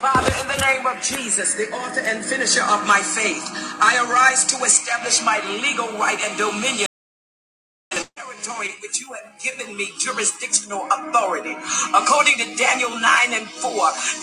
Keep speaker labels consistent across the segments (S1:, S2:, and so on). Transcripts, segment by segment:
S1: Father, in the name of Jesus, the author and finisher of my faith, I arise to establish my legal right and dominion territory which you have given me jurisdictional authority. According to Daniel 9 and 4,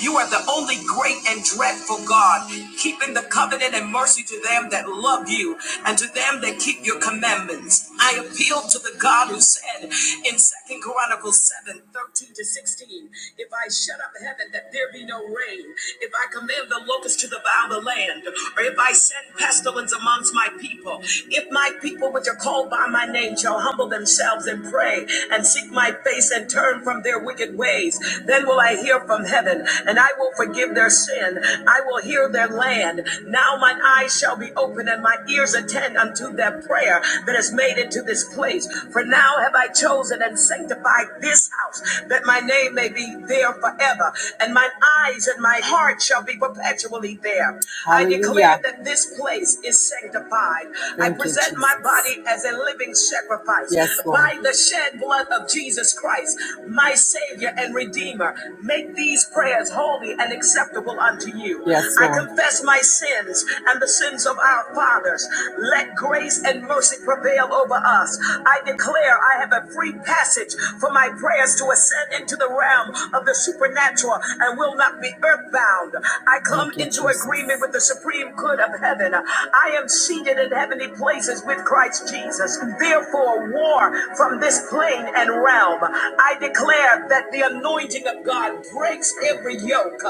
S1: you are the only great and dreadful God, keeping the covenant and mercy to them that love you and to them that keep your commandments. I appeal to the God who said in Second Chronicles 7 13 to 16, If I shut up heaven that there be no rain, if I command the locusts to devour the land, or if I send pestilence amongst my people, if my people which are called by my my name shall humble themselves and pray and seek my face and turn from their wicked ways. Then will I hear from heaven and I will forgive their sin. I will heal their land. Now mine eyes shall be open and my ears attend unto their prayer that is made into this place. For now have I chosen and sanctified this house that my name may be there forever and mine eyes and my heart shall be perpetually there. I Hallelujah. declare that this place is sanctified. I Thank you, present my Jesus. body made as a living sacrifice. Yes, Lord. By the shed blood of Jesus Christ, my Savior and Redeemer, make these prayers holy and acceptable unto you. Yes, Lord. I confess my sins and the sins of our fathers. Let grace and mercy prevail over us. I declare I have a free passage for my prayers to ascend into the realm of the supernatural and will not be earthbound. I come Thank you, into Jesus. agreement with the supreme good of heaven. I am seated in heavenly places reigns is with Christ Jesus. Therefore, war from this plane and realm. I declare that the anointing of God breaks every yoke,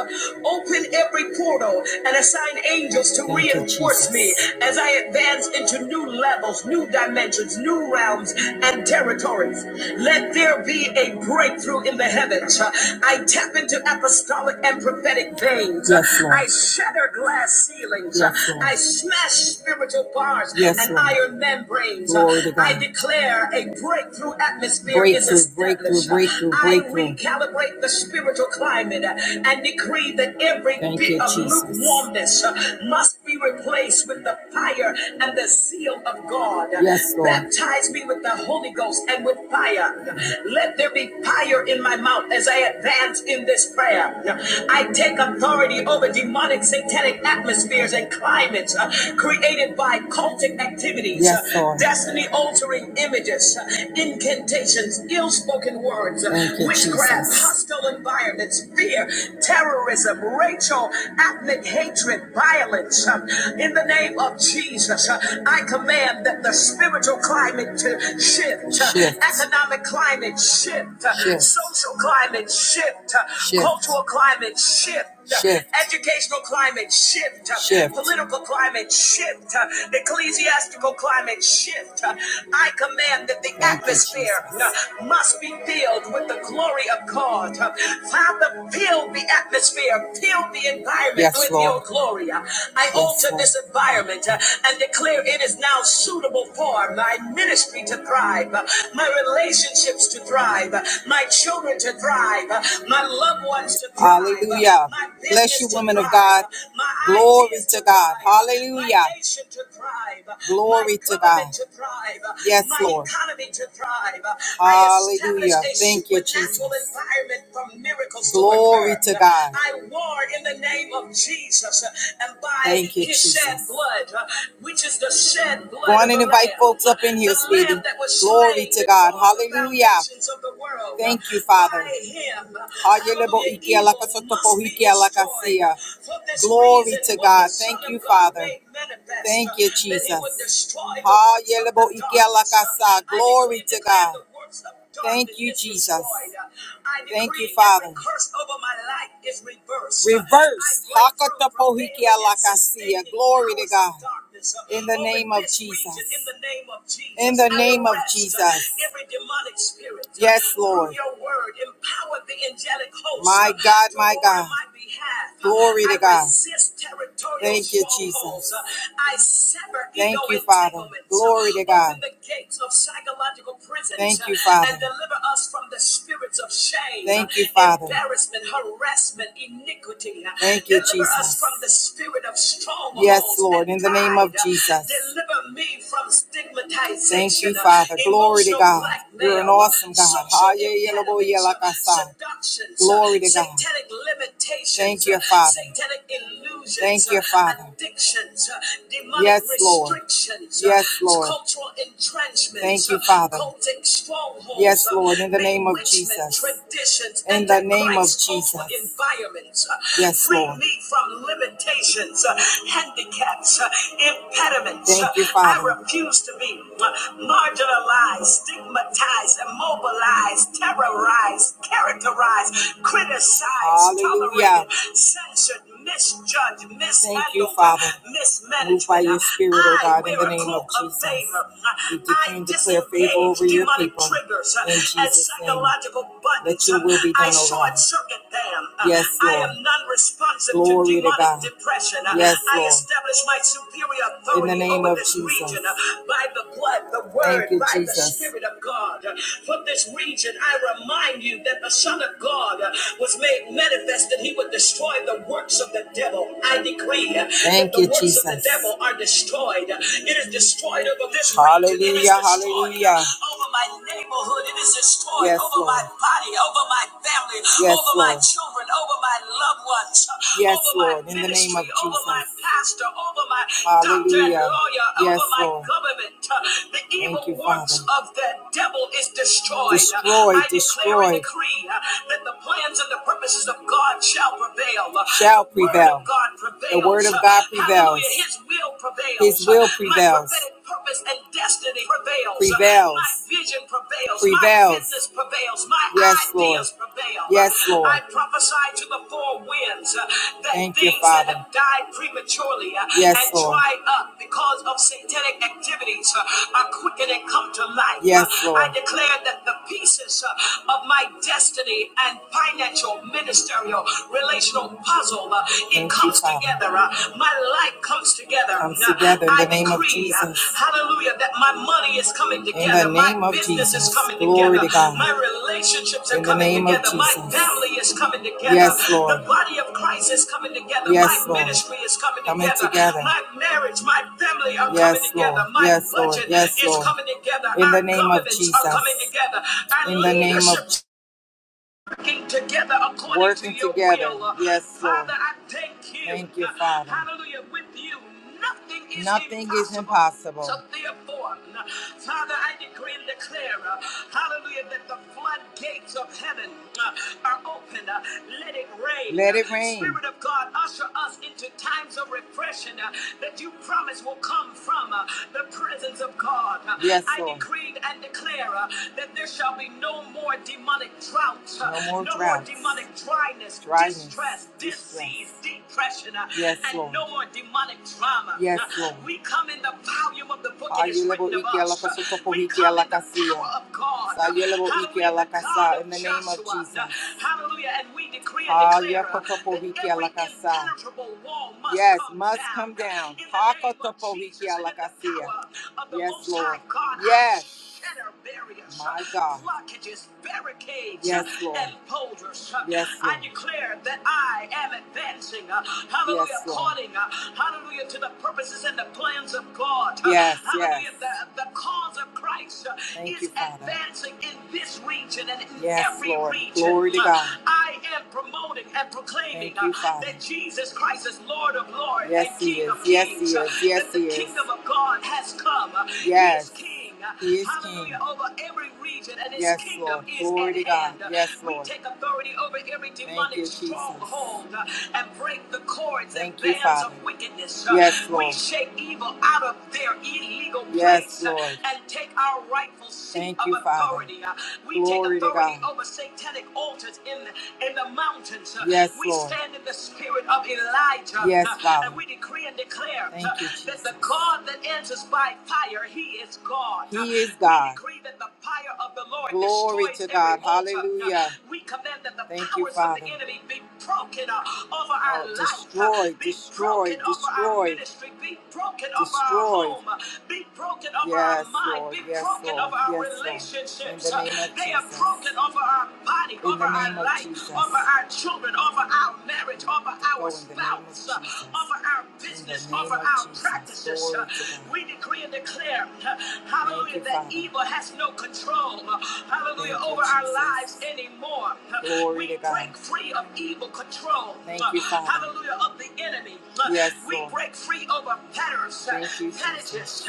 S1: open every portal, and assign angels to Thank reinforce me as I advance into new levels, new dimensions, new realms, and territories. Let there be a breakthrough in the heavens. I tap into apostolic and prophetic veins. Yes, I shatter glass ceilings. Yes, I smash spiritual bonds bars yes, and Lord. iron membranes. Glory to God. I declare a breakthrough atmosphere breakthrough, is established. Breakthrough, breakthrough, breakthrough. I recalibrate the spiritual climate and decree that every Thank bit you, of Jesus. lukewarmness must be replaced with the fire and the zeal of God. Yes, Lord. Baptize me with the Holy Ghost and with fire. Let there be fire in my mouth as I advance in this prayer. I take authority over demonic satanic atmospheres and climates, uh, created by cultic activities, Yes, destiny altering images, incantations, ill spoken words, witchcraft, hostile environments, fear, terrorism, racial, ethnic hatred, violence. In the name of Jesus, I command that the spiritual climate to shift, Shift, economic climate shift, shift, social climate shift, shift. cultural climate shift. Shift. Educational climate shift. Shift. Political climate shift. Ecclesiastical climate shift. I command that the Thank atmosphere Jesus. must be filled with the glory of God. Father, fill the atmosphere, fill the environment Yes, with Lord. your glory. I Yes, alter Lord. this environment and declare it is now suitable for my ministry to thrive, my relationships to thrive, my children to thrive, my loved ones to thrive, Hallelujah. Hallelujah. Bless you, women of God. Glory to God. Hallelujah. Glory to God. Yes, Lord. Hallelujah. Thank you, Jesus. Glory to God. Thank you, Jesus. and by His shed blood, which is the shed blood. Go on and invite folks up in here, sweetie. Glory to God. Hallelujah. Thank you, Father. Hallelujah. Glory to God. Thank you, Father. Thank you, Jesus. Ha yelebo ike alakasa. Glory to God. Thank you, Jesus. Thank you, Father. Reverse. Hakatapohiki alakasia. Glory to God. In the name of Jesus. In the name of Jesus. Every demonic spirit. Yes, Lord. Your word empower the angelic host. My God, my God. Glory to God. Thank you, Jesus. Thank you, Father. Glory to God. Thank you, Father. And deliver us from the spirits of shame. Thank you, Father. Embarrassment, harassment, iniquity. Thank you, Jesus. Jesus. from the spirit of strongholds. Yes, Lord, in the name of Jesus. Deliver me from stigmatization. Thank you, Father. Glory to God. You're an awesome God. social impediments, Seduction, Glory to God. Thank you, Father. Thank you, Father. Addictions, yes, Lord. Yes, Lord. Cultural entrenchments. Thank you, Father. Yes, Lord, in the name of Jesus. In the the name of Christ over Jesus. Environments. uh, Yes, free Lord. me from limitations, uh, handicaps, uh, impediments. Thank you, Father. I refuse to be uh, marginalized, stigmatized, immobilized, terrorized, characterized, criticized, tolerated, censored, misjudged, mishandled, Thank you, Father. mismanaged. Move by your spirit, O God, in the name of Jesus. We decree and declare favor over your people. In Jesus' name. Let your will be done, oh God. Yes, Lord. Glory to God. Yes, Lord. In the name of Jesus. Thank you, Jesus. From this region, I remind you that that the Son of God was made manifest, that He would will destroy the works of the devil. I decree that the you, works Jesus. of the devil are destroyed. It is destroyed over this hallelujah, region. It is Hallelujah, destroyed Over my neighborhood, it is destroyed yes, over Lord. my body, over my family, yes, over Lord. my children, over my loved ones. Yes, over my Lord, My in ministry, the name of ministry, Over Jesus. my pastor, over my hallelujah. doctor and lawyer, yes, over my Lord. government. The evil you, works Father. of the devil is destroyed. Destroyed, I destroyed. declare and decree that the plans and the purposes promises of God shall prevail. Shall prevail. The word of God prevails. His will prevails. His will prevails. purpose and destiny prevails. Prevails. My vision prevails. Prevails. My business prevails. My yes, ideas Lord. prevail. Yes, Lord. I prophesy to the four winds uh, that Thank things you, Father. that have died prematurely uh, yes, and Lord. dried up because of satanic activities uh, are quickened and come to life. Yes, Lord. I declare that the pieces uh, of my destiny and financial, ministerial, relational puzzle. uh, It Thank comes Father. together. uh, My life comes together. Comes Uh, together in I the I name of decree, uh, Jesus. Uh, Hallelujah. That my money is coming together. In the name my of business Jesus. is coming Glory together. to God. My relationships are in the coming the name together. of together. My family is coming together. Yes, Lord. The body of Christ is coming together. Yes, my Lord. ministry is coming, coming together. together. My marriage, my family are yes, coming Lord. together. My yes, budget Lord. Yes, is Lord. coming together. In the name of covenants are coming together. in the name of leadership working together according Working to your together. will. Yes, Lord. Father, I thank you. Thank you, Father. Hallelujah. With you, nothing is Nothing impossible. is impossible. So therefore, Father, I decree and declare, uh, hallelujah, that the floodgates of heaven uh, are open. Uh, Let it rain. Let Uh, it rain. Spirit of God, usher us into times of refreshing uh, that you promise will come from uh, the presence of God. Uh, Yes, I Lord. decree and declare uh, that there shall be no more demonic droughts, uh, No more no more demonic dryness, Dryness. distress, disease, depression, uh, Yes, and Lord. no more demonic trauma. Yes, Lord. We come in the volume of the book it is Ayelebo written of Ike us. Uh, Alakasotoko We Hike come in the power of God. Uh, Hallelujah, God In the name of Uh, Jesus. Hallelujah, and we decree and declare uh, Ayakotopo that every impenetrable wall must Yes, come must down. come down. In the name of Jesus in the power of the Yes, Lord. Most High Lord. God. Yes shatter barriers, My God. blockages, barricades, Yes, Lord. and boulders. Yes, I Lord. declare that I am advancing, uh, hallelujah, Yes, Lord. according, uh, hallelujah, to the purposes and the plans of God. Uh, Yes, yes. Hallelujah, the, the cause of Christ uh, Thank is you, is Father. advancing in this region and in Yes, every Lord. region. Glory to Uh, God. I am promoting and proclaiming Thank uh, you, Father. that Jesus Christ is Lord of Lords Yes, and Yes, He King is. of Yes, He Kings, uh, is. Yes, that the He is. kingdom of God has come. Uh, He is Yes. King. King. He is Hallelujah. King. Over every region and his Yes, kingdom Lord. is Glory at to God. hand. Yes, We Lord. take authority over every Thank demonic you, Jesus. stronghold uh, and break the cords and Thank and you, bands of Father. Of wickedness. Uh, Yes, We Lord. We shake evil out of their illegal Yes, place uh, Lord. and take our rightful seat Thank of you, authority. Father. Uh, We Glory take to authority God. over satanic altars in the, in the mountains. Uh, Yes, We Lord. stand in the spirit of Elijah Yes, uh, Father. and we decree and declare Thank uh, you, that the Jesus. God that answers by like fire. He is God. He is We God. decree that the fire of the Lord Glory destroys to every God. altar. Hallelujah. We command that the Thank you, powers of the Father. enemy be broken uh, over our Oh, life, uh, destroy, be destroy, broken over our destroy, ministry, be broken over our destroy. home, uh, be broken over our Yes, mind, Lord. be Yes, broken Lord. over our Yes, Lord. In relationships. the uh, name of They are Jesus. broken over our body, In over the our name of life, over Jesus. our children, over our marriage, over our Oh, in the name of spouse, uh, Jesus. over our In the business, over name of our Jesus. practices, Jesus, uh, we decree and declare, uh, hallelujah, that evil has no control, uh, hallelujah, over our lives anymore. Uh, we break free of evil control, uh, hallelujah, of the enemy. Uh, Yes, we break free over patterns, uh, Thank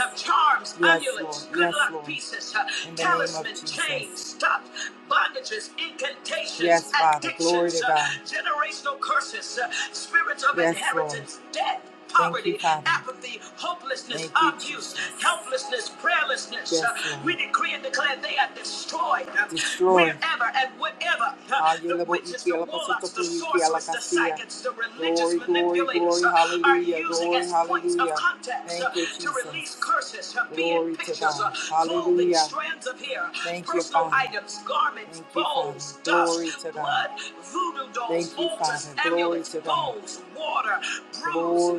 S1: uh, charms, yes, amulets, good yes, luck pieces, uh, talismans, chains, stop, bondages, incantations, yes, addictions, uh, generational curses, uh, spirits of Yes, Lord. inheritance, debt. Thank you, poverty, Father. apathy, hopelessness, Thank you, abuse, Jesus. helplessness, prayerlessness. Yes, Uh, Lord. We decree and declare they are destroyed uh, Destroy. wherever and whatever uh, the witches, the warlocks, the sorcerers, the ayelabo psychics, the religious Glory, glory, manipulators glory. uh, are Hallelujah. using Glory, as points of hallelujah. contacts uh, Thank you, to release Jesus. curses, uh, be it Glory to pictures, uh, God. clothing, Hallelujah. strands of hair, Thank you, personal Father. items, garments, Thank you, Father. bowls, dust, Glory to God. blood, voodoo dolls, Thank you, altars, Father. Glory amulets, to God. bones, water, bruise,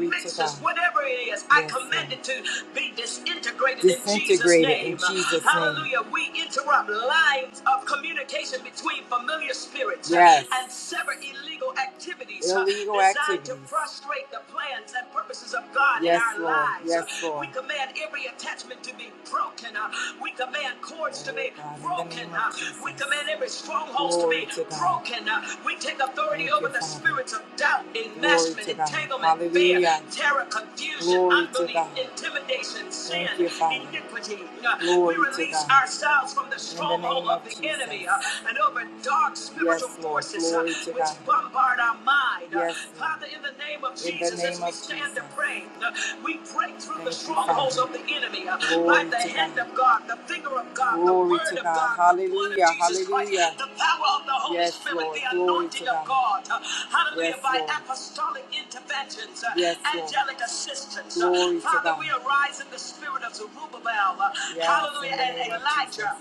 S1: mixes, whatever it is, I Yes, Lord. command it to be disintegrated in Jesus' Disintegrated in name. Jesus' name. Hallelujah. Name. We interrupt lines of communication between familiar spirits yes. and Yes. sever illegal activities uh, Illegal designed activities. to frustrate the plans and purposes of God yes, in Yes, our Lord. lives. Uh, Yes, Lord. We command every attachment to be broken. uh, We command cords to Oh, be broken. uh, We command every stronghold to be broken. uh, We take authority over the spirit spirits of doubt, investment, entanglement, fear, Hallelujah. terror, confusion, unbelief, intimidation, sin, iniquity. Uh, We release ourselves from the In the stronghold name of the enemy uh, Jesus. and over dark spiritual Yes, Lord. forces uh, which bombard our mind. Uh, Yes, Lord. Father, in the name of Jesus, as we stand to pray, uh, we break through the strongholds of the enemy uh, by the hand of God, the finger of God, the word of God. the blood of Jesus Christ, the power of the Holy Yes, Spirit, the anointing anointing of God. Hallelujah. Yes, by Lord. apostolic interventions, yes, angelic Lord. assistance. Glory Father, we arise in the spirit of Zerubbabel. Yes, hallelujah. And Elijah.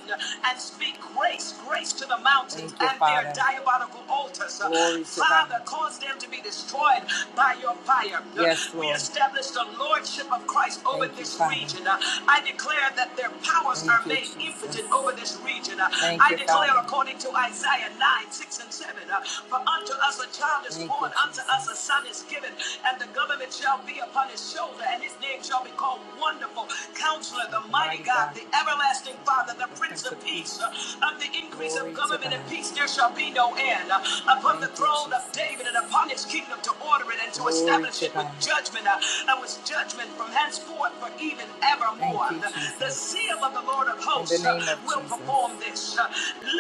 S1: And speak grace, grace to the mountains you, and Father. their diabolical altars. Glory Father, cause them to be destroyed by your fire. Yes, We establish the lordship of Christ over Thank you, this Father. region. Uh, I declare that their powers Thank are you, made Jesus. impotent over this region. Thank I you, declare Father. according to Isaiah 9 nine, 6 and 7. Uh, For unto us a child is born, unto us a son is given, and the government shall be upon his shoulder, and his name shall be called Wonderful, Counselor, the Mighty God, the Everlasting Father, the Prince of Peace. Uh, Of the increase of government and peace there shall be no end. Uh, Upon the throne of David and upon his kingdom to order it and to establish it with judgment uh, and with judgment from henceforth for even evermore. Thank The seal of the Lord of hosts uh, will perform this. Uh,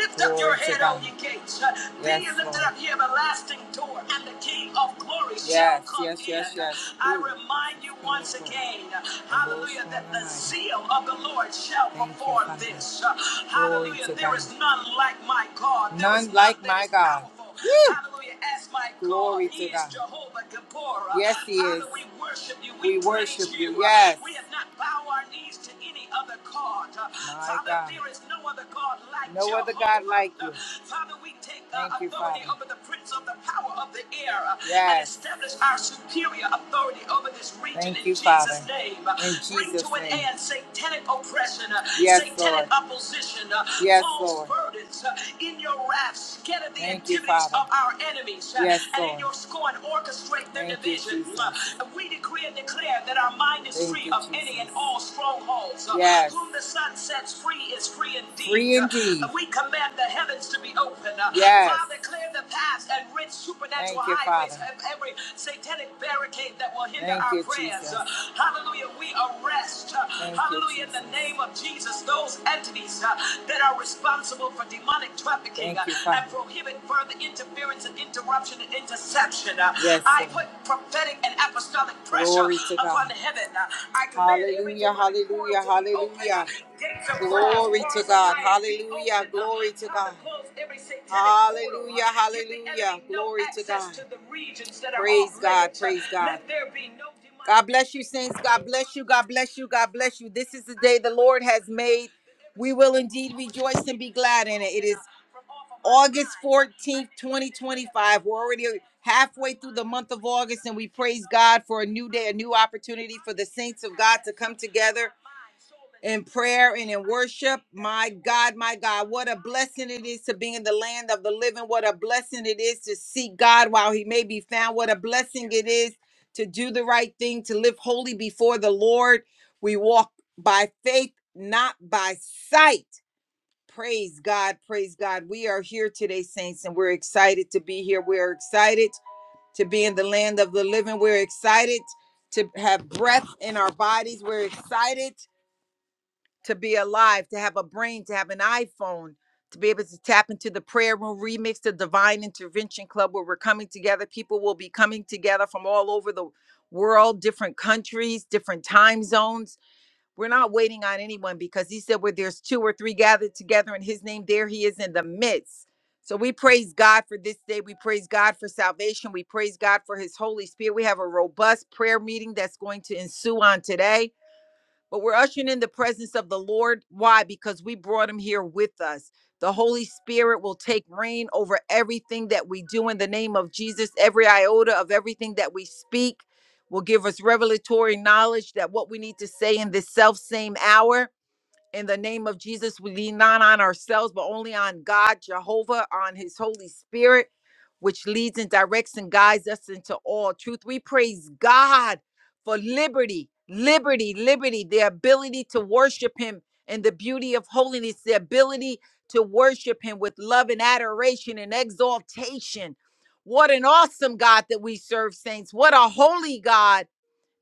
S1: Lift up your Lift your Glory to head, all God. all ye gates. Uh, Yes, Be Yes, ye lifted Lord. up, ye everlasting door, and the King of glory shall Yes, come yes, yes, in. yes. I Ooh, remind you thank once you. again, uh, hallelujah, that the Lord. zeal of the Lord shall Thank you, perform Father. this. Uh, Glory Hallelujah. to There God. is none like my God. There is None none like that my is God. powerful. Woo! Hallelujah. As my God, Glory He to is God. Jehovah Gabor. Yes, He Father, is. we worship you. We We praise worship you. you. Yes. We have not bowed our knees to any other God. Uh, My Father, God. there is no other God like No your other God like Uh, you. Father, we take uh, Thank authority you, Father. over the prince of the power of the air uh, and Yes. and establish our superior authority over this region Thank in you, Jesus' Father. name. Uh, In Jesus' Bring to an name. end satanic oppression, uh, Yes, satanic Lord. opposition, uh, Yes, false Lord. burdens. uh, In your wrath, scatter the Thank activities Father. of our enemies, uh, Yes, and in Lord. In your scorn, orchestrate their Thank division. Jesus. Uh, We decree and declare that our mind is Thank free you, of Jesus. any and all strongholds falls. Uh, Yes. Whom the Son sets free is free indeed. Free indeed. Uh, We command the heavens to be open. Uh, Yes. Father, clear the paths and rid supernatural Thank you, highways Father. of every satanic barricade that will hinder Thank our you, prayers. Uh, Jesus. Hallelujah. We arrest. uh, Thank you, Hallelujah. You, In the name of Jesus, those entities uh, that are responsible for demonic trafficking Thank you, uh, and Father. prohibit further interference and interruption and interception. Uh, Yes, I Lord. put prophetic and apostolic pressure Glory to upon God. heaven. Uh, I command every Hallelujah. demonic Hallelujah. Hallelujah. Glory to God. Hallelujah. Glory to God. Hallelujah. Hallelujah. Glory to God. Praise God. Praise God. God bless you, saints. God bless you. God bless you. God bless you. This is the day the Lord has made. We will indeed rejoice and be glad in it. It is August 14th, 2025. We're already halfway through the month of August, and we praise God for a new day, a new opportunity for the saints of God to come together in prayer and in worship. My God, my God, what a blessing it is to be in the land of the living. What a blessing it is to seek God while he may be found. What a blessing it is to do the right thing, to live holy before the Lord. We walk by faith, not by sight. Praise God, praise God. We are here today, saints, and we're excited to be here. We're excited to be in the land of the living. We're excited to have breath in our bodies. We're excited to be alive, to have a brain, to have an iPhone, to be able to tap into the prayer room remix, the divine intervention club where we're coming together. People will be coming together from all over the world, different countries, different time zones. We're not waiting on anyone because he said where there's two or three gathered together in his name, there he is in the midst. So we praise God for this day. We praise God for salvation. We praise God for his Holy Spirit. We have a robust prayer meeting that's going to ensue on today but we're ushering in the presence of the Lord. Why? Because we brought him here with us. The Holy Spirit will take reign over everything that we do in the name of Jesus. Every iota of everything that we speak will give us revelatory knowledge that what we need to say in this self same hour in the name of Jesus, we lean not on ourselves, but only on God, Jehovah, on his Holy Spirit, which leads and directs and guides us into all truth. We praise God for liberty, liberty, liberty, the ability to worship him in the beauty of holiness, the ability to worship him with love and adoration and exaltation. What an awesome God that we serve, saints. What a holy God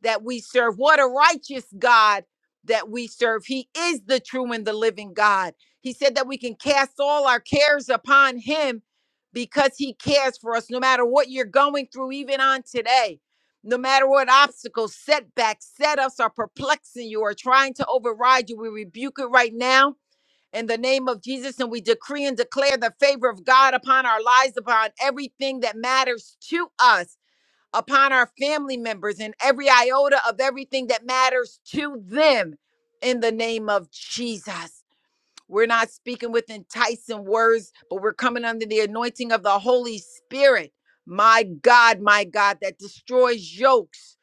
S1: that we serve. What a righteous God that we serve. He is the true and the living God. He said that we can cast all our cares upon Him because He cares for us, no matter what you're going through, even on today. No matter what obstacles, setbacks, setups are perplexing you or trying to override you, we rebuke it right now in the name of Jesus. And we decree and declare the favor of God upon our lives, upon everything that matters to us upon our family members and every iota of everything that matters to them in the name of Jesus. We're not speaking with enticing words, but we're coming under the anointing of the Holy Spirit. My God, my God, that destroys yokes,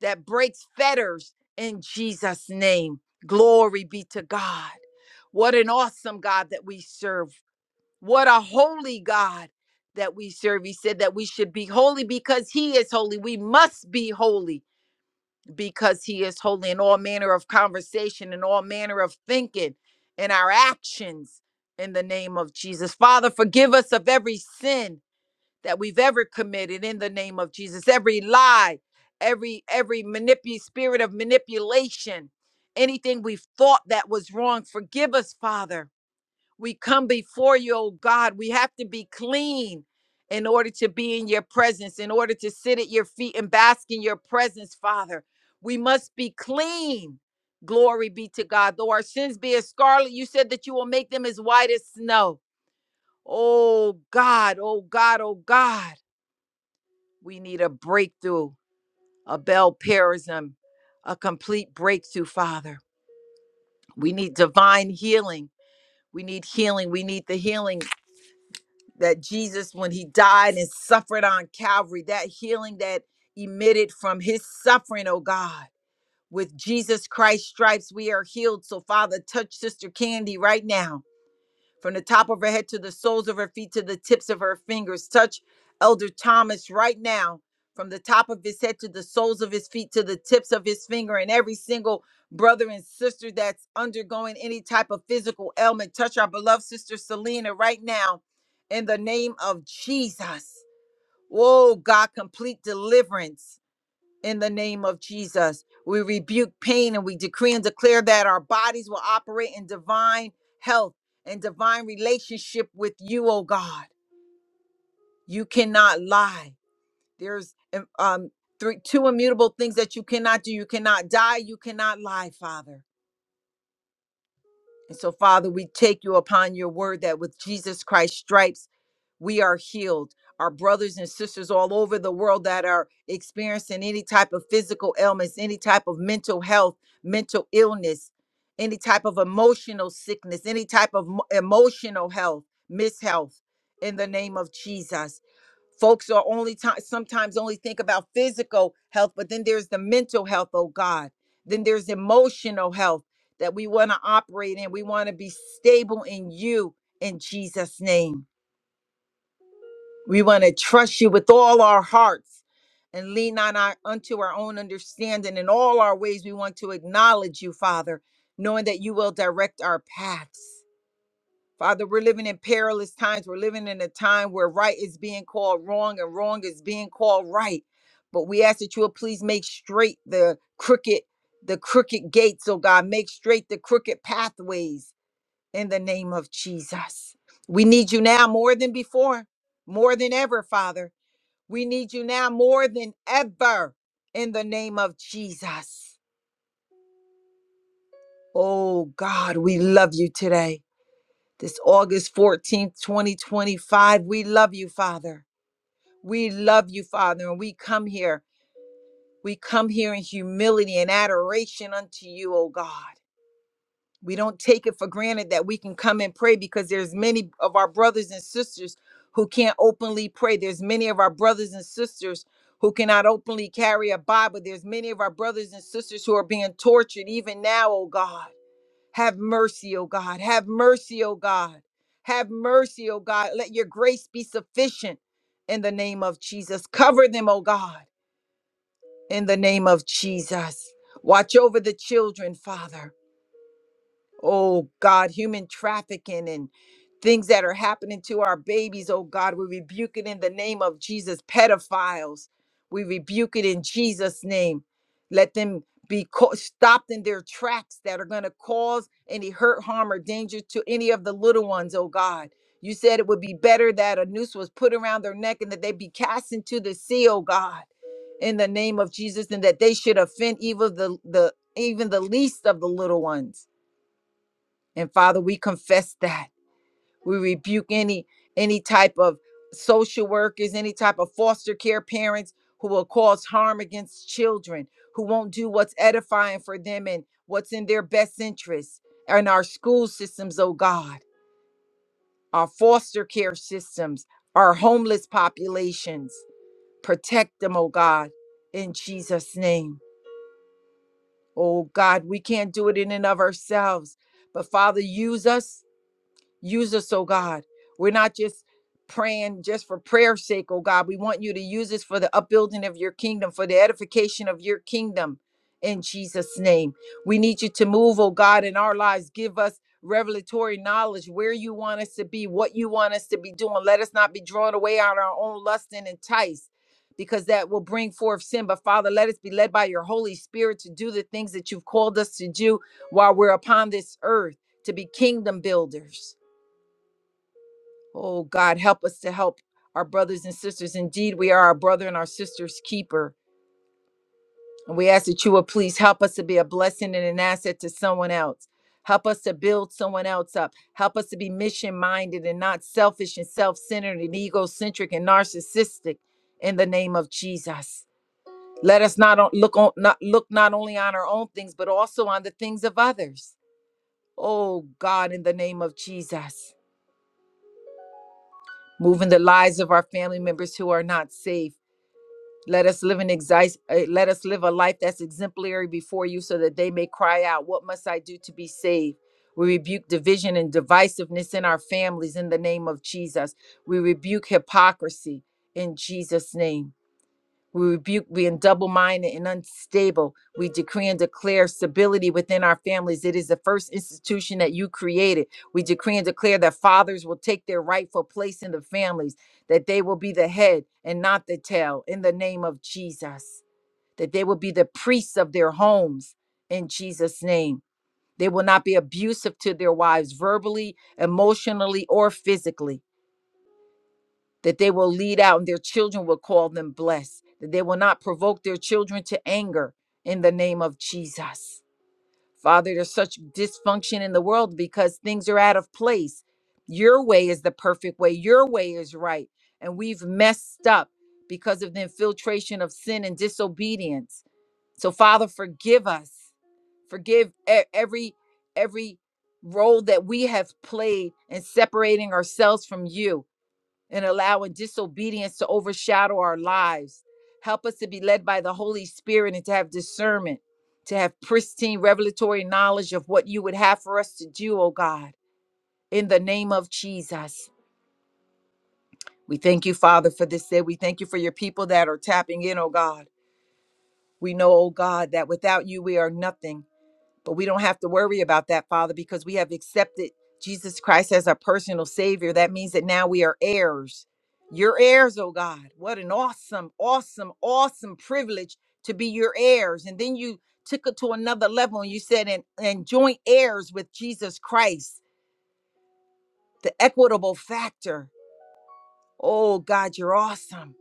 S1: that breaks fetters in Jesus' name. Glory be to God. What an awesome God that we serve. What a holy God that we serve. He said that we should be holy because He is holy. We must be holy because He is holy in all manner of conversation in all manner of thinking in our actions in the name of Jesus. Father, forgive us of every sin that we've ever committed in the name of Jesus, every lie, every every manipu- spirit of manipulation, anything we've thought that was wrong. Forgive us, Father we come before you, oh God. We have to be clean in order to be in your presence, in order to sit at your feet and bask in your presence, Father. We must be clean. Glory be to God. Though our sins be as scarlet, you said that you will make them as white as snow. Oh God, oh God, oh God. We need a breakthrough, a bell parism, a complete breakthrough, Father. We need divine healing. We need healing. We need the healing that Jesus, when he died and suffered on Calvary, that healing that emitted from his suffering, oh God. With Jesus Christ's stripes, we are healed. So, Father, touch Sister Candy right now from the top of her head to the soles of her feet to the tips of her fingers. Touch Elder Thomas right now, from the top of his head to the soles of his feet to the tips of his finger, and every single brother and sister that's undergoing any type of physical ailment. Touch our beloved sister Selena right now in the name of Jesus. Whoa, God, complete deliverance in the name of Jesus. We rebuke pain and we decree and declare that our bodies will operate in divine health and divine relationship with you, oh God. You cannot lie. There's um um, three two immutable things that you cannot do. You cannot die, you cannot lie, Father. And so, Father, we take you upon your word that with Jesus Christ's stripes, we are healed. Our brothers and sisters all over the world that are experiencing any type of physical ailments, any type of mental health, mental illness, any type of emotional sickness, any type of mo- emotional health, mishealth, in the name of Jesus folks are only time sometimes only think about physical health but then there's the mental health oh god then there's emotional health that we want to operate in we want to be stable in you in jesus name we want to trust you with all our hearts and lean on our unto our own understanding in all our ways we want to acknowledge you father knowing that you will direct our paths Father, we're living in perilous times. We're living in a time where right is being called wrong and wrong is being called right. But we ask that you will please make straight the crooked, the crooked gates, oh God. Make straight the crooked pathways in the name of Jesus. We need you now more than before, more than ever, Father. We need you now more than ever in the name of Jesus. Oh God, we love you today. this August 14th, 2025. We love you, Father. We love you, Father. And we come here. We come here in humility and adoration unto you, O God. We don't take it for granted that we can come and pray because there's many of our brothers and sisters who can't openly pray. There's many of our brothers and sisters who cannot openly carry a Bible. There's many of our brothers and sisters who are being tortured even now, O God. Have mercy, O God. Have mercy, O God. Have mercy, O God. Let your grace be sufficient in the name of Jesus. Cover them, O God, in the name of Jesus. Watch over the children, Father. Oh God, human trafficking and things that are happening to our babies. Oh God, we rebuke it in the name of Jesus. Pedophiles, we rebuke it in Jesus' name. Let them be co- stopped in their tracks that are going to cause any hurt, harm, or danger to any of the little ones. Oh God, you said it would be better that a noose was put around their neck and that they be cast into the sea. Oh God in the name of Jesus, and that they should offend even the, the even the least of the little ones. And Father, we confess that. We rebuke any any type of social workers, any type of foster care parents who will cause harm against children, who won't do what's edifying for them and what's in their best interest. And our school systems, oh God, our foster care systems, our homeless populations. Protect them, oh God, in Jesus' name. Oh God, we can't do it in and of ourselves. But Father, use us Use us, oh God. We're not just praying just for prayer's sake, oh God. We want you to use us for the upbuilding of your kingdom, for the edification of your kingdom in Jesus' name. We need you to move, oh God, in our lives. Give us revelatory knowledge where you want us to be, what you want us to be doing. Let us not be drawn away on our own lust and enticed. Because that will bring forth sin. But Father, let us be led by your Holy Spirit to do the things that you've called us to do while we're upon this earth, to be kingdom builders Oh God, help us to help our brothers and sisters. Indeed, we are our brother and our sister's keeper. And we ask that you would please help us to be a blessing and an asset to someone else. Help us to build someone else up. Help us to be mission minded and not selfish and self centered and egocentric and narcissistic in the name of Jesus. Let us not on- look on, not look not only on our own things, but also on the things of others. Oh God, in the name of Jesus, move in the lives of our family members who are not saved Let us live an exi- uh, let us live a life that's exemplary before you so that they may cry out, what must I do to be saved? We rebuke division and divisiveness in our families in the name of Jesus. We rebuke hypocrisy in Jesus name. We rebuke being double minded and unstable. We decree and declare stability within our families. It is the first institution that you created. We decree and declare that fathers will take their rightful place in the families, that they will be the head and not the tail in the name of Jesus, that they will be the priests of their homes in Jesus' name. They will not be abusive to their wives verbally, emotionally, or physically that they will lead out and their children will call them blessed, that they will not provoke their children to anger in the name of Jesus. Father, there's such dysfunction in the world because things are out of place. Your way is the perfect way, your way is right. And we've messed up because of the infiltration of sin and disobedience. So, Father, forgive us. Forgive e- every every role that we have played in separating ourselves from you and allowing disobedience to overshadow our lives. Help us to be led by the Holy Spirit and to have discernment, to have pristine revelatory knowledge of what you would have for us to do, oh God, in the name of Jesus. We thank you, Father, for this day. We thank you for your people that are tapping in, oh God. We know, oh God, that without you, we are nothing. But we don't have to worry about that, Father, because we have accepted Jesus Christ as our personal Savior. That means that now we are heirs. Your heirs, oh God. What an awesome, awesome, awesome privilege to be your heirs. And then you took it to another level and you said, and, and joint heirs with Jesus Christ, the equitable factor. Oh God, you're awesome.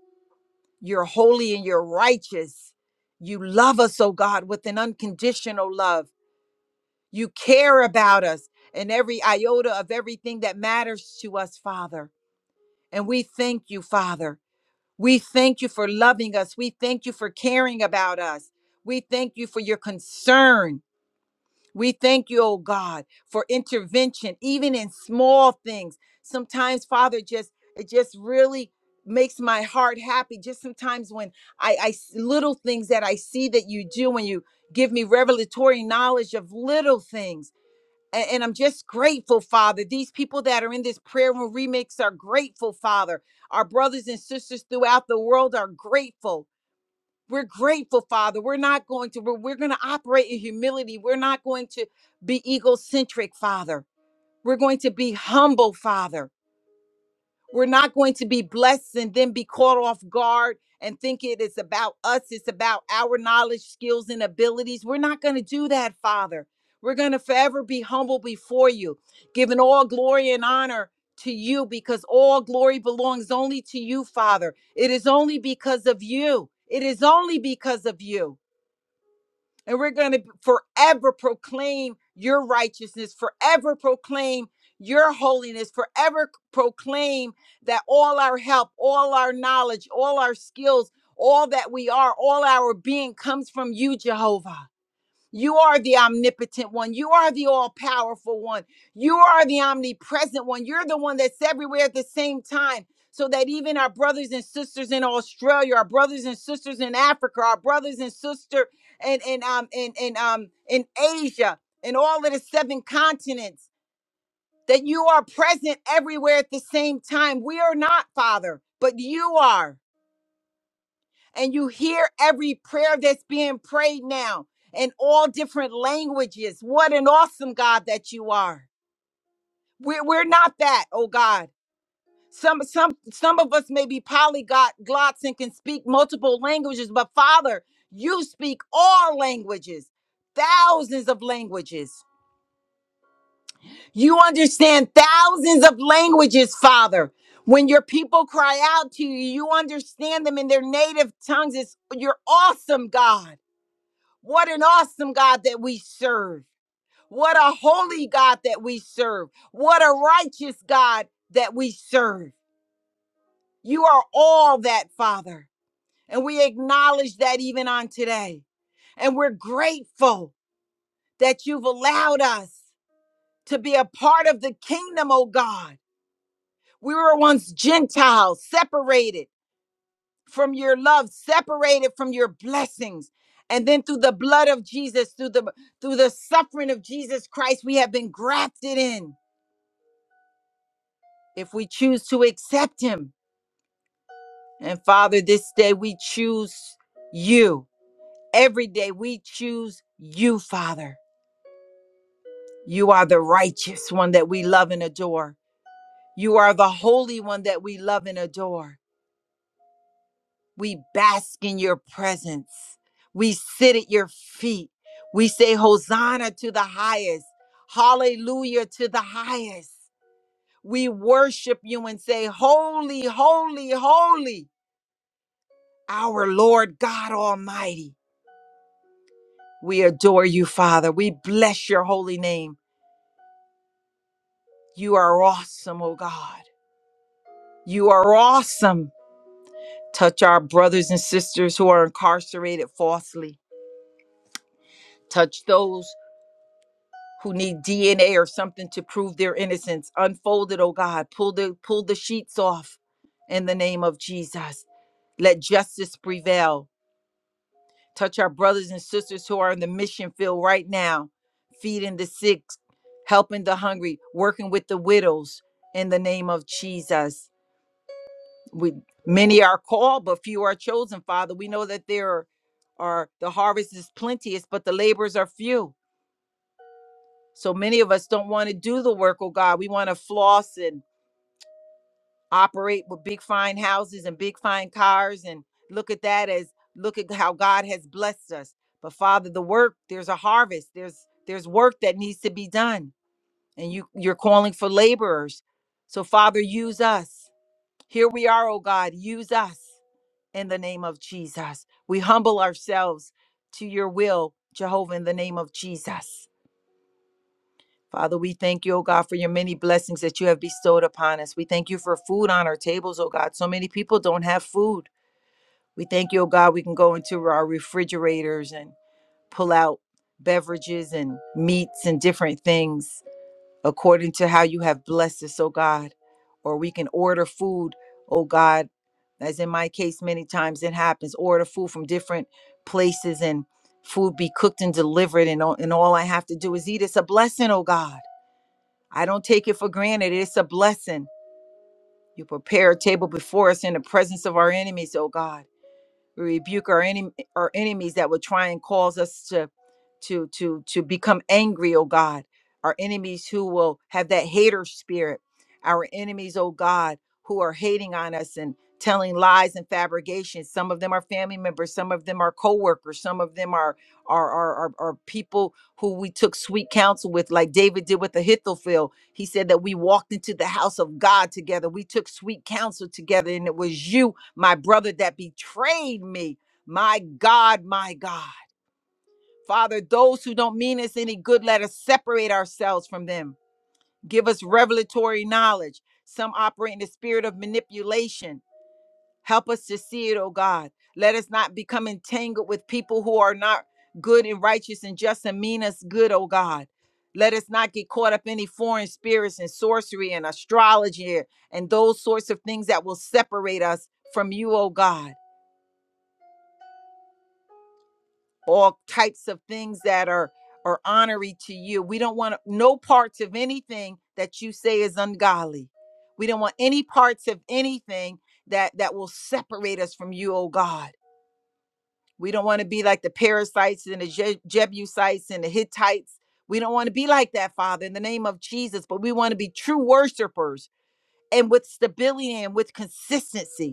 S1: You're holy and you're righteous. You love us, oh God, with an unconditional love. You care about us and every iota of everything that matters to us, Father. And we thank you, Father. We thank you for loving us. We thank you for caring about us. We thank you for your concern. We thank you, oh God, for intervention, even in small things. Sometimes, Father, just it just really makes my heart happy. Just sometimes when I, I s- little things that I see that you do when you give me revelatory knowledge of little things a- And, I'm just grateful, Father. These people that are in this prayer room remix are grateful, Father. Our brothers and sisters throughout the world are grateful. We're grateful, Father. We're not going to, we're, we're going to operate in humility. We're not going to be egocentric, Father. We're going to be humble, Father. We're not going to be blessed and then be caught off guard and think it is about us. It's about our knowledge, skills, and abilities. We're not going to do that, Father. We're going to forever be humble before you, giving all glory and honor to you because all glory belongs only to you, Father. It is only because of you. It is only because of you. And we're going to forever proclaim your righteousness, forever proclaim your holiness, forever c- proclaim that all our help, all our knowledge, all our skills, all that we are, all our being comes from you, Jehovah. You are the omnipotent one. You are the all powerful one. You are the omnipresent one. You're the one that's everywhere at the same time. So that even our brothers and sisters in Australia, our brothers and sisters in Africa, our brothers and sister and and um in, in um in Asia, and all of the seven continents, that you are present everywhere at the same time. We are not, Father, but you are and you hear every prayer that's being prayed now in all different languages. What an awesome God that you are. We're, we're not that, oh God. Some some some of us may be polyglots and can speak multiple languages, but Father, you speak all languages, thousands of languages. You understand thousands of languages, Father. When your people cry out to you, you understand them in their native tongues. It's you're awesome, God. What an awesome God that we serve. What a holy God that we serve. What a righteous God that we serve. You are all that, Father. And we acknowledge that even on today. And we're grateful that you've allowed us to be a part of the kingdom, oh God. We were once Gentiles, separated from your love, separated from your blessings. And then through the blood of Jesus, through the through the suffering of Jesus Christ, we have been grafted in if we choose to accept him. And Father, this day we choose you. Every day we choose you, Father. You are the righteous one that we love and adore. You are the holy one that we love and adore. We bask in your presence. We sit at your feet. We say, Hosanna to the highest. Hallelujah to the highest. We worship you and say, Holy, holy, holy, our Lord God Almighty. We adore you, Father. We bless your holy name. You are awesome, oh God. You are awesome. Touch our brothers and sisters who are incarcerated falsely. Touch those who need DNA or something to prove their innocence. Unfold it, oh God. Pull the pull the sheets off in the name of Jesus. Let justice prevail. Touch our brothers and sisters who are in the mission field right now, feeding the sick, helping the hungry, working with the widows in the name of Jesus. We many are called, but few are chosen, Father. We know that there are, are the harvest is plenteous, but the laborers are few. So many of us don't want to do the work, oh God. We want to floss and operate with big fine houses and big fine cars and look at that as look at how God has blessed us. But Father, the work, there's a harvest. There's there's work that needs to be done. And you you're calling for laborers. So Father, use us. Here we are, oh God, use us in the name of Jesus. We humble ourselves to your will, Jehovah, in the name of Jesus. Father, we thank you, oh God, for your many blessings that you have bestowed upon us. We thank you for food on our tables, oh God. So many people don't have food. We thank you, oh God, we can go into our refrigerators and pull out beverages and meats and different things according to how you have blessed us, oh God. Or we can order food, oh God, as in my case, many times it happens, order food from different places and food be cooked and delivered, and all, and all I have to do is eat. It's a blessing, oh God. I don't take it for granted. It's a blessing. You prepare a table before us in the presence of our enemies, oh God. We rebuke our enemy, our enemies that would try and cause us to to to to become angry, oh God. Our enemies who will have that hater spirit. Our enemies, oh God, who are hating on us and telling lies and fabrications. Some of them are family members, some of them are co-workers, some of them are are are, are, are people who we took sweet counsel with, like David did with Ahithophel. He said that we walked into the house of God together. We took sweet counsel together, and it was you my brother that betrayed me. My God, my God. Father, those who don't mean us any good, let us separate ourselves from them. Give us revelatory knowledge. Some operate in the spirit of manipulation. Help us to see it, oh God. Let us not become entangled with people who are not good and righteous and just and mean us good, oh God. Let us not get caught up in any foreign spirits and sorcery and astrology and those sorts of things that will separate us from you, oh God. all types of things that are are honorary to you. We don't want no parts of anything that you say is ungodly. We don't want any parts of anything that that will separate us from you, oh God. We don't want to be like the parasites and the Je- Jebusites and the Hittites. We don't want to be like that, Father, in the name of Jesus, but we want to be true worshipers and with stability and with consistency.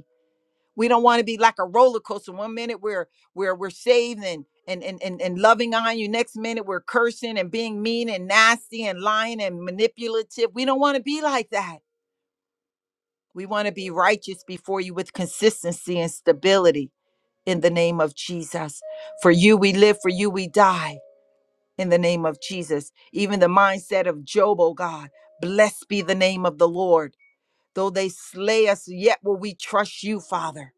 S1: We don't want to be like a roller coaster. One minute we're we're we're saved and and and and, and loving on you. Next minute we're cursing and being mean and nasty and lying and manipulative. We don't want to be like that. We want to be righteous before you with consistency and stability in the name of Jesus. For you we live, for you we die in the name of Jesus. Even the mindset of Job, oh God, blessed be the name of the Lord. Though they slay us, yet will we trust you, Father.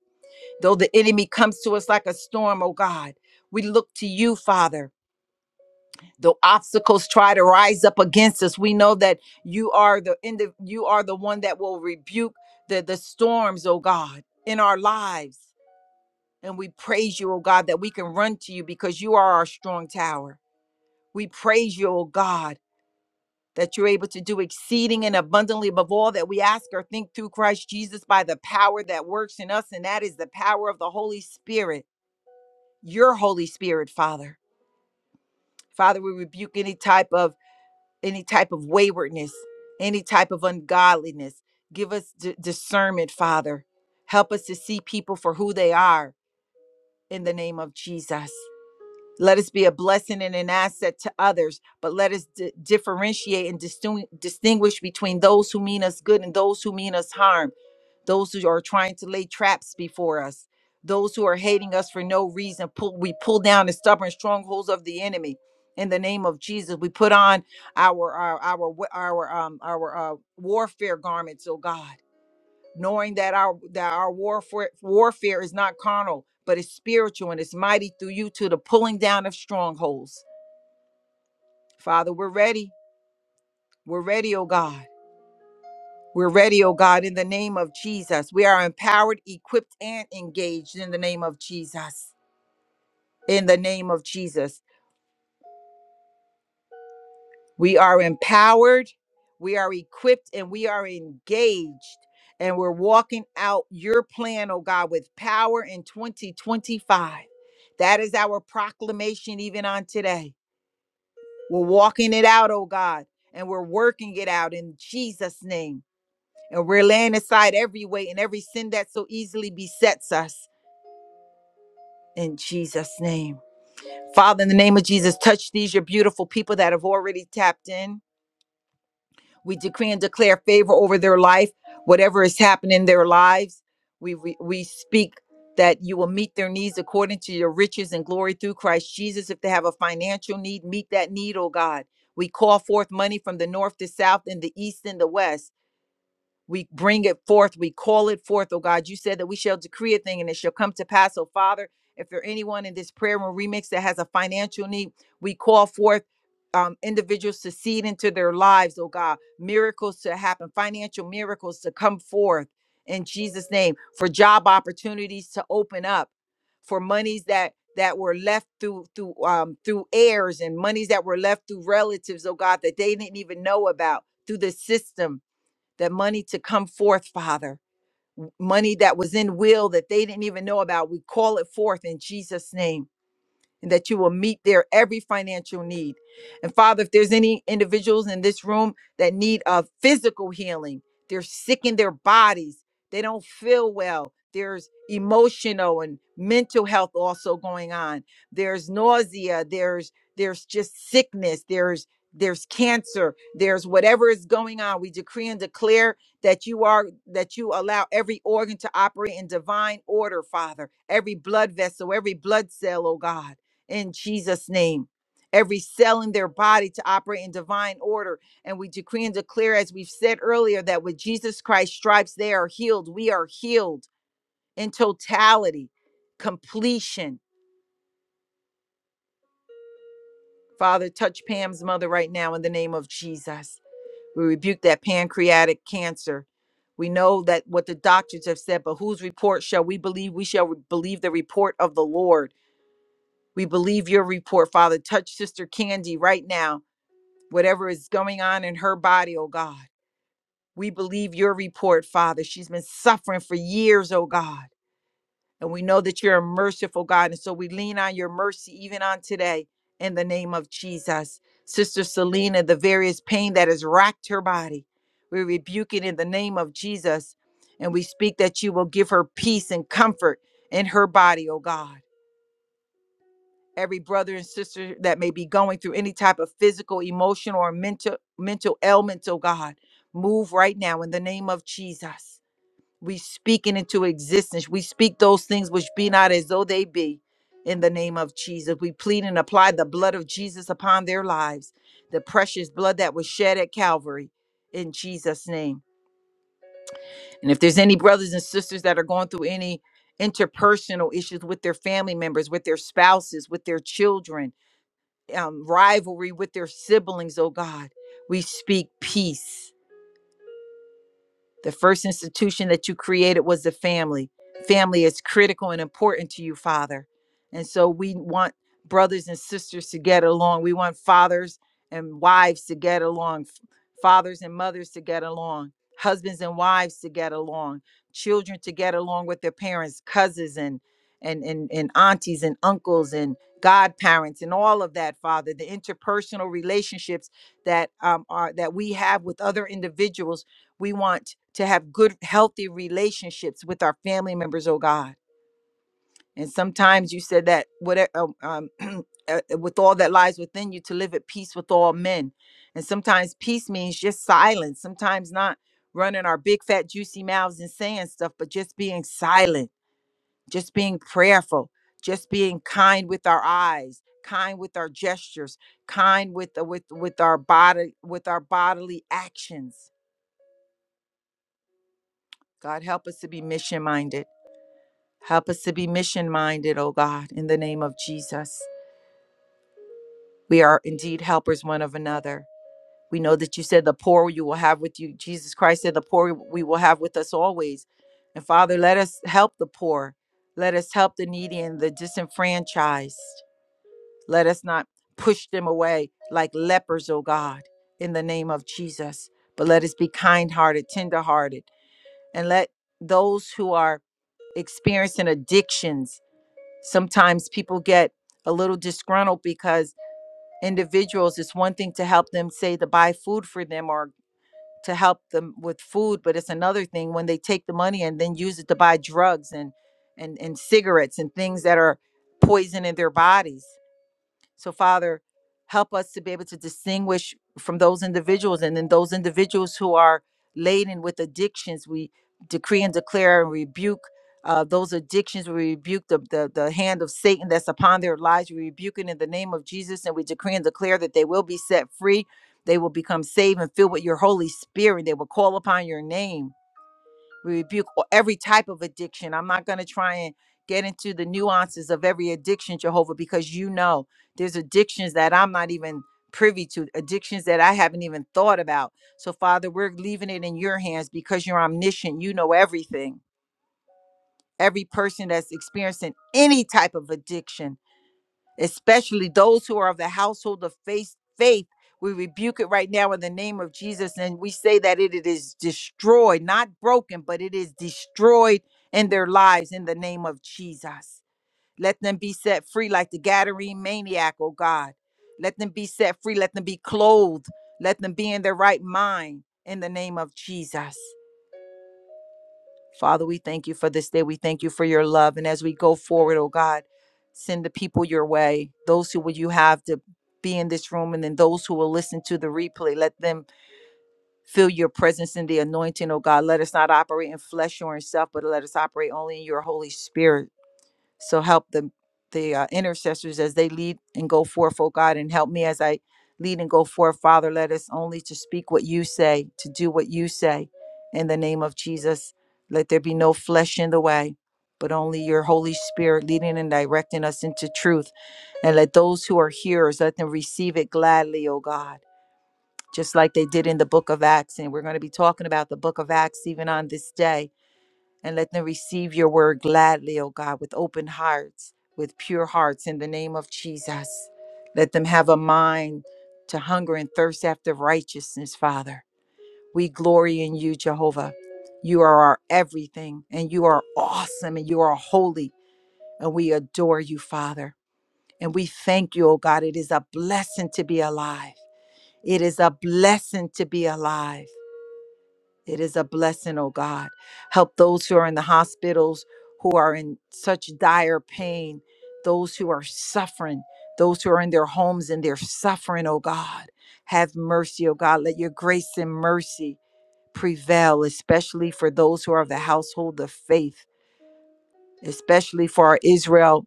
S1: Though the enemy comes to us like a storm, oh God, we look to you, Father. Though obstacles try to rise up against us, we know that you are the end you are the one that will rebuke the, the storms, oh God, in our lives. And we praise you, oh God, that we can run to you because you are our strong tower. We praise you, oh God, that you're able to do exceeding and abundantly above all that we ask or think through Christ Jesus by the power that works in us, and that is the power of the Holy Spirit. your holy spirit father father we rebuke any type of any type of waywardness any type of ungodliness give us d- discernment father help us to see people for who they are in the name of jesus let us be a blessing and an asset to others but let us di- differentiate and distin- distinguish between those who mean us good and those who mean us harm those who are trying to lay traps before us, those who are hating us for no reason. Pull, we pull down the stubborn strongholds of the enemy. In the name of Jesus, we put on our our our wa- our um our uh, warfare garments, oh God, knowing that our that our warfare warfare is not carnal, but it's spiritual and it's mighty through you to the pulling down of strongholds. Father, we're ready. We're ready, oh God. We're ready, oh God, in the name of Jesus. We are empowered, equipped, and engaged in the name of Jesus. In the name of Jesus. We are empowered, we are equipped, and we are engaged. And we're walking out your plan, oh God, with power in 2025. That is our proclamation even on today. We're walking it out, oh God, and we're working it out in Jesus' name. And we're laying aside every weight and every sin that so easily besets us in Jesus' name. Father, in the name of Jesus, touch these, your beautiful people that have already tapped in. We decree and declare favor over their life, whatever is happening in their lives. We, we, we speak that you will meet their needs according to your riches and glory through Christ Jesus. If they have a financial need, meet that need, oh God. We call forth money from the north, the south, and the east, and the west. We bring it forth. We call it forth, oh God. You said that we shall decree a thing and it shall come to pass. So, Father, if there anyone in this prayer room remix that has a financial need, we call forth um, individuals to seed into their lives, oh God, miracles to happen, financial miracles to come forth in Jesus' name, for job opportunities to open up, for monies that that were left through through um through heirs and monies that were left through relatives, oh God, that they didn't even know about through the system that money to come forth, Father. Money that was in will that they didn't even know about. We call it forth in Jesus' name and that you will meet their every financial need. And Father, if there's any individuals in this room that need a physical healing, they're sick in their bodies, they don't feel well. There's emotional and mental health also going on. There's nausea, there's there's just sickness, there's there's cancer, there's whatever is going on. We decree and declare that you are that you allow every organ to operate in divine order, Father. Every blood vessel, every blood cell, oh God in Jesus' name. Every cell in their body to operate in divine order. And we decree and declare, as we've said earlier, that with Jesus Christ's stripes, they are healed. We are healed in totality, completion. Father, touch Pam's mother right now in the name of Jesus. We rebuke that pancreatic cancer. We know that what the doctors have said, but whose report shall we believe? We shall believe the report of the Lord. We believe your report, Father. Touch Sister Candy right now whatever is going on in her body, oh God. We believe your report, Father. She's been suffering for years, oh God. And we know that you're a merciful God. And so we lean on your mercy even on today in the name of Jesus. Sister Selena, the various pain that has racked her body, we rebuke it in the name of Jesus. And we speak that you will give her peace and comfort in her body, oh God every brother and sister that may be going through any type of physical, emotional, or mental mental ailments, oh God, move right now in the name of Jesus. We speak it into existence. We speak those things which be not as though they be in the name of Jesus. We plead and apply the blood of Jesus upon their lives, the precious blood that was shed at Calvary in Jesus' name. And if there's any brothers and sisters that are going through any interpersonal issues with their family members, with their spouses, with their children, um, rivalry with their siblings, oh God. We speak peace. The first institution that you created was the family. Family is critical and important to you, Father. And so we want brothers and sisters to get along. We want fathers and wives to get along, f- fathers and mothers to get along, husbands and wives to get along, children to get along with their parents, cousins and and and, and aunties and uncles and godparents and all of that, Father. The interpersonal relationships that um, are that we have with other individuals we want to have good, healthy relationships with our family members, oh God. And sometimes you said that whatever um, uh, uh, with all that lies within you to live at peace with all men. And sometimes peace means just silence. Sometimes not running our big fat juicy mouths and saying stuff, but just being silent, just being prayerful, just being kind with our eyes, kind with our gestures, kind with uh, with with our body with our bodily actions. God help us to be mission minded. Help us to be mission minded, O God, in the name of Jesus. We are indeed helpers one of another. We know that you said the poor you will have with you. Jesus Christ said the poor we will have with us always. And Father, let us help the poor. Let us help the needy and the disenfranchised. Let us not push them away like lepers, O God, in the name of Jesus. But let us be kind hearted, tender hearted, and let those who are experiencing addictions sometimes people get a little disgruntled because individuals it's one thing to help them say to buy food for them or to help them with food but it's another thing when they take the money and then use it to buy drugs and and and cigarettes and things that are poisoning their bodies so, Father, help us to be able to distinguish from those individuals and then those individuals who are laden with addictions. We decree and declare and rebuke. Uh, those addictions, we rebuke the, the the hand of Satan that's upon their lives. We rebuke it in the name of Jesus, and we decree and declare that they will be set free. They will become saved and filled with your Holy Spirit. They will call upon your name we rebuke o- every type of addiction. I'm not going to try and get into the nuances of every addiction, Jehovah, because you know there's addictions that I'm not even privy to, addictions that I haven't even thought about. So, Father, we're leaving it in your hands because you're omniscient. You know everything. Every person that's experiencing any type of addiction, especially those who are of the household of faith faith we rebuke it right now in the name of jesus and we say that it, it is destroyed not broken but it is destroyed in their lives in the name of jesus let them be set free like the gadarene maniac oh god let them be set free let them be clothed let them be in their right mind in the name of jesus Father, we thank you for this day. We thank you for your love. And as we go forward, oh God, send the people your way, those who would you have to be in this room, and then those who will listen to the replay, let them feel your presence in the anointing, oh God. Let us not operate in flesh or in self, but let us operate only in your Holy Spirit. So help the the uh, intercessors as they lead and go forth, oh God, and help me as I lead and go forth, Father. Let us only to speak what you say, to do what you say, in the name of Jesus. Let there be no flesh in the way, but only your Holy Spirit leading and directing us into truth. And let those who are hearers let them receive it gladly, oh God. Just like they did in the book of Acts. And we're going to be talking about the book of Acts even on this day and let them receive your word gladly, O God, with open hearts, with pure hearts, in the name of Jesus. Let them have a mind to hunger and thirst after righteousness, Father. We glory in you, Jehovah. You are our everything, and you are awesome, and you are holy, and we adore you, Father. And we thank you, O God. It is a blessing to be alive. It is a blessing to be alive. It is a blessing, oh God. Help those who are in the hospitals, who are in such dire pain, those who are suffering, those who are in their homes and they're suffering, oh God. Have mercy, oh God. Let your grace and mercy prevail, especially for those who are of the household of faith, especially for our Israeli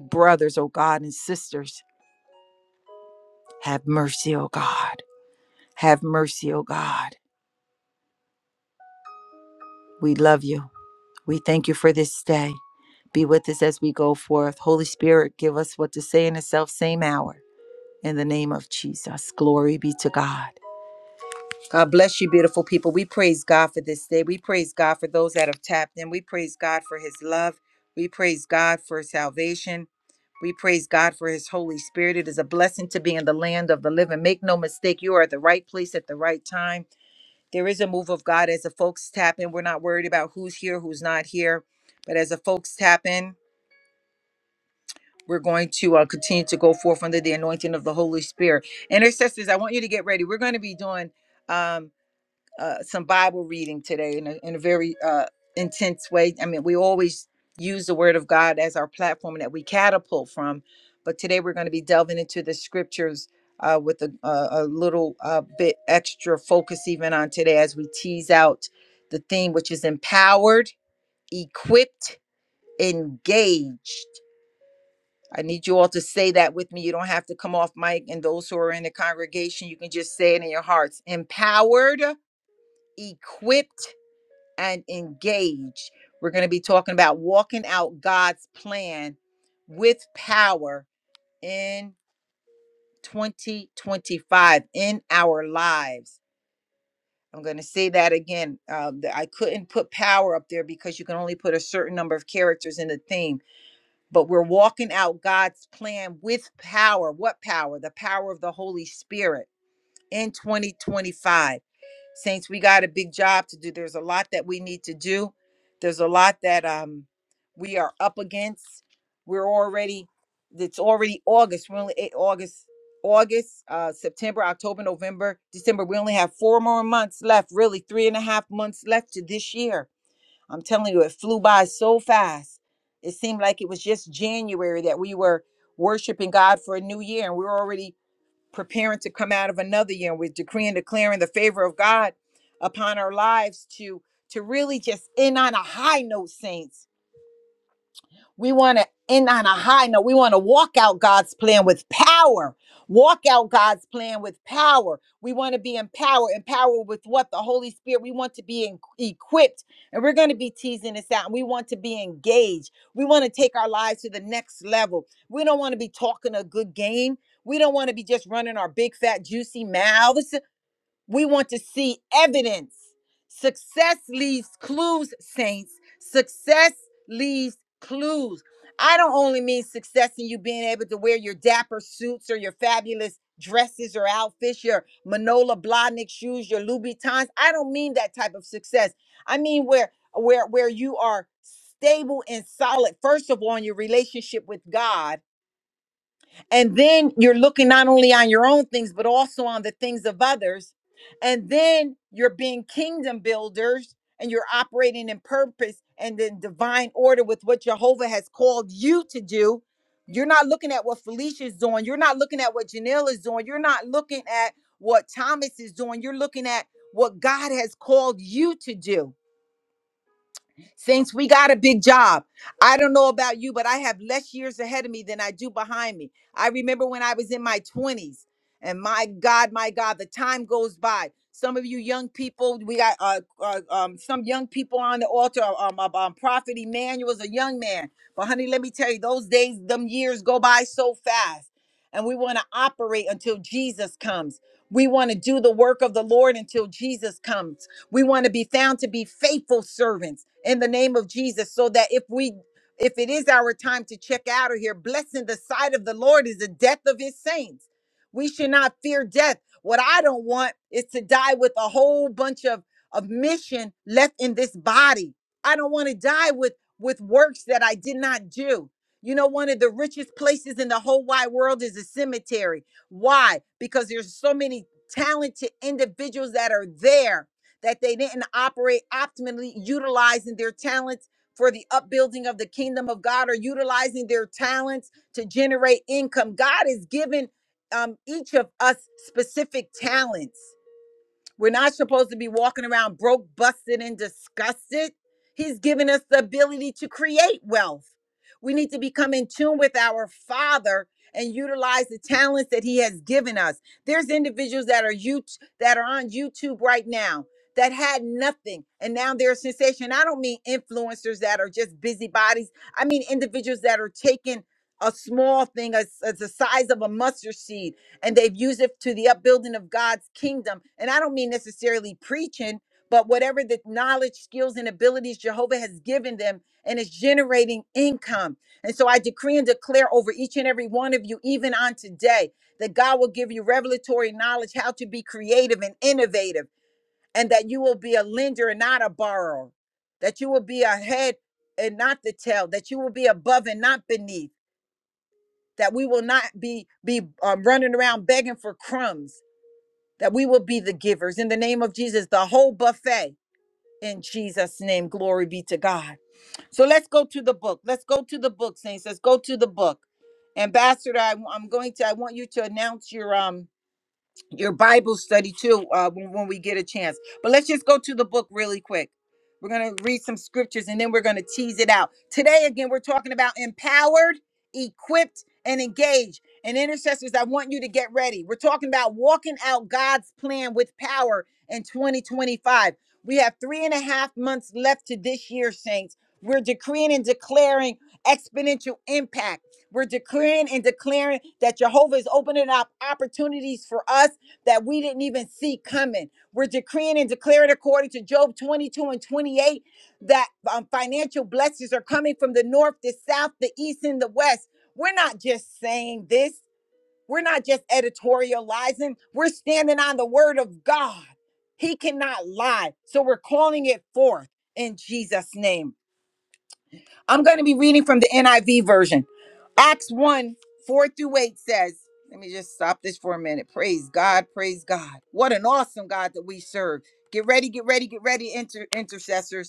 S1: brothers, oh God, and sisters. Have mercy, oh God. Have mercy, oh God. We love you. We thank you for this day. Be with us as we go forth. Holy Spirit, give us what to say in the self same hour. In the name of Jesus, glory be to God. God bless you, beautiful people. We praise God for this day. We praise God for those that have tapped in. We praise God for his love. We praise God for salvation. We praise God for his Holy Spirit. It is a blessing to be in the land of the living. Make no mistake, you are at the right place at the right time there is a move of God as the folks tap in. We're not worried about who's here, who's not here, but as the folks tap in, we're going to uh, continue to go forth under the anointing of the Holy Spirit. Intercessors, I want you to get ready. We're going to be doing. um, uh, some Bible reading today in a, in a very uh, intense way. I mean, we always use the Word of God as our platform that we catapult from, but today we're going to be delving into the scriptures uh, with a, a, a little uh, bit extra focus even on today as we tease out the theme, which is empowered, equipped, engaged. I need you all to say that with me. You don't have to come off mic. And those who are in the congregation, you can just say it in your hearts. Empowered, equipped, and engage. We're going to be talking about walking out God's plan with power in 2025 in our lives. I'm going to say that again. Uh, th- I couldn't put power up there because you can only put a certain number of characters in the theme, but we're walking out God's plan with power. What power? The power of the Holy Spirit in 2025. Saints, we got a big job to do. There's a lot that we need to do. There's a lot that um we are up against. We're already it's already August. We only eh, August, August, uh, September, October, November, December. We only have four more months left, really three and a half months left to this year. I'm telling you, it flew by so fast. It seemed like it was just January that we were worshiping God for a new year, and we we're already preparing to come out of another year. We're decreeing, declaring the favor of God upon our lives to to really just end on a high note, saints we want to end on a high note. We want to walk out God's plan with power. Walk out God's plan with power. We want to be empowered. Empowered with what? The Holy Spirit. We want to be en- equipped. And we're going to be teasing this out. And we want to be engaged. We want to take our lives to the next level. We don't want to be talking a good game. We don't want to be just running our big, fat, juicy mouths. We want to see evidence. Success leaves clues, saints. Success leaves clues. I don't only mean success in you being able to wear your dapper suits or your fabulous dresses or outfits, your Manola Blahnik shoes, your Louboutins. I don't mean that type of success. I mean where where where you are stable and solid first of all in your relationship with God and then you're looking not only on your own things, but also on the things of others. And then you're being kingdom builders and you're operating in purpose and in divine order with what Jehovah has called you to do. You're not looking at what Felicia's doing. You're not looking at what Janelle is doing. You're not looking at what Thomas is doing. You're looking at what God has called you to do Saints, we got a big job. I don't know about you, but I have less years ahead of me than I do behind me. I remember when I was in my 20s, and my God, my God, the time goes by. Some of you young people, we got uh, uh, um, some young people on the altar. Um, um, um, Prophet Emmanuel is a young man. But, honey, let me tell you, those days, them years go by so fast. And we want to operate until Jesus comes. We want to do the work of the Lord until Jesus comes. We want to be found to be faithful servants in the name of Jesus so that if we if it is our time to check out of here, blessing the sight of the Lord is the death of his saints. We should not fear death. What I don't want is to die with a whole bunch of of mission left in this body. I don't want to die with with works that I did not do. You know, one of the richest places in the whole wide world is a cemetery. Why? Because there's so many talented individuals that are there that they didn't operate optimally utilizing their talents for the upbuilding of the kingdom of God or utilizing their talents to generate income. God has given um, each of us specific talents. We're not supposed to be walking around broke, busted, and disgusted. He's given us the ability to create wealth. We need to become in tune with our Father and utilize the talents that He has given us. There's individuals that are you that are on YouTube right now that had nothing and now they're a sensation. I don't mean influencers that are just busybodies. I mean individuals that are taking a small thing as, as the size of a mustard seed and they've used it to the upbuilding of God's kingdom. And I don't mean necessarily preaching, but whatever the knowledge, skills, and abilities Jehovah has given them, and is generating income. And so I decree and declare over each and every one of you, even on today, that God will give you revelatory knowledge how to be creative and innovative, and that you will be a lender and not a borrower, that you will be a head and not the tail, that you will be above and not beneath, that we will not be be um, running around begging for crumbs that we will be the givers in the name of Jesus, the whole buffet. In Jesus' name, glory be to God. So let's go to the book. Let's go to the book, saints. Let's go to the book. Ambassador, I, am going to. I want you to announce your um your Bible study too uh, when, when we get a chance. But let's just go to the book really quick. We're going to read some scriptures and then we're going to tease it out. Today, again, we're talking about empowered, equipped, and engaged. And intercessors, I want you to get ready. We're talking about walking out God's plan with power in 2025. We have three and a half months left to this year, saints. We're decreeing and declaring exponential impact. We're decreeing and declaring that Jehovah is opening up opportunities for us that we didn't even see coming. We're decreeing and declaring according to Job 22 and 28 that um, financial blessings are coming from the north, the south, the east, and the west. We're not just saying this, we're not just editorializing, we're standing on the word of God. He cannot lie. So we're calling it forth in Jesus' name. I'm going to be reading from the NIV version. Acts 1 4 through 8 says, Let me just stop this for a minute. Praise God, praise God. What an awesome God that we serve. Get ready, get ready, get ready, inter- intercessors.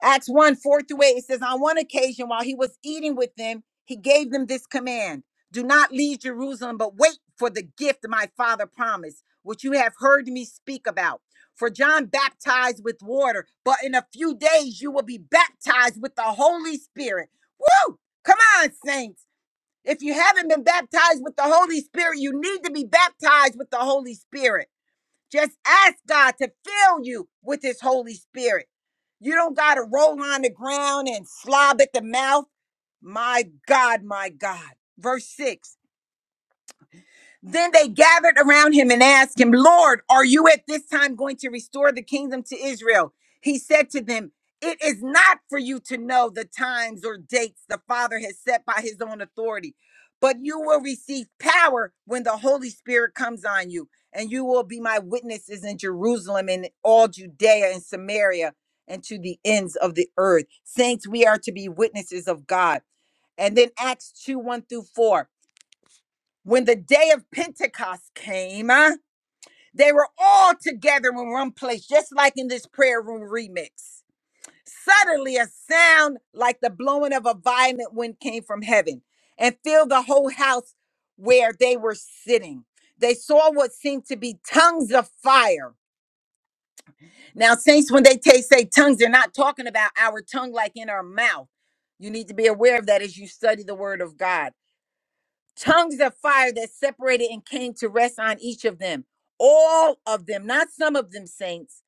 S1: Acts 1 4 through 8, it says, On one occasion, while he was eating with them, he gave them this command Do not leave Jerusalem, but wait for the gift my father promised, which you have heard me speak about. For John baptized with water, but in a few days you will be baptized with the Holy Spirit. Woo! Come on, saints. If you haven't been baptized with the Holy Spirit, you need to be baptized with the Holy Spirit. Just ask God to fill you with His Holy Spirit. You don't got to roll on the ground and slob at the mouth. My God, my God. Verse 6 then they gathered around him and asked him, Lord, are you at this time going to restore the kingdom to Israel? He said to them, It is not for you to know the times or dates the Father has set by his own authority, but you will receive power when the Holy Spirit comes on you, and you will be my witnesses in Jerusalem and all Judea and Samaria and to the ends of the earth. Saints, we are to be witnesses of God. And then Acts 2 1 through 4 when the day of Pentecost came, huh, they were all together in one place, just like in this prayer room remix. Suddenly, a sound like the blowing of a violent wind came from heaven and filled the whole house where they were sitting. They saw what seemed to be tongues of fire. Now, saints, when they ta- say tongues, they're not talking about our tongue like in our mouth. You need to be aware of that as you study the word of God tongues of fire that separated and came to rest on each of them. All of them, not some of them, saints,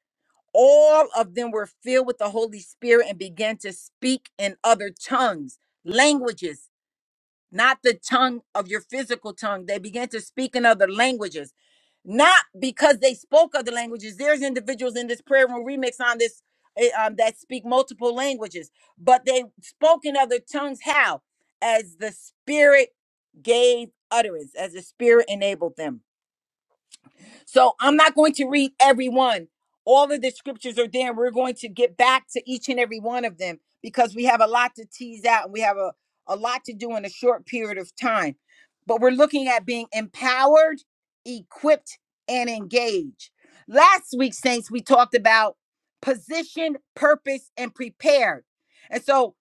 S1: all of them were filled with the Holy Spirit and began to speak in other tongues, languages not the tongue of your physical tongue. They began to speak in other languages, not because they spoke other languages. There's individuals in this prayer room remix on this eh, um, that speak multiple languages, but they spoke in other tongues. How? As the Spirit gave utterance, as the Spirit enabled them. So I'm not going to read every one. All of the scriptures are there. We're going to get back to each and every one of them because we have a lot to tease out and we have a, a lot to do in a short period of time. But we're looking at being empowered, equipped, and engaged. Last week, Saints, we talked about position, purpose, and prepared. And so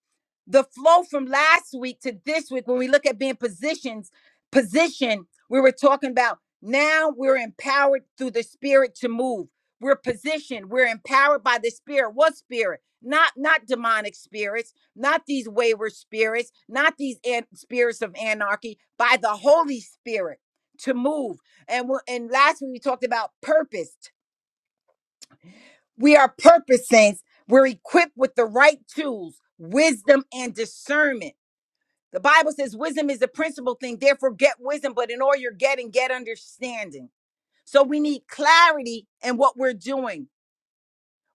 S1: the flow from last week to this week, when we look at being positions, position, we were talking about. Now we're empowered through the spirit to move. We're positioned, we're empowered by the spirit. What spirit? Not not demonic spirits, not these wayward spirits, not these an- spirits of anarchy, by the Holy Spirit to move. And we and lastly, we talked about purposed. We are purpose saints. We're equipped with the right tools, wisdom and discernment. The Bible says wisdom is the principal thing. Therefore, get wisdom, but in all you're getting, get understanding. So we need clarity in what we're doing.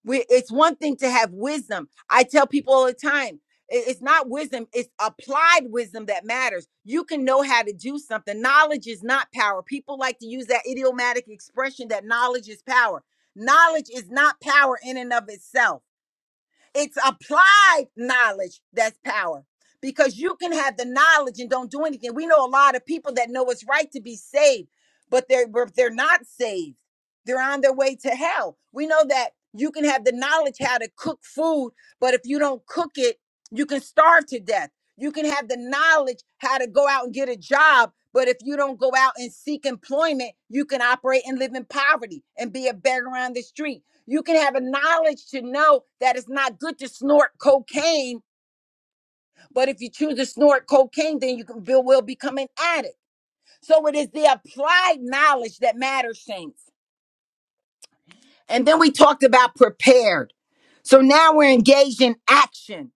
S1: We, it's one thing to have wisdom. I tell people all the time, i- it's not wisdom, it's applied wisdom that matters. You can know how to do something. Knowledge is not power. People like to use that idiomatic expression that knowledge is power. Knowledge is not power in and of itself. It's applied knowledge that's power because you can have the knowledge and don't do anything. We know a lot of people that know it's right to be saved, but they're but they're not saved. They're on their way to hell. We know that you can have the knowledge how to cook food, but if you don't cook it, you can starve to death. You can have the knowledge how to go out and get a job, but if you don't go out and seek employment, you can operate and live in poverty and be a beggar on the street. You can have a knowledge to know that it's not good to snort cocaine, but if you choose to snort cocaine, then you can, be- will become an addict. So it is the applied knowledge that matters, saints. And then we talked about prepared. So now we're engaged in action.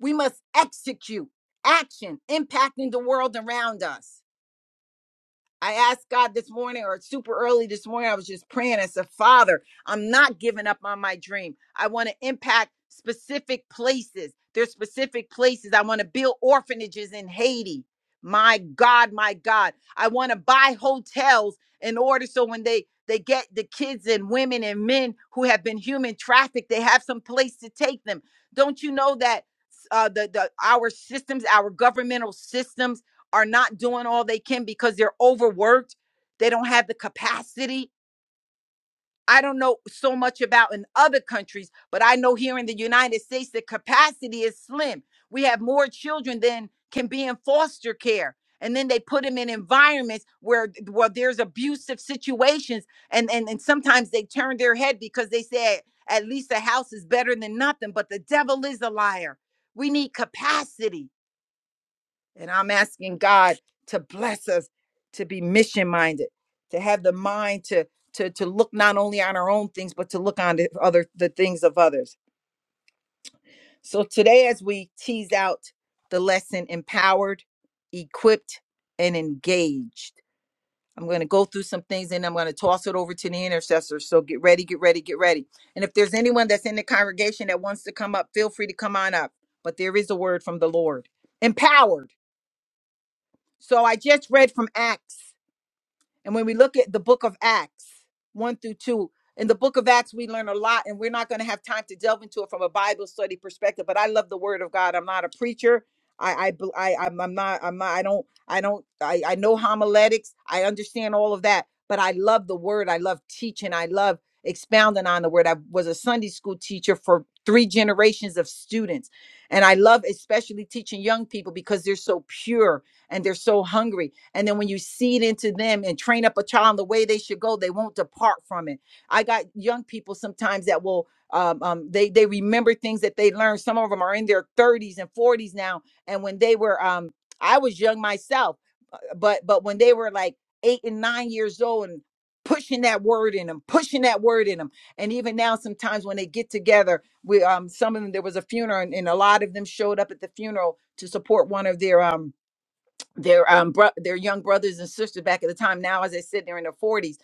S1: We must execute action, impacting the world around us. I asked God this morning or super early this morning, I was just praying. I said, Father, I'm not giving up on my dream. I want to impact specific places. There's specific places. I want to build orphanages in Haiti. My God, my God. I want to buy hotels in order so when they they get the kids and women and men who have been human trafficked, they have some place to take them. Don't you know that uh, the, the our systems, our governmental systems are not doing all they can because they're overworked, they don't have the capacity. I don't know so much about in other countries, but I know here in the United States the capacity is slim. We have more children than can be in foster care. And then they put them in environments where, where there's abusive situations. And, and, and sometimes they turn their head because they say, at least a house is better than nothing. But the devil is a liar. We need capacity. And I'm asking God to bless us to be mission minded, to have the mind to to to look not only on our own things but to look on the other the things of others. So today as we tease out the lesson empowered, equipped and engaged. I'm going to go through some things and I'm going to toss it over to the intercessor. So get ready, get ready, get ready. And if there's anyone that's in the congregation that wants to come up, feel free to come on up. But there is a word from the Lord. Empowered. So I just read from Acts And when we look at the book of Acts 1 through 2, in the book of Acts, we learn a lot, and we're not going to have time to delve into it from a Bible study perspective. But I love the Word of God. I'm not a preacher. I, I, bel- I I'm, I'm not, I'm not, I don't, I don't, I, I know homiletics. I understand all of that, but I love the Word. I love teaching. I love expounding on the Word. I was a Sunday school teacher for three generations of students, and I love especially teaching young people because they're so pure and they're so hungry and then when you seed into them and train up a child in the way they should go, they won't depart from it. I got young people sometimes that will um, um, they they remember things that they learned. Some of them are in their 30s and 40s now. And when they were um, I was young myself, uh, but but when they were like eight and nine years old and pushing that word in them, pushing that word in them. And even now, sometimes when they get together, we um some of them there was a funeral and, and a lot of them showed up at the funeral to support one of their um their um bro- their young brothers and sisters back at the time now as i said they're in their 40s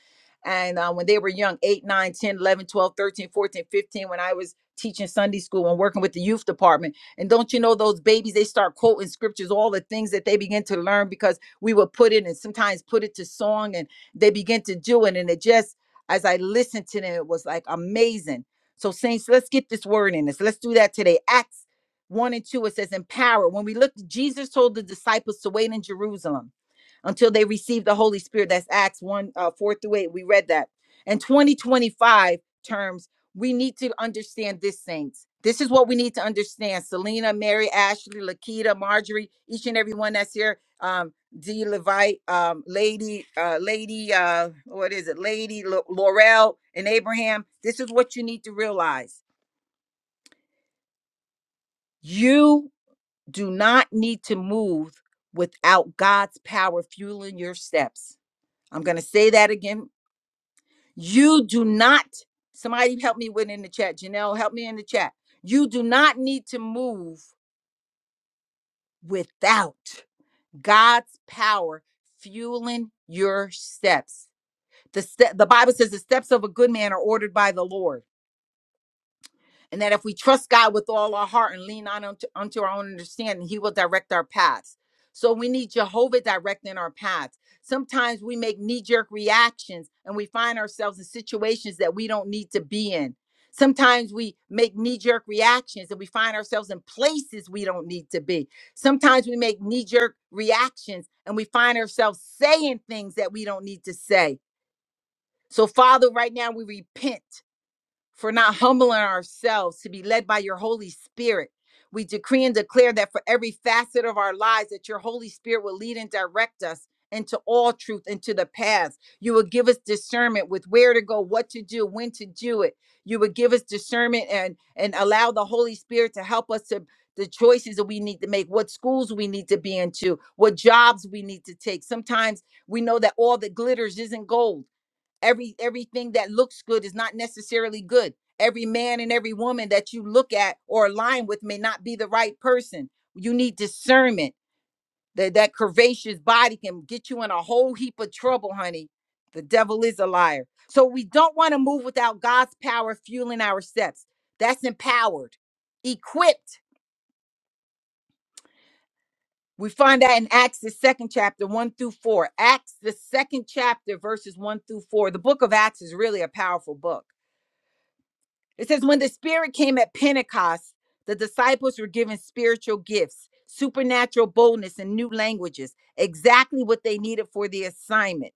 S1: and uh, when they were young 8 nine, ten, eleven, twelve, thirteen, fourteen, fifteen. when i was teaching sunday school and working with the youth department and don't you know those babies they start quoting scriptures all the things that they begin to learn because we would put it and sometimes put it to song and they begin to do it and it just as i listened to them it was like amazing so saints let's get this word in us let's do that today Acts. 1 and 2, it says, Empower. When we look, Jesus told the disciples to wait in Jerusalem until they received the Holy Spirit. That's Acts 1 uh, 4 through 8. We read that. In 2025 terms, we need to understand this, saints. This is what we need to understand. Selena, Mary, Ashley, Lakita, Marjorie, each and every one that's here. Um, D. Levite, um, Lady, uh, Lady, uh, what is it? Lady Lo- Laurel and Abraham. This is what you need to realize. You. do not need to move without God's power fueling your steps. I'm going to say that again. You do not, somebody help me with in the chat. Janelle, help me in the chat. You do not need to move without God's power fueling your steps. The, ste- the Bible says the steps of a good man are ordered by the Lord. and that if we trust God with all our heart and lean on unto, unto our own understanding, He will direct our paths. So we need Jehovah directing our paths. Sometimes we make knee jerk reactions and we find ourselves in situations that we don't need to be in. Sometimes we make knee jerk reactions and we find ourselves in places we don't need to be. Sometimes we make knee jerk reactions and we find ourselves saying things that we don't need to say. So, Father, right now we repent for not humbling ourselves to be led by your Holy Spirit. We decree and declare that for every facet of our lives, that your Holy Spirit will lead and direct us into all truth, into the paths. You will give us discernment with where to go, what to do, when to do it. You would give us discernment and and allow the Holy Spirit to help us to the choices that we need to make, what schools we need to be into, what jobs we need to take. Sometimes we know that all that glitters isn't gold every everything that looks good is not necessarily good every man and every woman that you look at or align with may not be the right person you need discernment that that curvaceous body can get you in a whole heap of trouble honey the devil is a liar so we don't want to move without god's power fueling our steps that's empowered equipped we find that in acts the second chapter 1 through 4 acts the second chapter verses 1 through 4 the book of acts is really a powerful book It says, when the Spirit came at Pentecost, the disciples were given spiritual gifts, supernatural boldness, and new languages, exactly what they needed for the assignment.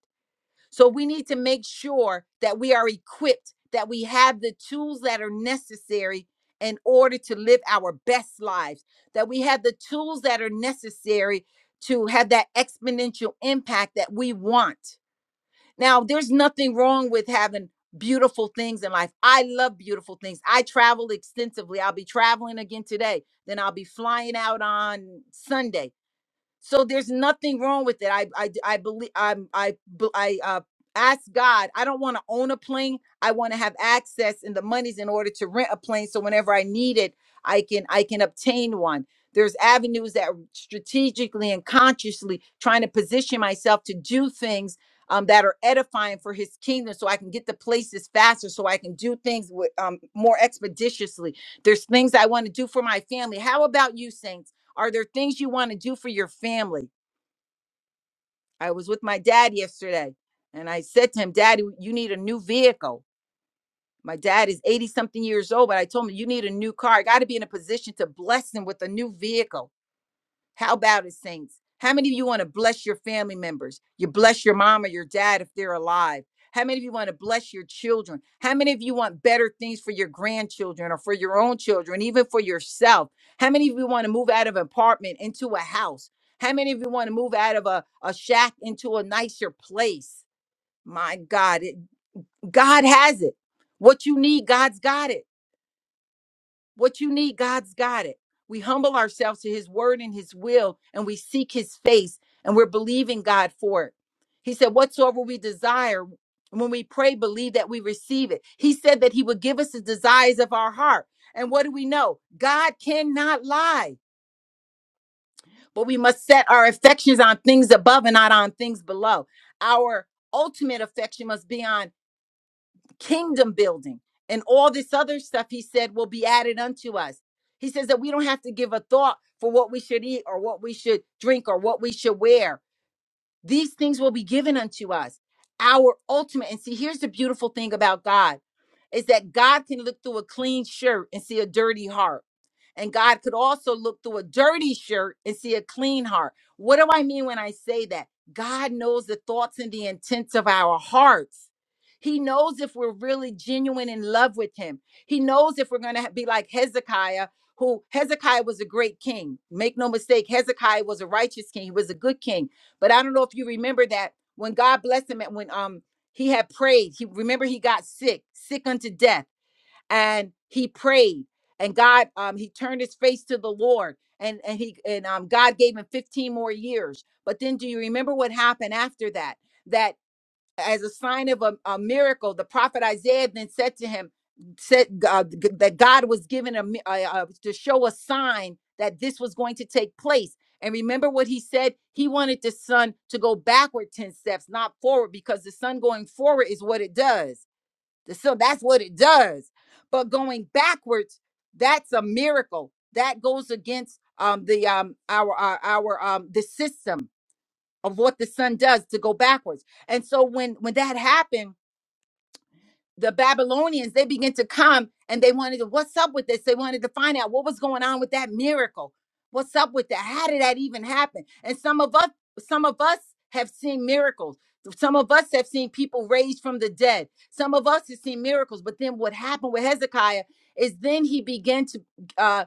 S1: So we need to make sure that we are equipped, that we have the tools that are necessary in order to live our best lives, that we have the tools that are necessary to have that exponential impact that we want. Now, there's nothing wrong with having beautiful things in life. I love beautiful things. I travel extensively. I'll be traveling again today. Then I'll be flying out on Sunday. So there's nothing wrong with it. I I I believe I'm I b- I uh ask God, I don't want to own a plane. I want to have access and the monies in order to rent a plane so whenever I need it, I can I can obtain one. There's avenues that r- strategically and consciously trying to position myself to do things um, that are edifying for his kingdom so I can get to places faster, so I can do things with, um, more expeditiously. There's things I want to do for my family. How about you, Saints? Are there things you want to do for your family? I was with my dad yesterday and I said to him, Daddy, you need a new vehicle. My dad is 80 something years old, but I told him, You need a new car. I got to be in a position to bless him with a new vehicle how about it, saints? How many of you want to bless your family members? You bless your mom or your dad if they're alive. How many of you want to bless your children? How many of you want better things for your grandchildren or for your own children, even for yourself? How many of you want to move out of an apartment into a house? How many of you want to move out of a, a shack into a nicer place? My God, it, God has it. What you need, God's got it. What you need, God's got it. We humble ourselves to his word and his will, and we seek his face, and we're believing God for it. He said, Whatsoever we desire, when we pray, believe that we receive it. He said that he would give us the desires of our heart. And what do we know? God cannot lie, but we must set our affections on things above and not on things below. Our ultimate affection must be on kingdom building and all this other stuff he said will be added unto us he says that we don't have to give a thought for what we should eat or what we should drink or what we should wear these things will be given unto us. Our ultimate, and see, here's the beautiful thing about God is that God can look through a clean shirt and see a dirty heart. And God could also look through a dirty shirt and see a clean heart. What do I mean when I say that? God knows the thoughts and the intents of our hearts. He knows if we're really genuine in love with Him. He knows if we're going to be like Hezekiah, who Hezekiah was a great king. Make no mistake, Hezekiah was a righteous king. He was a good king but I don't know if you remember that when God blessed him and when um he had prayed, he remember he got sick, sick unto death, and he prayed, and God um he turned his face to the Lord, and and he and um God gave him 15 more years. But then do you remember what happened after that? That as a sign of a, a miracle. The prophet Isaiah then said to him, said uh, g- that God was given a, mi- uh, uh, to show a sign that this was going to take place. And remember what he said? He wanted the sun to go backward 10 steps, not forward, because the sun going forward is what it does. The sun, that's what it does. But going backwards, that's a miracle. That goes against um, the um, our our, our um, the system of what the sun does to go backwards. And so when when that happened, the Babylonians they began to come and they wanted to what's up with this? They wanted to find out what was going on with that miracle. What's up with that? How did that even happen? And some of us some of us have seen miracles. Some of us have seen people raised from the dead. Some of us have seen miracles. But then what happened with Hezekiah is then he began to uh,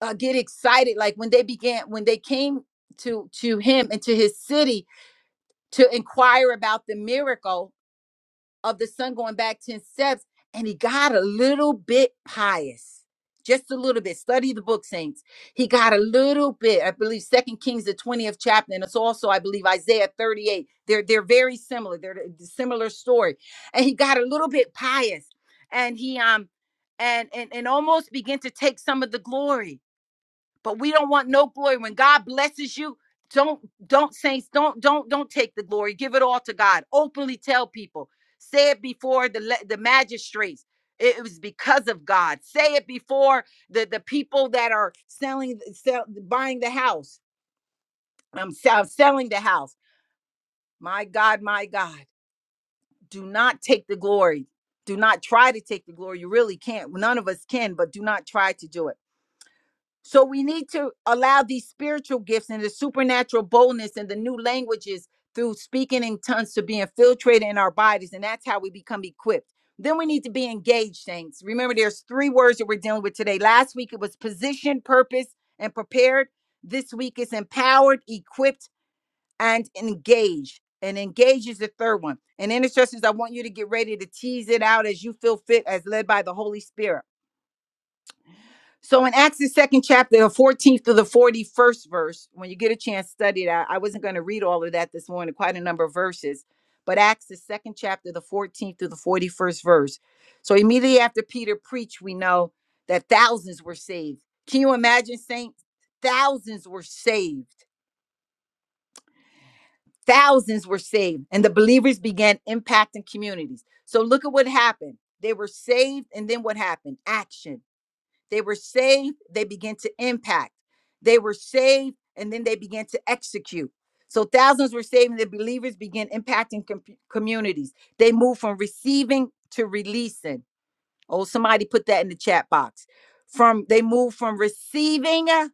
S1: uh, get excited. Like when they began, when they came to to him and to his city, to inquire about the miracle of the son going back 10 steps. And he got a little bit pious, just a little bit. Study the book, saints. He got a little bit, I believe, Second Kings, the 20th chapter. And it's also, I believe, Isaiah 38. They're, they're very similar. They're a similar story. And he got a little bit pious. And he, um, and, and, and almost began to take some of the glory but we don't want no glory when god blesses you don't don't saints don't don't don't take the glory give it all to god openly tell people say it before the le- the magistrates it was because of god say it before the the people that are selling sell, buying the house i'm sell, selling the house my god my god do not take the glory do not try to take the glory you really can't none of us can but do not try to do it So we need to allow these spiritual gifts and the supernatural boldness and the new languages through speaking in tongues to be infiltrated in our bodies. And that's how we become equipped. Then we need to be engaged, saints. Remember, there's three words that we're dealing with today. Last week it was positioned, purpose, and prepared. This week is empowered, equipped, and engaged. And engaged is the third one. And intercessors, I want you to get ready to tease it out as you feel fit, as led by the Holy Spirit. So in Acts the second chapter, the 14th to the 41st verse, when you get a chance, study that. I wasn't going to read all of that this morning, quite a number of verses. But Acts the second chapter, the 14th to the 41st verse. So immediately after Peter preached, we know that thousands were saved. Can you imagine saints? Thousands were saved. Thousands were saved. And the believers began impacting communities. So look at what happened. They were saved, and then what happened? Action they were saved, they began to impact. They were saved, and then they began to execute. So thousands were saved, and the believers began impacting com- communities. They moved from receiving to releasing. Oh, somebody put that in the chat box. From they moved from receiving uh,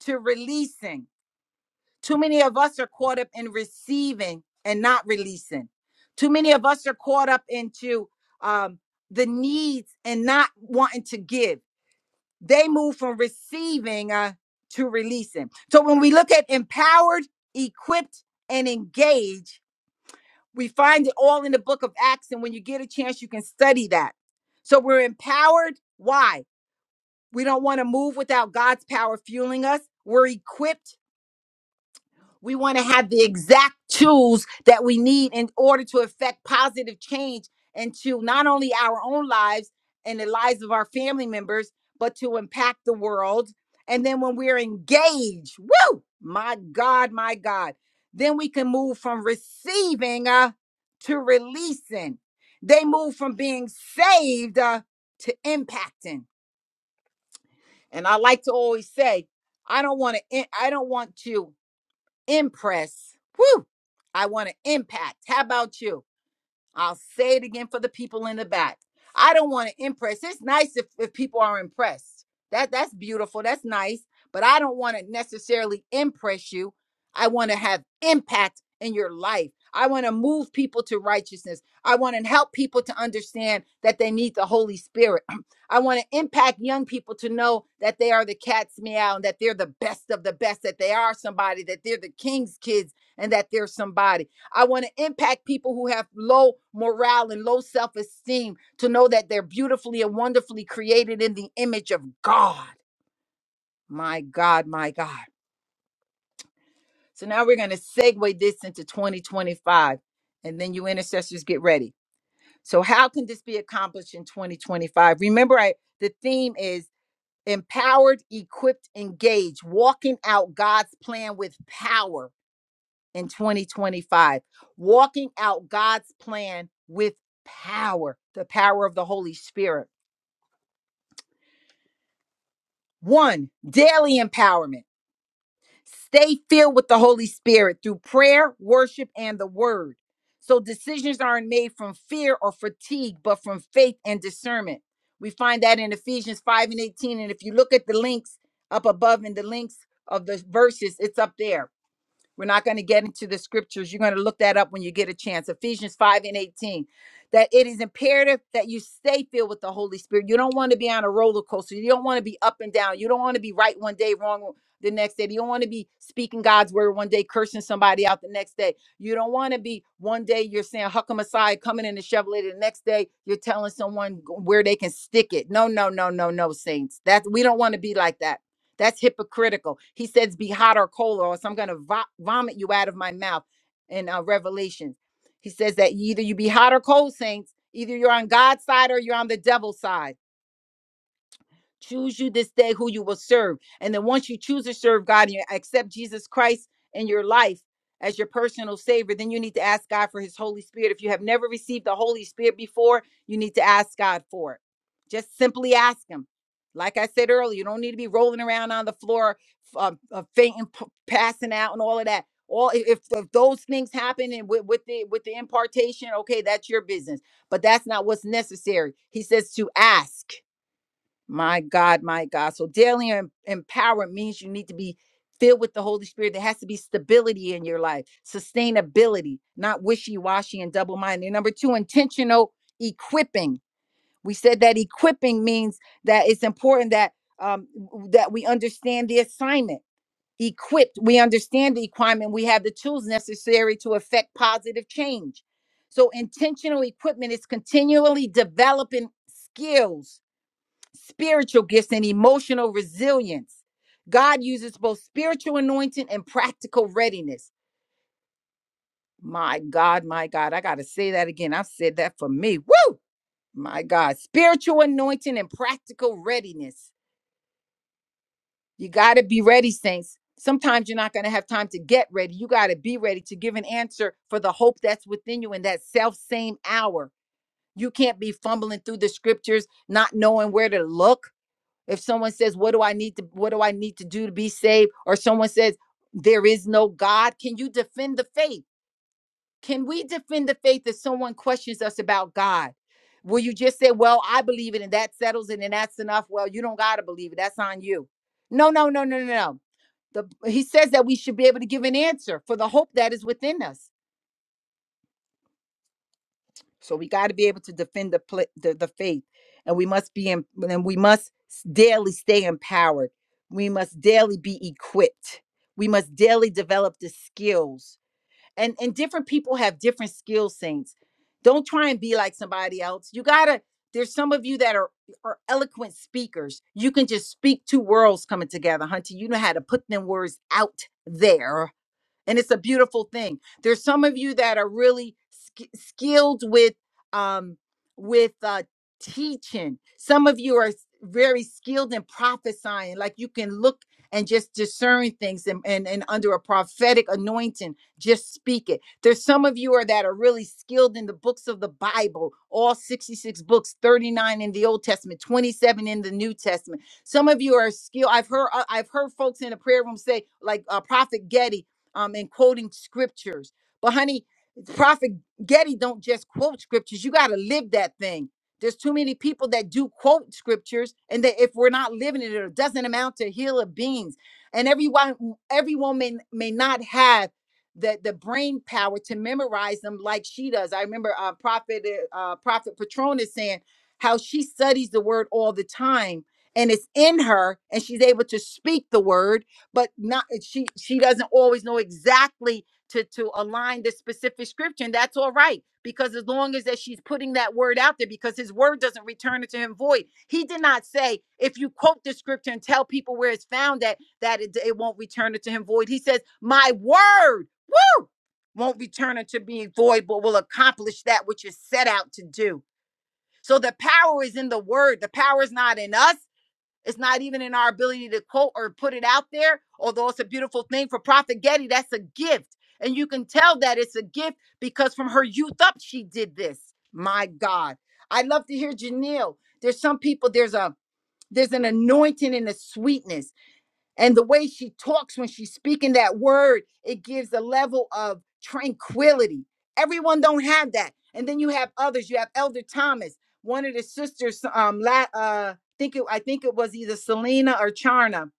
S1: to releasing. Too many of us are caught up in receiving and not releasing. Too many of us are caught up into um, the needs and not wanting to give they move from receiving uh, to releasing. So when we look at empowered, equipped, and engaged, we find it all in the book of Acts. And when you get a chance, you can study that. So we're empowered. Why? We don't want to move without God's power fueling us. We're equipped we want to have the exact tools that we need in order to affect positive change into not only our own lives and the lives of our family members, but to impact the world. And then when we're engaged, woo, my God, my God, then we can move from receiving uh, to releasing. They move from being saved uh, to impacting. And I like to always say, I don't want to. I don't want to impress. Woo! I want to impact. How about you? I'll say it again for the people in the back. I don't want to impress. It's nice if, if people are impressed. That that's beautiful. That's nice. But I don't want to necessarily impress you. I want to have impact in your life. I want to move people to righteousness. I want to help people to understand that they need the Holy Spirit. I want to impact young people to know that they are the cat's meow and that they're the best of the best, that they are somebody, that they're the king's kids, and that they're somebody. I want to impact people who have low morale and low self esteem to know that they're beautifully and wonderfully created in the image of God. My God, my God. So now we're going to segue this into 2025, and then you intercessors get ready. So, how can this be accomplished in 2025? Remember, I, the theme is empowered, equipped, engaged, walking out God's plan with power in 2025, walking out God's plan with power, the power of the Holy Spirit. One, daily empowerment. Stay filled with the Holy Spirit through prayer, worship, and the word. So decisions aren't made from fear or fatigue, but from faith and discernment. We find that in Ephesians 5 and 18. And if you look at the links up above in the links of the verses, it's up there. We're not going to get into the scriptures. You're going to look that up when you get a chance. Ephesians 5 and 18. That it is imperative that you stay filled with the Holy Spirit. You don't want to be on a roller coaster. You don't want to be up and down. You don't want to be right one day, wrong the next day. You don't want to be speaking God's word one day, cursing somebody out the next day. You don't want to be one day you're saying Huckam Messiah coming in the Chevrolet. The next day you're telling someone where they can stick it. No, no, no, no, no, saints. That we don't want to be like that. That's hypocritical. He says, Be hot or cold, or else I'm going to vo- vomit you out of my mouth in uh, Revelations. He says that either you be hot or cold, saints, either you're on God's side or you're on the devil's side Choose you this day who you will serve. And then once you choose to serve God and you accept Jesus Christ in your life as your personal savior, then you need to ask God for his Holy Spirit. If you have never received the Holy Spirit before, you need to ask God for it. Just simply ask him. Like I said earlier, you don't need to be rolling around on the floor, uh, uh, fainting, p- passing out, and all of that. All if, if those things happen and with, with the with the impartation, okay, that's your business. But that's not what's necessary. He says to ask. My God, my God. So daily em- empowerment means you need to be filled with the Holy Spirit. There has to be stability in your life, sustainability, not wishy washy and double minded. Number two, intentional equipping. We said that equipping means that it's important that um, w- that we understand the assignment. Equipped, we understand the equipment. We have the tools necessary to affect positive change. So intentional equipment is continually developing skills spiritual gifts and emotional resilience. God uses both spiritual anointing and practical readiness. My God, my God, I got to say that again. I've said that for me. Woo! My God, spiritual anointing and practical readiness. You got to be ready, saints. Sometimes you're not going to have time to get ready. You got to be ready to give an answer for the hope that's within you in that self same hour. You can't be fumbling through the scriptures, not knowing where to look if someone says what do i need to what do i need to do to be saved or someone says there is no god can you defend the faith can we defend the faith if someone questions us about god will you just say well i believe it and that settles it and that's enough well you don't got to believe it that's on you no no no no no no the, he says that we should be able to give an answer for the hope that is within us So we got to be able to defend the, pla the the faith, and we must be in, and we must s- daily stay empowered. We must daily be equipped. We must daily develop the skills. And and different people have different skill saints. Don't try and be like somebody else. You gotta. There's some of you that are are eloquent speakers. You can just speak two worlds coming together, Hunter. You know how to put them words out there and it's a beautiful thing there's some of you that are really sk- skilled with um with uh teaching some of you are s- very skilled in prophesying like you can look and just discern things and, and and under a prophetic anointing just speak it there's some of you are that are really skilled in the books of the bible all 66 books 39 in the old testament 27 in the new testament some of you are skilled i've heard uh, i've heard folks in the prayer room say like uh, prophet getty um, and quoting scriptures. But honey, Prophet Getty don't just quote scriptures. You got to live that thing. There's too many people that do quote scriptures, and that if we're not living it, it doesn't amount to heal of beans. And everyone, everyone may may not have the the brain power to memorize them like she does. I remember uh, Prophet uh, uh, Prophet Patronus saying how she studies the word all the time, and it's in her, and she's able to speak the word but not eh, she she doesn't always know exactly to to align the specific scripture and that's all right because as long as that she's putting that word out there because his word doesn't return it to him void he did not say if you quote the scripture and tell people where it's found that that it, it won't return it to him void he says my word whew, won't return it to being void but will accomplish that which is set out to do so the power is in the word the power is not in us it's not even in our ability to quote or put it out there, although it's a beautiful thing for Prophet Getty. That's a gift. And you can tell that it's a gift because from her youth up, she did this. My God. I love to hear Janelle. There's some people, there's a there's an anointing and a sweetness and the way she talks when she's speaking that word it gives a level of tranquility everyone don't have that and then you have others you have elder thomas one of the sisters um la, uh think it i think it was either selena or charna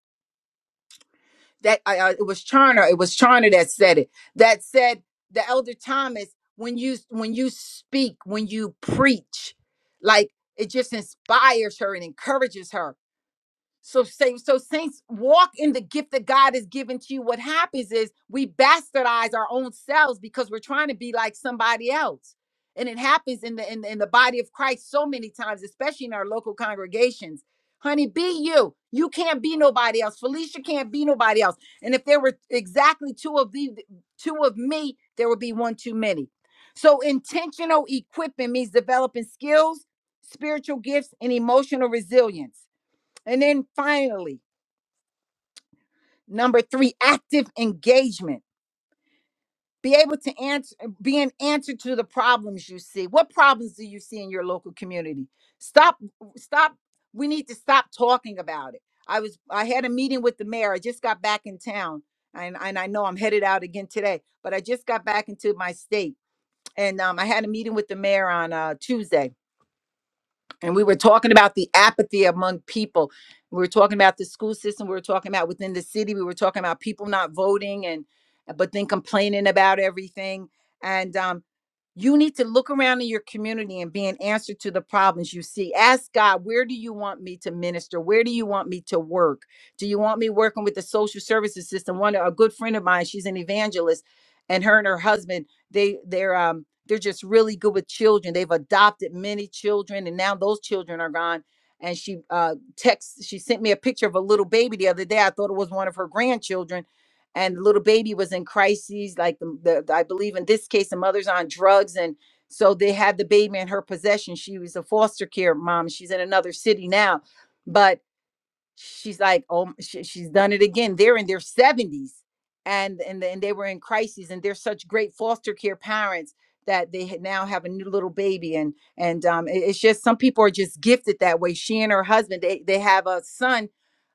S1: that I uh, it was charna it was charna that said it that said the elder thomas when you when you speak when you preach like it just inspires her and encourages her so, say, so saints walk in the gift that God has given to you. What happens is we bastardize our own selves because we're trying to be like somebody else. And it happens in the in the, in the body of Christ so many times, especially in our local congregations. Honey, be you. You can't be nobody else. Felicia can't be nobody else. And if there were exactly two of the two of me, there would be one too many. So intentional equipping means developing skills, spiritual gifts, and emotional resilience. And then finally, number three, active engagement. Be able to answer, be an answer to the problems you see. What problems do you see in your local community? Stop, stop. We need to stop talking about it. I was, I had a meeting with the mayor. I just got back in town, and and I know I'm headed out again today. But I just got back into my state, and um, I had a meeting with the mayor on uh, Tuesday and we were talking about the apathy among people. We were talking about the school system. We were talking about within the city. We were talking about people not voting and but then complaining about everything. And um, you need to look around in your community and be an answer to the problems you see. Ask God, where do you want me to minister? Where do you want me to work? Do you want me working with the social services system? One a good friend of mine, she's an evangelist, and her and her husband, they they're um they're just really good with children. They've adopted many children, and now those children are gone. And she uh, texts. She sent me a picture of a little baby the other day. I thought it was one of her grandchildren, and the little baby was in crises, like the, the the- I believe in this case, the mother's on drugs, and so they had the baby in her possession. She was a foster care mom. She's in another city now, but she's like, oh, she, she's done it again. They're in their 70s and, and, and they were in crises and they're such great foster care parents that they ha- now have a new little baby. And, and um, it- it's just, some people are just gifted that way. She and her husband, they, they have a son,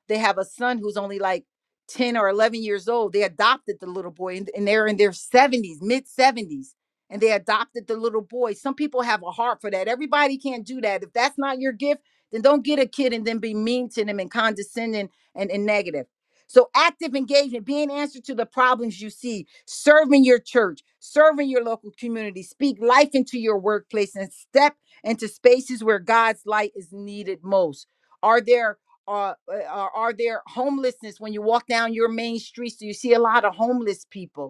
S1: they have a son who's only like 10 or 11 years old. They adopted the little boy and, and they're in their 70s, mid 70s. And they adopted the little boy. Some people have a heart for that. Everybody can't do that. If that's not your gift, then don't get a kid and then be mean to them and condescending and, and negative. So active engagement, being answer to the problems you see, serving your church, serving your local community, speak life into your workplace and step into spaces where God's light is needed most. Are there uh, uh, are are there homelessness when you walk down your main streets? Do you see a lot of homeless people?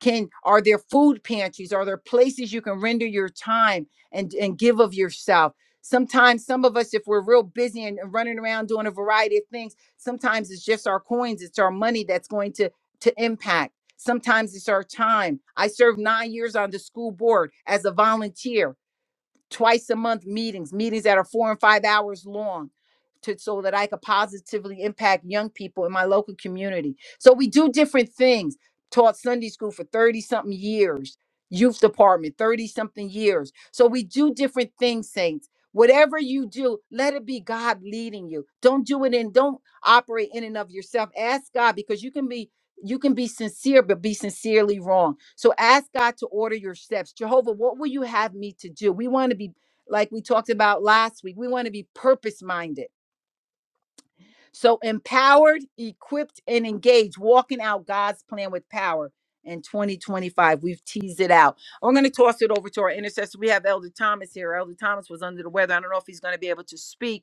S1: can are there food pantries are there places you can render your time and and give of yourself sometimes some of us if we're real busy and and running around doing a variety of things sometimes it's just our coins it's our money that's going to to impact sometimes it's our time i served nine years on the school board as a volunteer twice a month meetings, meetings that are four and five hours long, to so that I could positively impact young people in my local community. So we do different things. Taught Sunday school for 30 something years, youth department, 30 something years. So we do different things, saints. Whatever you do, let it be God leading you. Don't do it in, don't operate in and of yourself. Ask God because you can be you can be sincere but be sincerely wrong so ask god to order your steps jehovah what will you have me to do we want to be like we talked about last week we want to be purpose minded so empowered equipped and engaged walking out god's plan with power in 2025 we've teased it out i'm going to toss it over to our intercessor we have elder thomas here elder thomas was under the weather i don't know if he's going to be able to speak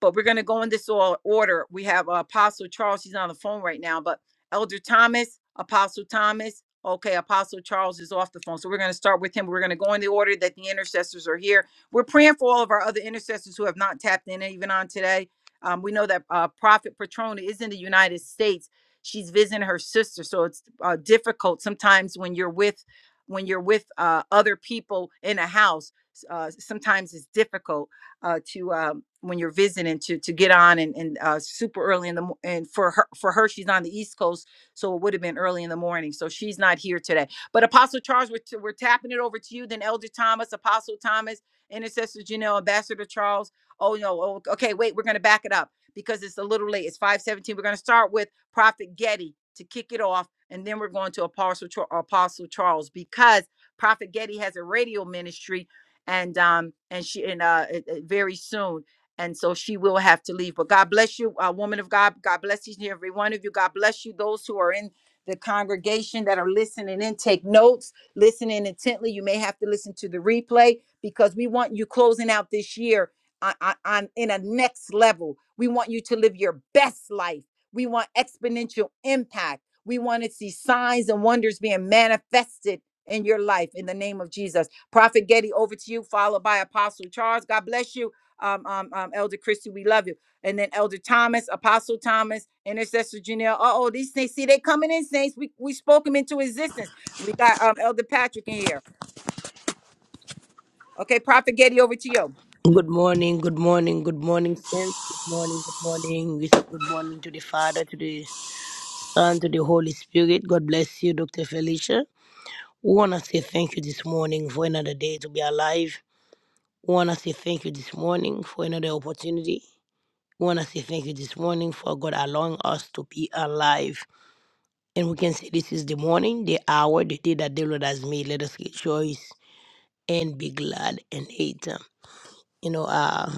S1: but we're going to go in this or- order. We have uh, Apostle Charles. He's on the phone right now, but Elder Thomas, Apostle Thomas. Okay, Apostle Charles is off the phone. So we're going to start with him. We're going to go in the order that the intercessors are here. We're praying for all of our other intercessors who have not tapped in even on today. Um, we know that uh, Prophet Patrona is in the United States. She's visiting her sister. So it's uh, difficult sometimes when you're with when you're with uh, other people in a house. Uh, sometimes it's difficult uh, to um, when you're visiting to to get on and, and uh super early in the mo- and for her for her she's on the east coast so it would have been early in the morning so she's not here today but apostle charles we're, t- we're tapping it over to you then elder thomas apostle thomas intercessor janelle ambassador charles oh no oh, okay wait we're gonna back it up because it's a little late it's 517 we're gonna start with prophet getty to kick it off and then we're going to apostle Char- apostle charles because prophet getty has a radio ministry and um and she and uh it- it- very soon and so she will have to leave. But God bless you, uh, woman of God. God bless each and every one of you. God bless you, those who are in the congregation that are listening in. Take notes, listening intently. You may have to listen to the replay because we want you closing out this year on, on, on in a next level. We want you to live your best life. We want exponential impact. We want to see signs and wonders being manifested in your life in the name of Jesus. Prophet Getty, over to you, followed by Apostle Charles. God bless you um, um, um, Elder Christie, we love you. And then Elder Thomas, Apostle Thomas, Intercessor Janelle. Uh oh, these things, see, they coming in, saints. We, we spoke them into existence. We got um, Elder Patrick in here. Okay, Prophet Getty, over to you.
S2: Good morning, good morning, good morning, saints. Good morning, good morning. We say Good morning to the Father, to the Son, to the Holy Spirit. God bless you, Dr. Felicia. We want to say thank you this morning for another day to be alive. We want to say thank you this morning for another opportunity. We want to say thank you this morning for God allowing us to be alive. And we can say this is the morning, the hour, the day that the Lord has made. Let us rejoice and be glad in it. you know, uh,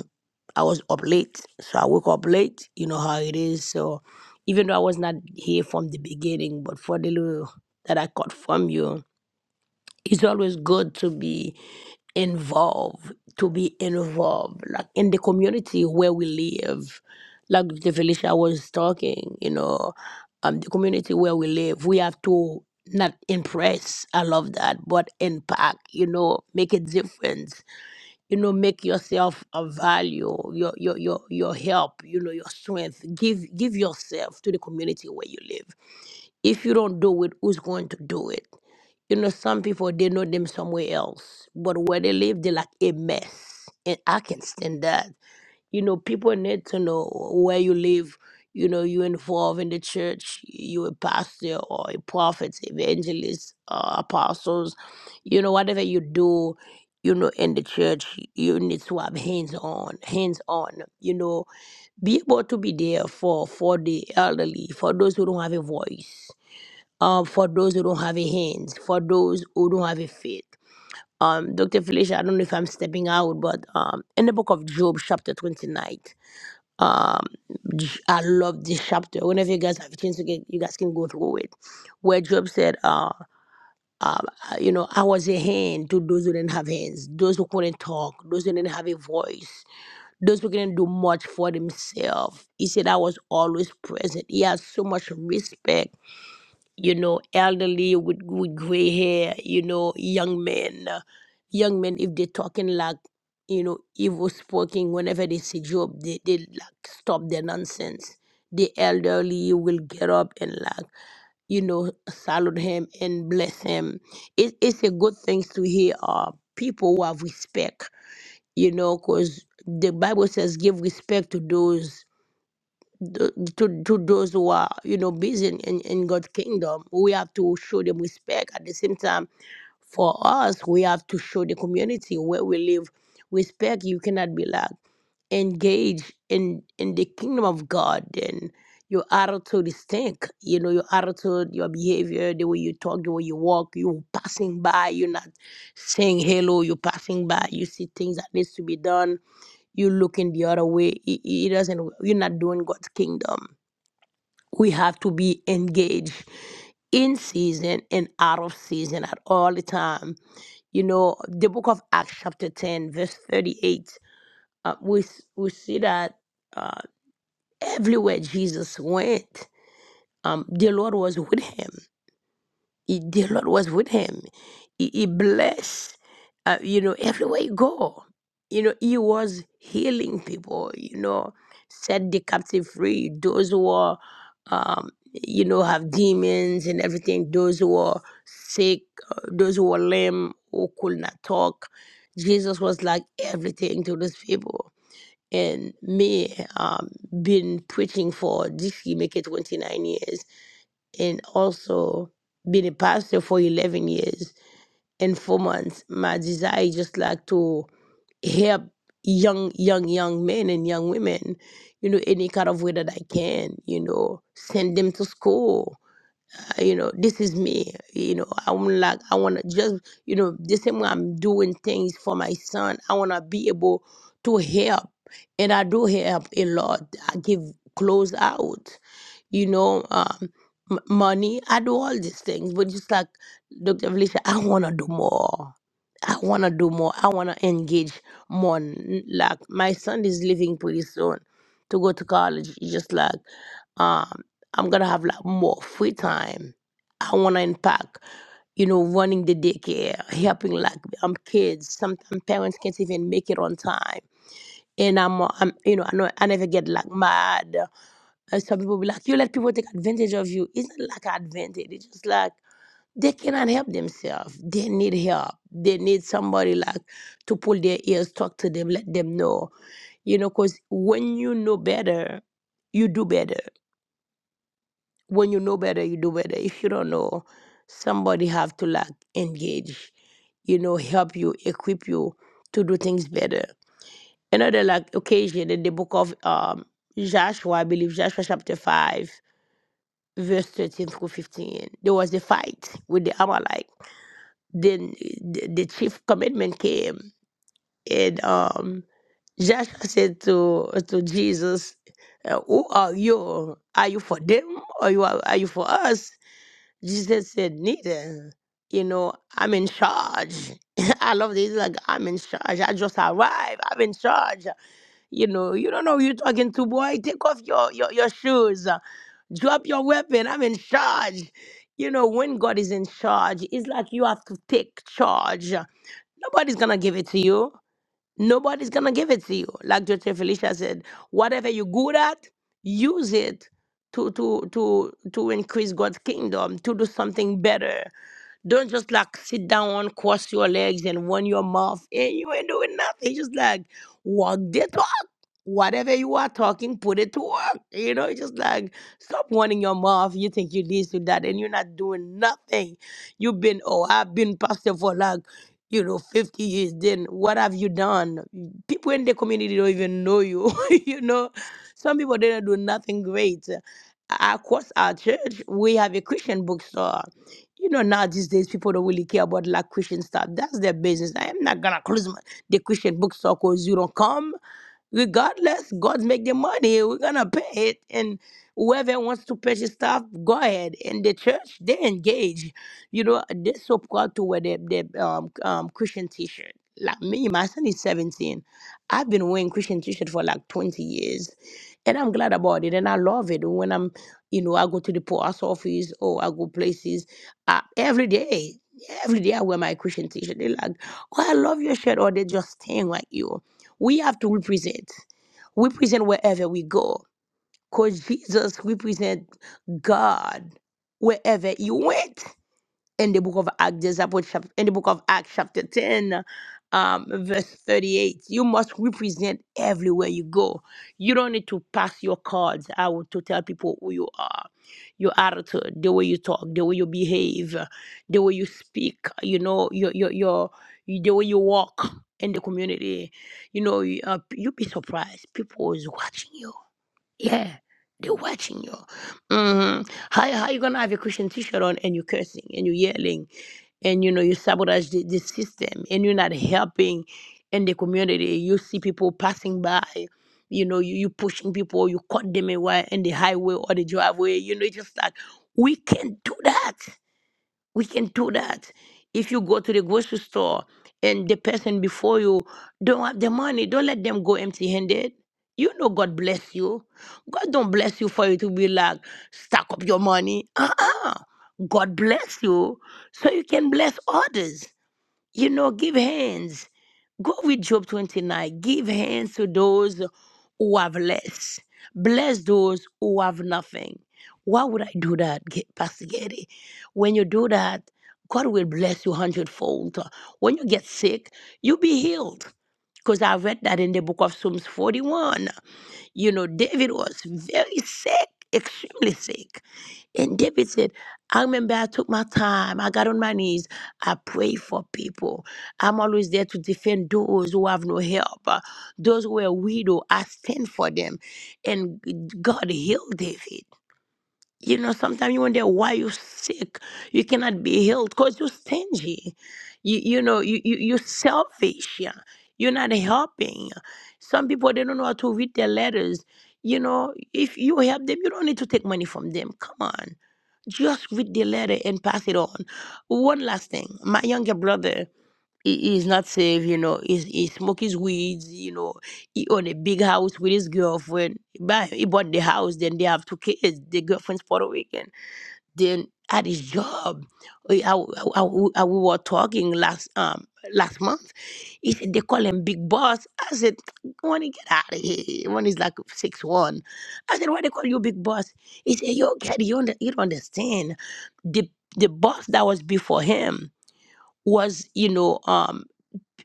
S2: I was up late. So I woke up late. You know how it is. So even though I was not here from the beginning, but for the little that I got from you, it's always good to be involved, to be involved, like in the community where we live. Like the Felicia was talking, you know, um, the community where we live, we have to not impress. I love that, but impact, you know, make a difference you know make yourself a value your your your your help you know your strength give give yourself to the community where you live if you don't do it, who's going to do it? You know, some people they know them somewhere else, but where they live, they are like a mess, and I can stand that. You know, people need to know where you live. You know, you involved in the church, you a pastor or a prophet, evangelist, uh, apostles. You know, whatever you do, you know, in the church, you need to have hands on, hands on. You know, be able to be there for for the elderly, for those who don't have a voice um, for those who don't have a hands, for those who don't have a faith. Um, Dr. Felicia, I don't know if I'm stepping out, but um, in the book of Job, chapter 29, um, J- I love this chapter. Whenever you guys have a chance to get, you guys can go through it. Where Job said, uh, um, uh, you know, I was a hand to those who didn't have hands, those who couldn't talk, those who didn't have a voice, those who couldn't do much for themselves. He said, I was always present. He had so much respect you know, elderly with, with gray hair, you know, young men. uh, young men, if they're talking like, you know, evil spoken, whenever they see Job, they, they like stop their nonsense. The elderly will get up and like, you know, salute him and bless him. It, it's a good thing to hear uh, people who have respect, you know, because the Bible says give respect to those th- to, to those who are you know busy in, in, in god's kingdom we have to show them respect at the same time for us we have to show the community where we live respect you cannot be like engage in in the kingdom of god then your attitude is stink you know your attitude your behavior the way you talk the way you walk you passing by you're not saying hello you're passing by you see things that needs to be done you looking the other way it, it doesn't you're not doing god's kingdom we have to be engaged in season and out of season at all the time you know the book of acts chapter 10 verse 38 uh, we, s- we see that uh, everywhere jesus went um, the lord was with him he, the Lord was with him. He, he blessed, uh, you know, everywhere he go. You know, he was healing people, you know, set the captive free. Those who are, um, you know, have demons and everything. Those who are sick, uh, those who are lame, who could not talk. Jesus was like everything to those people. And me, um, been preaching for this year, make it 29 years and also been a pastor for 11 years and four months. My desire is just like to help young, young, young men and young women, you know, any kind of way that I can, you know, send them to school, uh, you know, this is me. You know, I'm like, I want to just, you know, the same way I'm doing things for my son, I want to be able to help. And I do help a lot. I give clothes out, you know, um, m- money. I do all these things. But just like Dr. Felicia, I want to do more. I want to do more. I want to engage more. N- Like, my son is leaving pretty soon to go to college. Just like, um, I'm gonna have like more free time. I wanna impact, you know, running the daycare, helping like um kids. Sometimes parents can't even make it on time. And I'm, uh, I'm you know, I know I never get like mad. And some people be like, you let people take advantage of you. It's not like advantage. It's just like they cannot help themselves. They need help. They need somebody like to pull their ears, talk to them, let them know. You know, because when you know better, you do better when you know better you do better if you don't know somebody have to like engage you know help you equip you to do things better another like occasion in the book of um joshua i believe joshua chapter 5 verse 13 through 15 there was a fight with the amalek then the, the chief commandment came and um joshua said to to jesus uh, who are you are you for them or you are, are you for us Jesus said, Neither. You know, I'm in charge. I love this. Like, I'm in charge. I just arrived. I'm in charge. You know, you don't know who you're talking to, boy. Take off your, your, your shoes. Drop your weapon. I'm in charge. You know, when God is in charge, it's like you have to take charge. Nobody's going to give it to you. Nobody's going to give it to you. Like Dr. Felicia said, whatever you're good at, use it to, to, to, to increase God's kingdom, to do something better. Don't just like sit down, cross your legs, and run your mouth, and you ain't doing nothing. Just like walk the talk. Whatever you are talking, put it to work. You know, it's just like stop running your mouth. You think you this, you that, and you're not doing nothing. You've been, oh, I've been pastor for like you know, 50 years, then what have you done? People in the community don't even know you. you know, some people didn't do nothing great. Across our church, we have a Christian bookstore. You know, now these days, people don't really care about like Christian stuff. That's their business. I'm not gonna close my, the Christian bookstore because you don't come. Regardless, God make the money. We're gonna pay it, and whoever wants to purchase stuff, go ahead. And the church, they engage you know, they subscribe to wear the, the um, um, Christian t-shirt. Like me, my son is 17. I've been wearing Christian t-shirt for like 20 years. And I'm glad about it. And I love it. When I'm, you know, I go to the post office or I go places uh, every day. Every day I wear my Christian t-shirt. They're like, oh, I love your shirt. Or they just staying like you. We have to represent. We present wherever we go. Because Jesus represent God wherever you went in the book of Acts, disciple chapter, in the book of Acts, chapter 10, um, verse 38. You must represent everywhere you go. You don't need to pass your cards out to tell people who you are, your attitude, the way you talk, the way you behave, the way you speak, you know, your, your, your, the way you walk in the community. You know, you, uh, you'll be surprised. People is watching you yeah, they're watching you. hmm How how you gonna have a Christian T-shirt on and you're cursing and you're yelling and you know you sabotage the, the system and you're not helping in the community. You see people passing by, you know, you you pushing people, you cut them away in the highway or the driveway. You know, it's just like we can't do that. We can do that. If you go to the grocery store and the person before you don't have the money, don't let them go empty handed. You know God bless you. God don't bless you for you to be like, stack up your money. Uh-uh. God bless you so you can bless others. You know, give hands. Go with Job 29. Give hands to those who have less. Bless those who have nothing. Why would I do that, Ge- Pastor Getty? When you do that, God will bless you hundredfold. When you get sick, you'll be healed. Because I read that in the book of Psalms 41. You know, David was very sick, extremely sick. And David said, I remember I took my time. I got on my knees. I prayed for people. I'm always there to defend those who have no help. Uh, Those who are widow, I stand for them. And God healed David. You know, sometimes you wonder why you're sick. You cannot be healed because you're stingy. You, you know, you, you, you're selfish. yeah. You're not helping. Some people, they don't know how to read their letters. You know, if you help them, you don't need to take money from them. Come on. Just read the letter and pass it on. One last thing. My younger brother, he is not safe, you know. He, he smokes weeds, you know. He own a big house with his girlfriend. He, Buy he bought the house, then they have two kids. The girlfriend's Puerto Rican. Then at his job, we, I, I, I- we were talking last um last month. He said they call him Big Boss. I said, when get out of here, when he's like six one. I said, why they call you Big Boss? He said, yo, Caddy, you, under, you don't understand the the boss that was before him was you know um,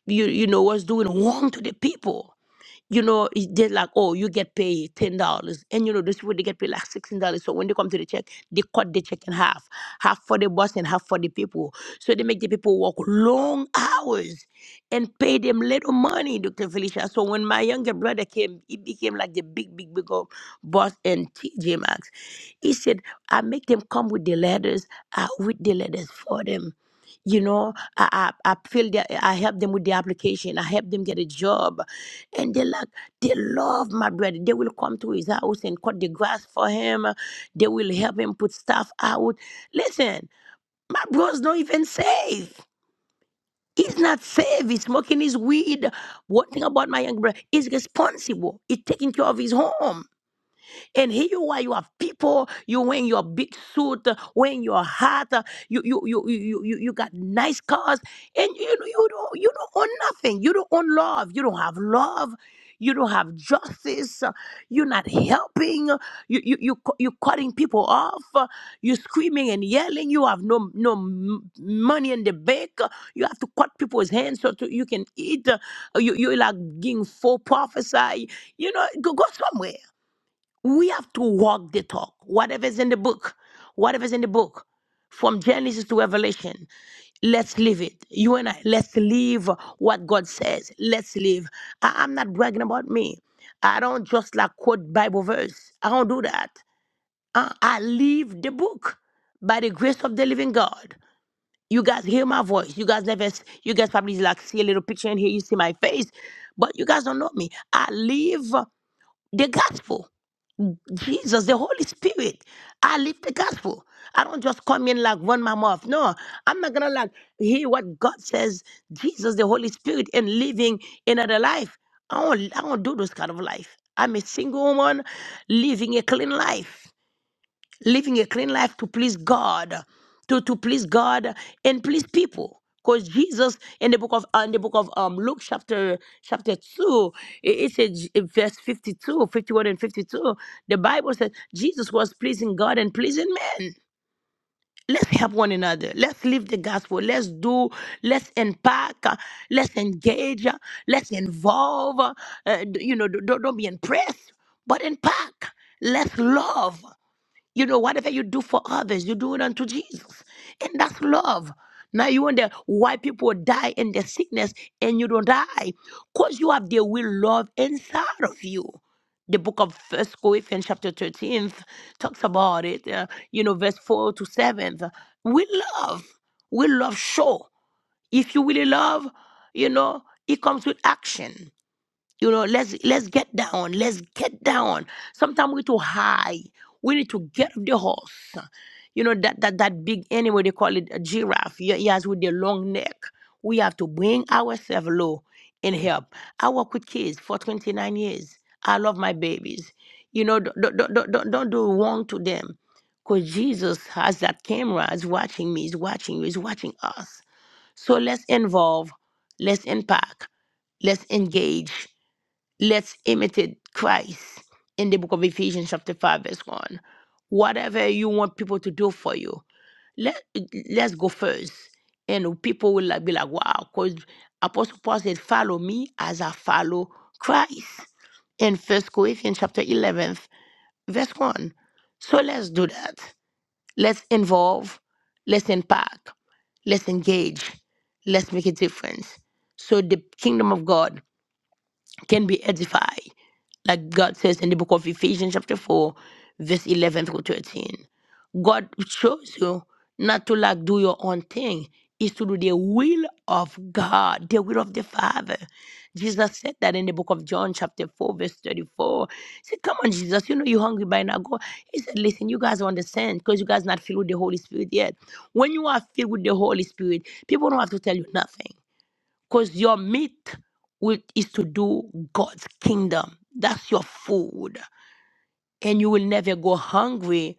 S2: you you know was doing wrong to the people you know it- they're like oh you get paid ten dollars and you know those people they get paid like sixteen dollars so when they come to the check they cut the check in half half for the boss and half for the people so they make the people work long hours and pay them little money dr felicia so when my younger brother came he became like the big big big old boss and tj maxx he said i make them come with the letters i read the letters for them you know i i, I feel that i help them with the application i help them get a job and they like they love my brother they will come to his house and cut the grass for him they will help him put stuff out listen my bro's not even safe He's not safe. He's smoking his weed. One thing about my young brother, he's responsible. He's taking care of his home. And here you are, you have people, you wearing your big suit, uh, wearing your hat, uh, you you you you you, you you got nice cars, and you you don't you don't own nothing. You don't own love. You don't have love. You don't have justice. uh, You're not helping. uh, You you you cu- you cutting people off. uh, You're screaming and yelling. You have no no m- money in the bank. uh, You have to cut people's hands so to, you can eat. uh, You you like being full prophesy. You know, go, go somewhere. We have to walk the talk. Whatever's in the book, whatever's in the book, from Genesis to Revelation, let's live it. You and I, let's live what God says. Let's live. I- I'm not bragging about me. I don't just like quote Bible verse. I don't do that. Uh, I live the book by the grace of the living God. You guys hear my voice. You guys never, s- you guys probably like see a little picture in here. You see my face, but you guys don't know me. I live the gospel. Jesus, the Holy Spirit. I live the gospel. I don't just come in like run my mouth. No, I'm not gonna like hear what God says, Jesus, the Holy Spirit, and living another life. I don't I don't do this kind of life. I'm a single woman living a clean life living a clean life to please God, to, to please God and please people. Because Jesus in the book of uh, in the book of um, Luke chapter chapter two, it, it says in verse 52, 51 and 52, the Bible says Jesus was pleasing God and pleasing men. Let's help one another. Let's live the gospel. Let's do, let's unpack. uh, let's engage, uh, let's involve. uh, uh, d- you know, d- don't don't be impressed, but unpack. Let's love. You know, whatever you do for others, you do it unto Jesus. And that's love. Now you wonder why people die in their sickness and you don't die. Because you have the will love inside of you. The book of First Corinthians chapter 13 talks about it, uh, you know, verse 4 to 7. We love. We love show. If you really love, you know, it comes with action you know, let's let's get down. Let's get down. Sometimes we're too high. We need to get off the horse. You know, that that that big animal they call it a giraffe. Ye- Yes, with the long neck. We have to bring ourselves low and help. I work with kids for 29 years. I love my babies. You know, don't don't don't, don't, don't do wrong to them. Because Jesus has that camera, is watching me, is watching you, is watching us. So let's involve, let's impact, let's engage let's imitate Christ in the book of Ephesians, chapter 5, verse 1. Whatever you want people to do for you, let, let's go first. And people will like, be like, wow, because Apostle Paul said, follow me as I follow Christ in First Corinthians chapter 11, verse 1. So let's do that. Let's involve, let's impact, let's engage, let's make a difference. So the kingdom of God can be edified. Like God says in the book of Ephesians, chapter 4, verse 11 through 13. God shows you not to like do your own thing, is to do the will of God, the will of the Father. Jesus said that in the book of John, chapter 4, verse 34. He said, Come on, Jesus, you know you're hungry by now. Go. He said, Listen, you guys don't understand because you guys not filled with the Holy Spirit yet. When you are filled with the Holy Spirit, people don't have to tell you nothing. Because your meat will, is to do God's kingdom. That's your food and you will never go hungry,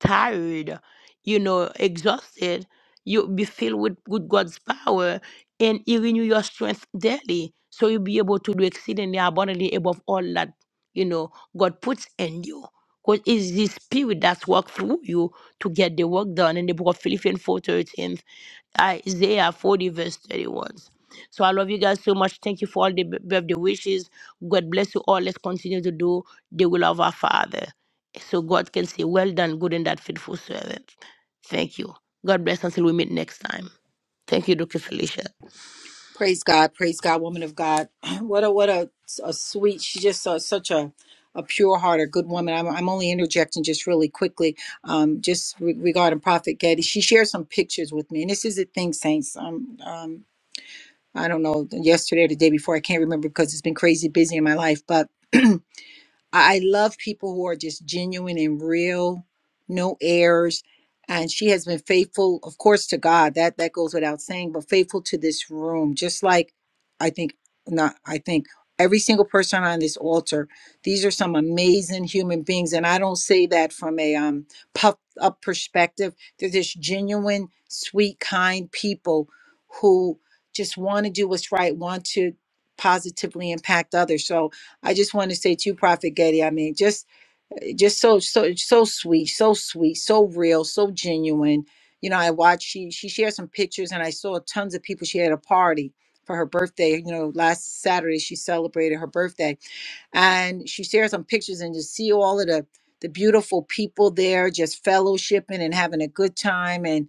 S2: tired, you know, exhausted. You'll be filled with, with God's power and He renew your strength daily. So you'll be able to do exceedingly abundantly above all that, you know, God puts in you. Because it's the spirit that's worked through you to get the work done in the book of Philippians 4 13, uh, Isaiah 40, verse 31. So I love you guys so much. Thank you for all the b- birthday wishes. God bless you all. Let's continue to do the will of our Father. So God can say, Well done, good and that faithful servant. Thank you. God bless until we meet next time. Thank you, Dr. Felicia.
S1: Praise God, praise God, woman of God. What a what a, a sweet. She's just uh such a a pure heart, a good woman. I'm, I'm only interjecting just really quickly, um, just re- regarding Prophet Getty. She shared some pictures with me, and this is the thing, saints. Um, um, I don't know, yesterday or the day before, I can't remember because it's been crazy busy in my life, but I I love people who are just genuine and real, no airs. And she has been faithful, of course, to God. That that goes without saying, but faithful to this room, just like I think not I think every single person on this altar. These are some amazing human beings. And I don't say that from a um puffed up perspective. They're just genuine, sweet, kind people who just want to do what's right, want to positively impact others. So I just want to say to you, Prophet Getty, I mean, just just so so so sweet, so sweet, so real, so genuine. You know, I watched she she shared some pictures and I saw tons of people. She had a party for her birthday, you know, last Saturday she celebrated her birthday and she shared some pictures and just see all of the the beautiful people there just fellowshipping and having a good time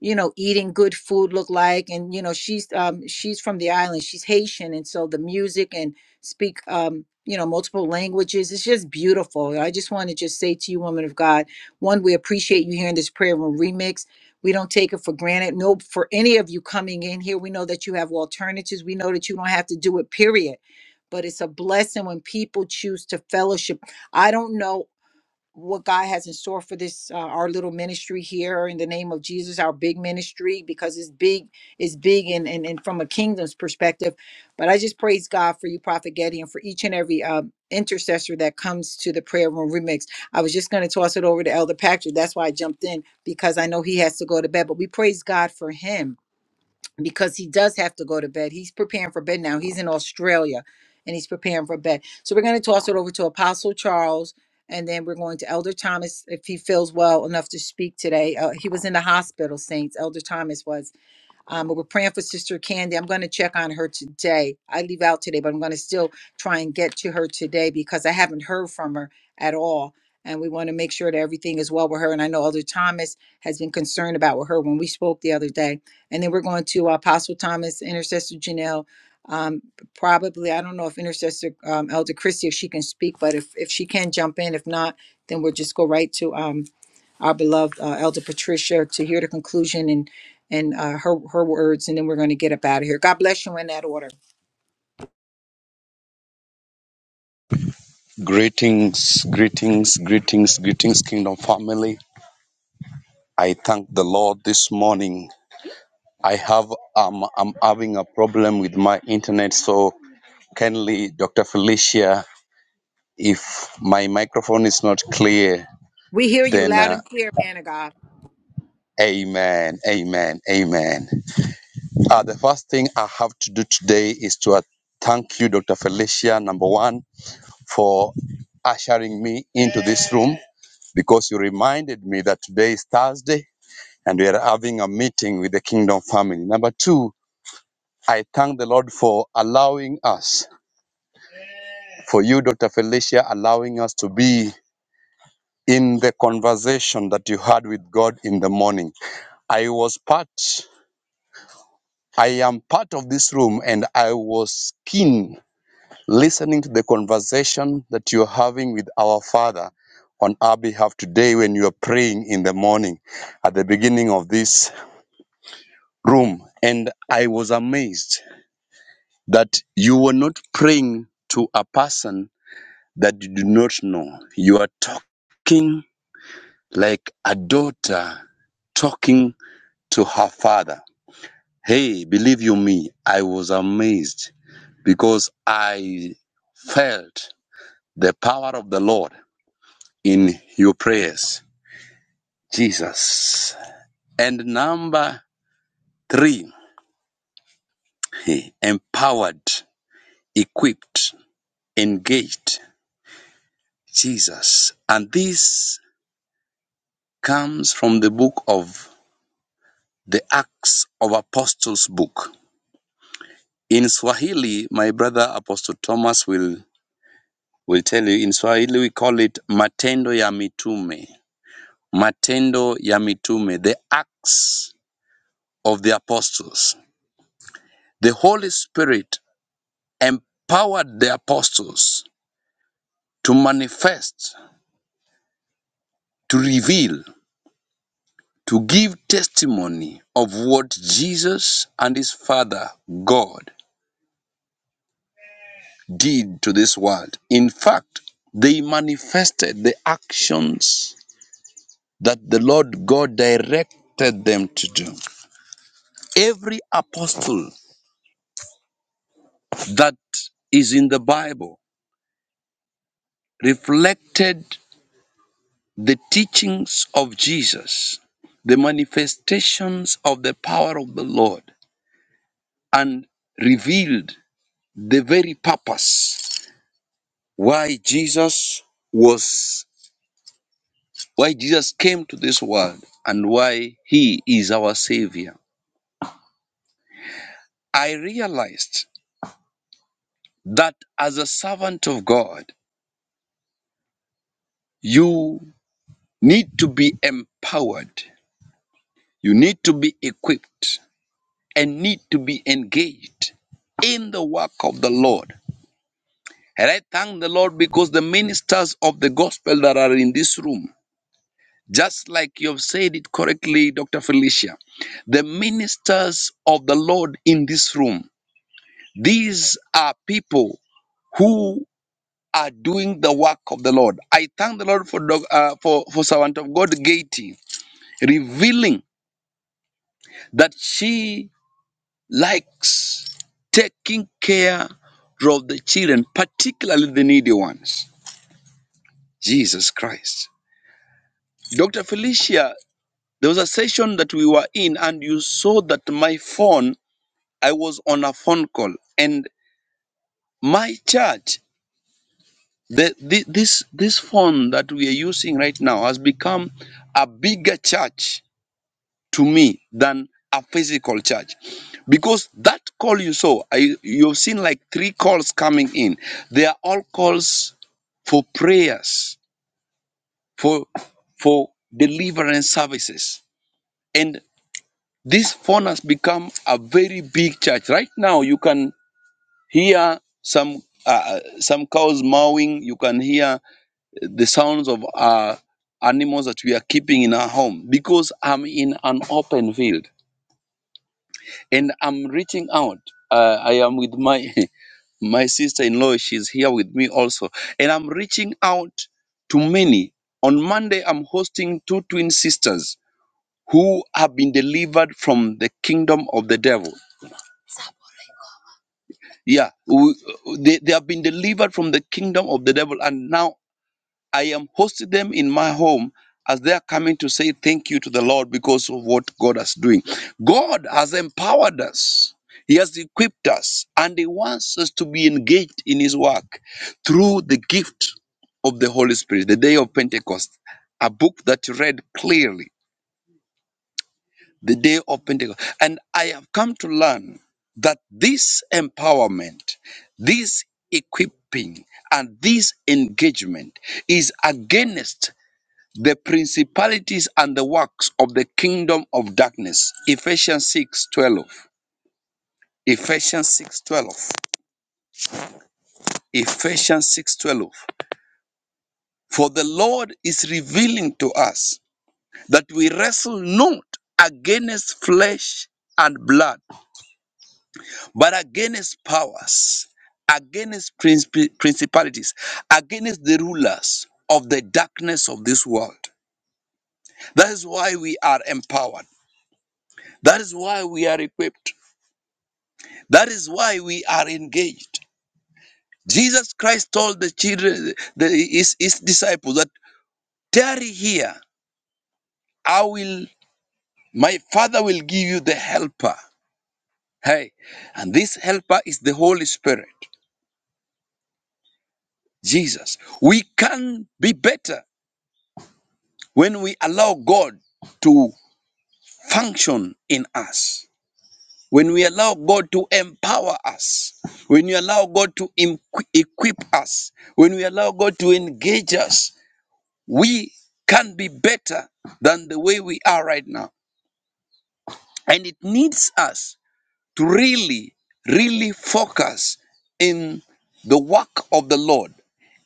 S1: you know eating good food look like and you know she's um she's from the island she's haitian and so the music and speak um you know multiple languages it's just beautiful i just want to just say to you woman of god one we appreciate you hearing this prayer room remix we don't take it for granted no for any of you coming in here we know that you have alternatives we know that you don't have to do it period but it's a blessing when people choose to fellowship i don't know what God has in store for this uh, our little ministry here in the name of Jesus, our big ministry because it's big, it's big and and, and from a kingdom's perspective. But I just praise God for you, Prophet Getty, and for each and every um, intercessor that comes to the prayer room remix. I was just going to toss it over to Elder Patrick. That's why I jumped in because I know he has to go to bed. But we praise God for him because he does have to go to bed. He's preparing for bed now. He's in Australia and he's preparing for bed. So we're going to toss it over to Apostle Charles and then we're going to Elder Thomas if he feels well enough to speak today. Uh, he was in the hospital, Saints. Elder Thomas was. Um, but we're praying for Sister Candy. I'm going to check on her today. I leave out today, but I'm going to still try and get to her today because I haven't heard from her at all. And we want to make sure that everything is well with her. And I know Elder Thomas has been concerned about with her when we spoke the other day. And then we're going to Apostle Thomas, Intercessor Janelle. Um, probably, I don't know if Intercessor um, Elder Christie, if she can speak, but if, if she can jump in, if not, then we'll just go right to um, our beloved uh, Elder Patricia to hear the conclusion and and uh, her her words, and then we're going to get up out of here. God bless you in that order.
S3: Greetings, greetings, greetings, greetings, Kingdom family. I thank the Lord this morning. I have um I'm having a problem with my internet, so kindly, Dr. Felicia, if my microphone is not clear,
S1: We hear you
S3: then
S1: loud
S3: uh,
S1: and clear, man of God.
S3: Amen, Amen, Amen. Uh, the first thing I have to do today is to uh, thank you, Dr. Felicia, number one, for ushering me into this room because you reminded me that today is Thursday and we are having a meeting with the Kingdom family. Number two, I thank the Lord for allowing us, for you, Dr. Felicia, allowing us to be in the conversation that you had with God in the morning. I was part, I am part of this room, and I was keen listening to the conversation that you're having with our Father on our behalf today when you are praying in the morning at the beginning of this room. And I was amazed that you were not praying to a person that you do not know. You are talking like a daughter talking to her father. Hey, believe you me, I was amazed because I felt the power of the Lord in your prayers. Jesus. And number three, he empowered, equipped, engaged. Jesus. And this comes from the book of the Acts of Apostles book. In Swahili, my brother Apostle Thomas will, will tell you, in Swahili we call it Matendo ya Mitume. Matendo ya Mitume, the Acts of the Apostles. The Holy Spirit empowered the apostles to manifest, to reveal, to give testimony of what Jesus and his Father, God, did to this world. In fact, they manifested the actions that the Lord God directed them to do. Every apostle that is in the Bible reflected the teachings of Jesus, the manifestations of the power of the Lord, and revealed the very purpose why Jesus was why Jesus came to this world and why he is our savior. I realized that as a servant of God, you need to be empowered, you need to be equipped, and need to be engaged in the work of the Lord. And I thank the Lord because the ministers of the gospel that are in this room, just like you have said it correctly, Dr. Felicia, the ministers of the Lord in this room These are people who are doing the work of the Lord. I thank the Lord for doc- uh, for for servant of God Gaty revealing that she likes taking care of the children, particularly the needy ones. Jesus Christ, Doctor Felicia. There was a session that we were in, and you saw that my phone. I was on a phone call, and my church. The, the, this, this phone that we are using right now has become a bigger church to me than a physical church because that call you saw I, you've seen like three calls coming in they are all calls for prayers for for deliverance services and this phone has become a very big church right now you can hear some uh, some cows mowing you can hear the sounds of uh, animals that we are keeping in our home because I'm in an open field and I'm reaching out. Uh, I am with my my sister-in-law. She's here with me also, and I'm reaching out to many. On Monday, I'm hosting two twin sisters who have been delivered from the kingdom of the devil. Yeah, we, they, they have been delivered from the kingdom of the devil, and now I am hosting them in my home as they are coming to say thank you to the Lord because of what God is doing. God has empowered us. He has equipped us and he wants us to be engaged in his work through the gift of the Holy Spirit, the day of Pentecost, a book that you read clearly, the day of Pentecost. And I have come to learn that this empowerment, this equipping, and this engagement is against the principalities and the works of the kingdom of darkness. Ephesians 6:12. Ephesians 6:12. Ephesians 6:12. For the Lord is revealing to us that we wrestle not against flesh and blood, but against powers, against princip- principalities, against the rulers of the darkness of this world. That is why we are empowered. That is why we are equipped. That is why we are engaged. Jesus Christ told the children, the, his, his disciples, that tarry here. I will, my Father will give you the helper. Hey, and this helper is the Holy Spirit, Jesus. We can be better when we allow God to function in us, when we allow God to empower us, when we allow God to em- equip us, when we allow God to engage us we can be better than the way we are right now. And it needs us to really, really focus in the work of the Lord,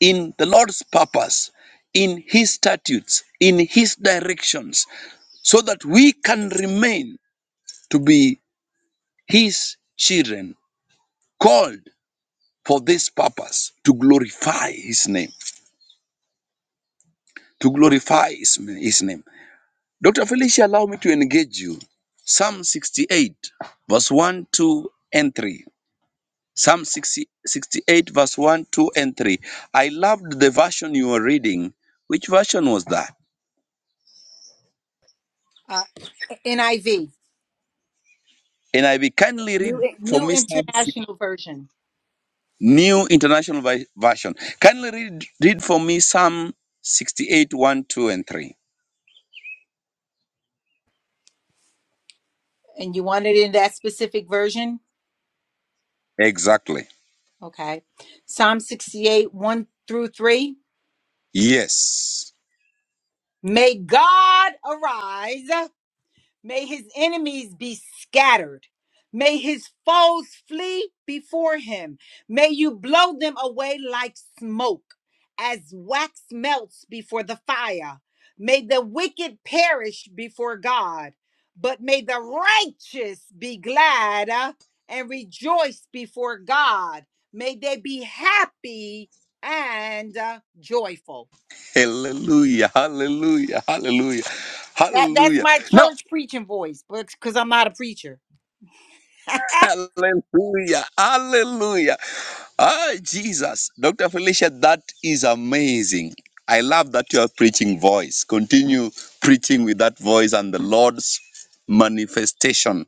S3: in the Lord's purpose, in His statutes, in His directions, so that we can remain to be His children, called for this purpose to glorify His name, to glorify His, His name. Dr. Felicia, allow me to engage you. Psalm 68, verse 1, 2, and 3. Psalm sixty-sixty-eight, verse 1, 2, and 3. I loved the version you were reading. Which version was that?
S1: Uh, NIV,
S3: And I will kindly read
S1: new
S3: for
S1: new
S3: me Psalm 6,
S1: international version,
S3: New International Vi- Version. Kindly read, read for me Psalm sixty-eight, one, two, and 3.
S1: and you want it in that specific version.
S3: Exactly.
S1: Okay, Psalm sixty eight one through three.
S3: Yes.
S1: May God arise. May his enemies be scattered. May his foes flee before him. May you blow them away like smoke, as wax melts before the fire. May the wicked perish before God, but may the righteous be glad uh, and rejoice before God. May they be happy and uh, joyful.
S3: Hallelujah, hallelujah, hallelujah,
S1: That that's
S3: hallelujah.
S1: my
S3: Now.
S1: church preaching voice, but because I'm not a preacher.
S3: Hallelujah. Hallelujah. Ah, Jesus. Dr. Felicia, that is amazing. I love that you are preaching voice. Continue preaching with that voice, and the Lord's manifestation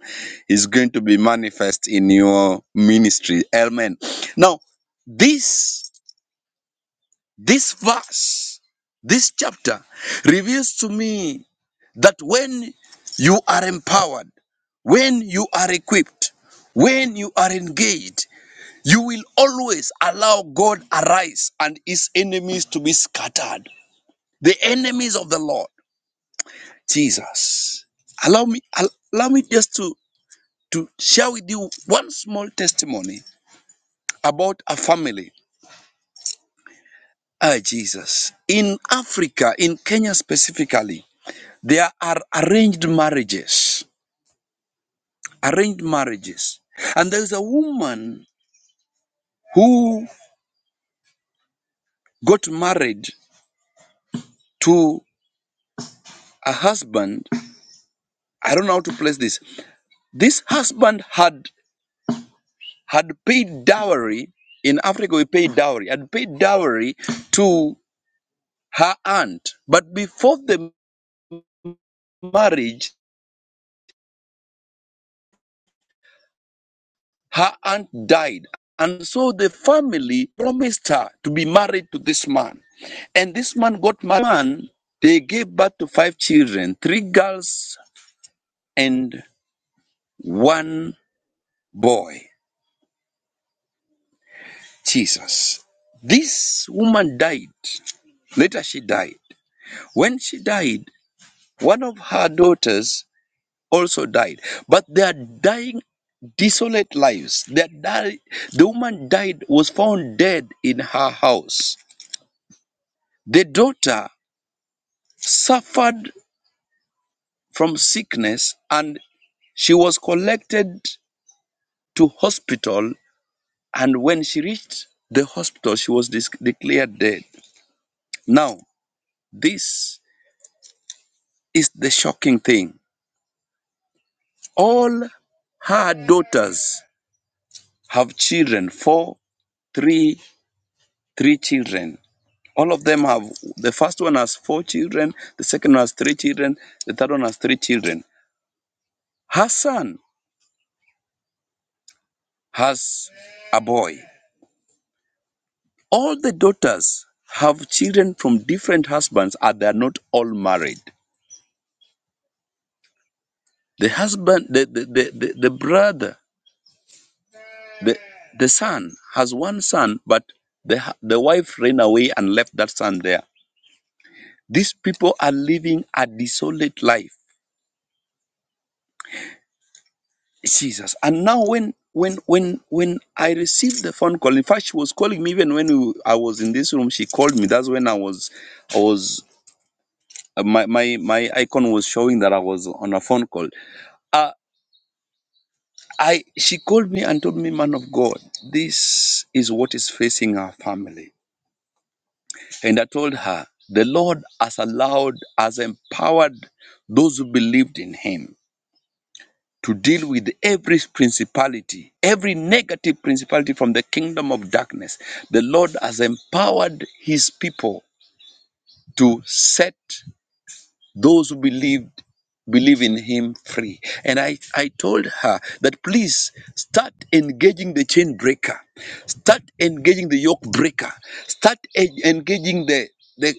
S3: is going to be manifest in your ministry. Amen. Now, this this verse, this chapter reveals to me that when you are empowered, when you are equipped, when you are engaged, you will always allow God arise and his enemies to be scattered. The enemies of the Lord, Jesus. Allow me, al- allow me just to, to share with you one small testimony about a family. Ah, Jesus. In Africa, in Kenya specifically, there are arranged marriages. Arranged marriages. And there's a woman who got married to a husband. I don't know how to place this. This husband had had paid dowry in Africa. We pay dowry. Had paid dowry to her aunt, but before the marriage, her aunt died, and so the family promised her to be married to this man. And this man got married. they gave birth to five children, three girls and one boy. Jesus. This woman died. Later she died. When she died, One of her daughters also died, but they are dying desolate lives. They die, the woman died, was found dead in her house. The daughter suffered from sickness and she was collected to hospital. And when she reached the hospital, she was dis- declared dead. Now, this is the shocking thing. All her daughters have children, four, three, three children. All of them have the first one has four children, the second one has three children, the third one has three children. Her son has a boy. All the daughters have children from different husbands and they are not all married. The husband, the, the, the, the, the brother, the, the son has one son, but the, the wife ran away and left that son there. These people are living a desolate life Jesus. And now when when when when I received the phone call, in fact, she was calling me even when we, I was in this room. She called me. That's when I was I was uh, my my my icon was showing that I was on a phone call. Uh, I she called me and told me, man of God, this is what is facing our family. And I told her, the Lord has allowed, has empowered those who believed in Him to deal with every principality, every negative principality from the kingdom of darkness. The Lord has empowered his people to set those who believe believe in him free and i i told her that please start engaging the chain breaker start engaging the yoke breaker start en- engaging the the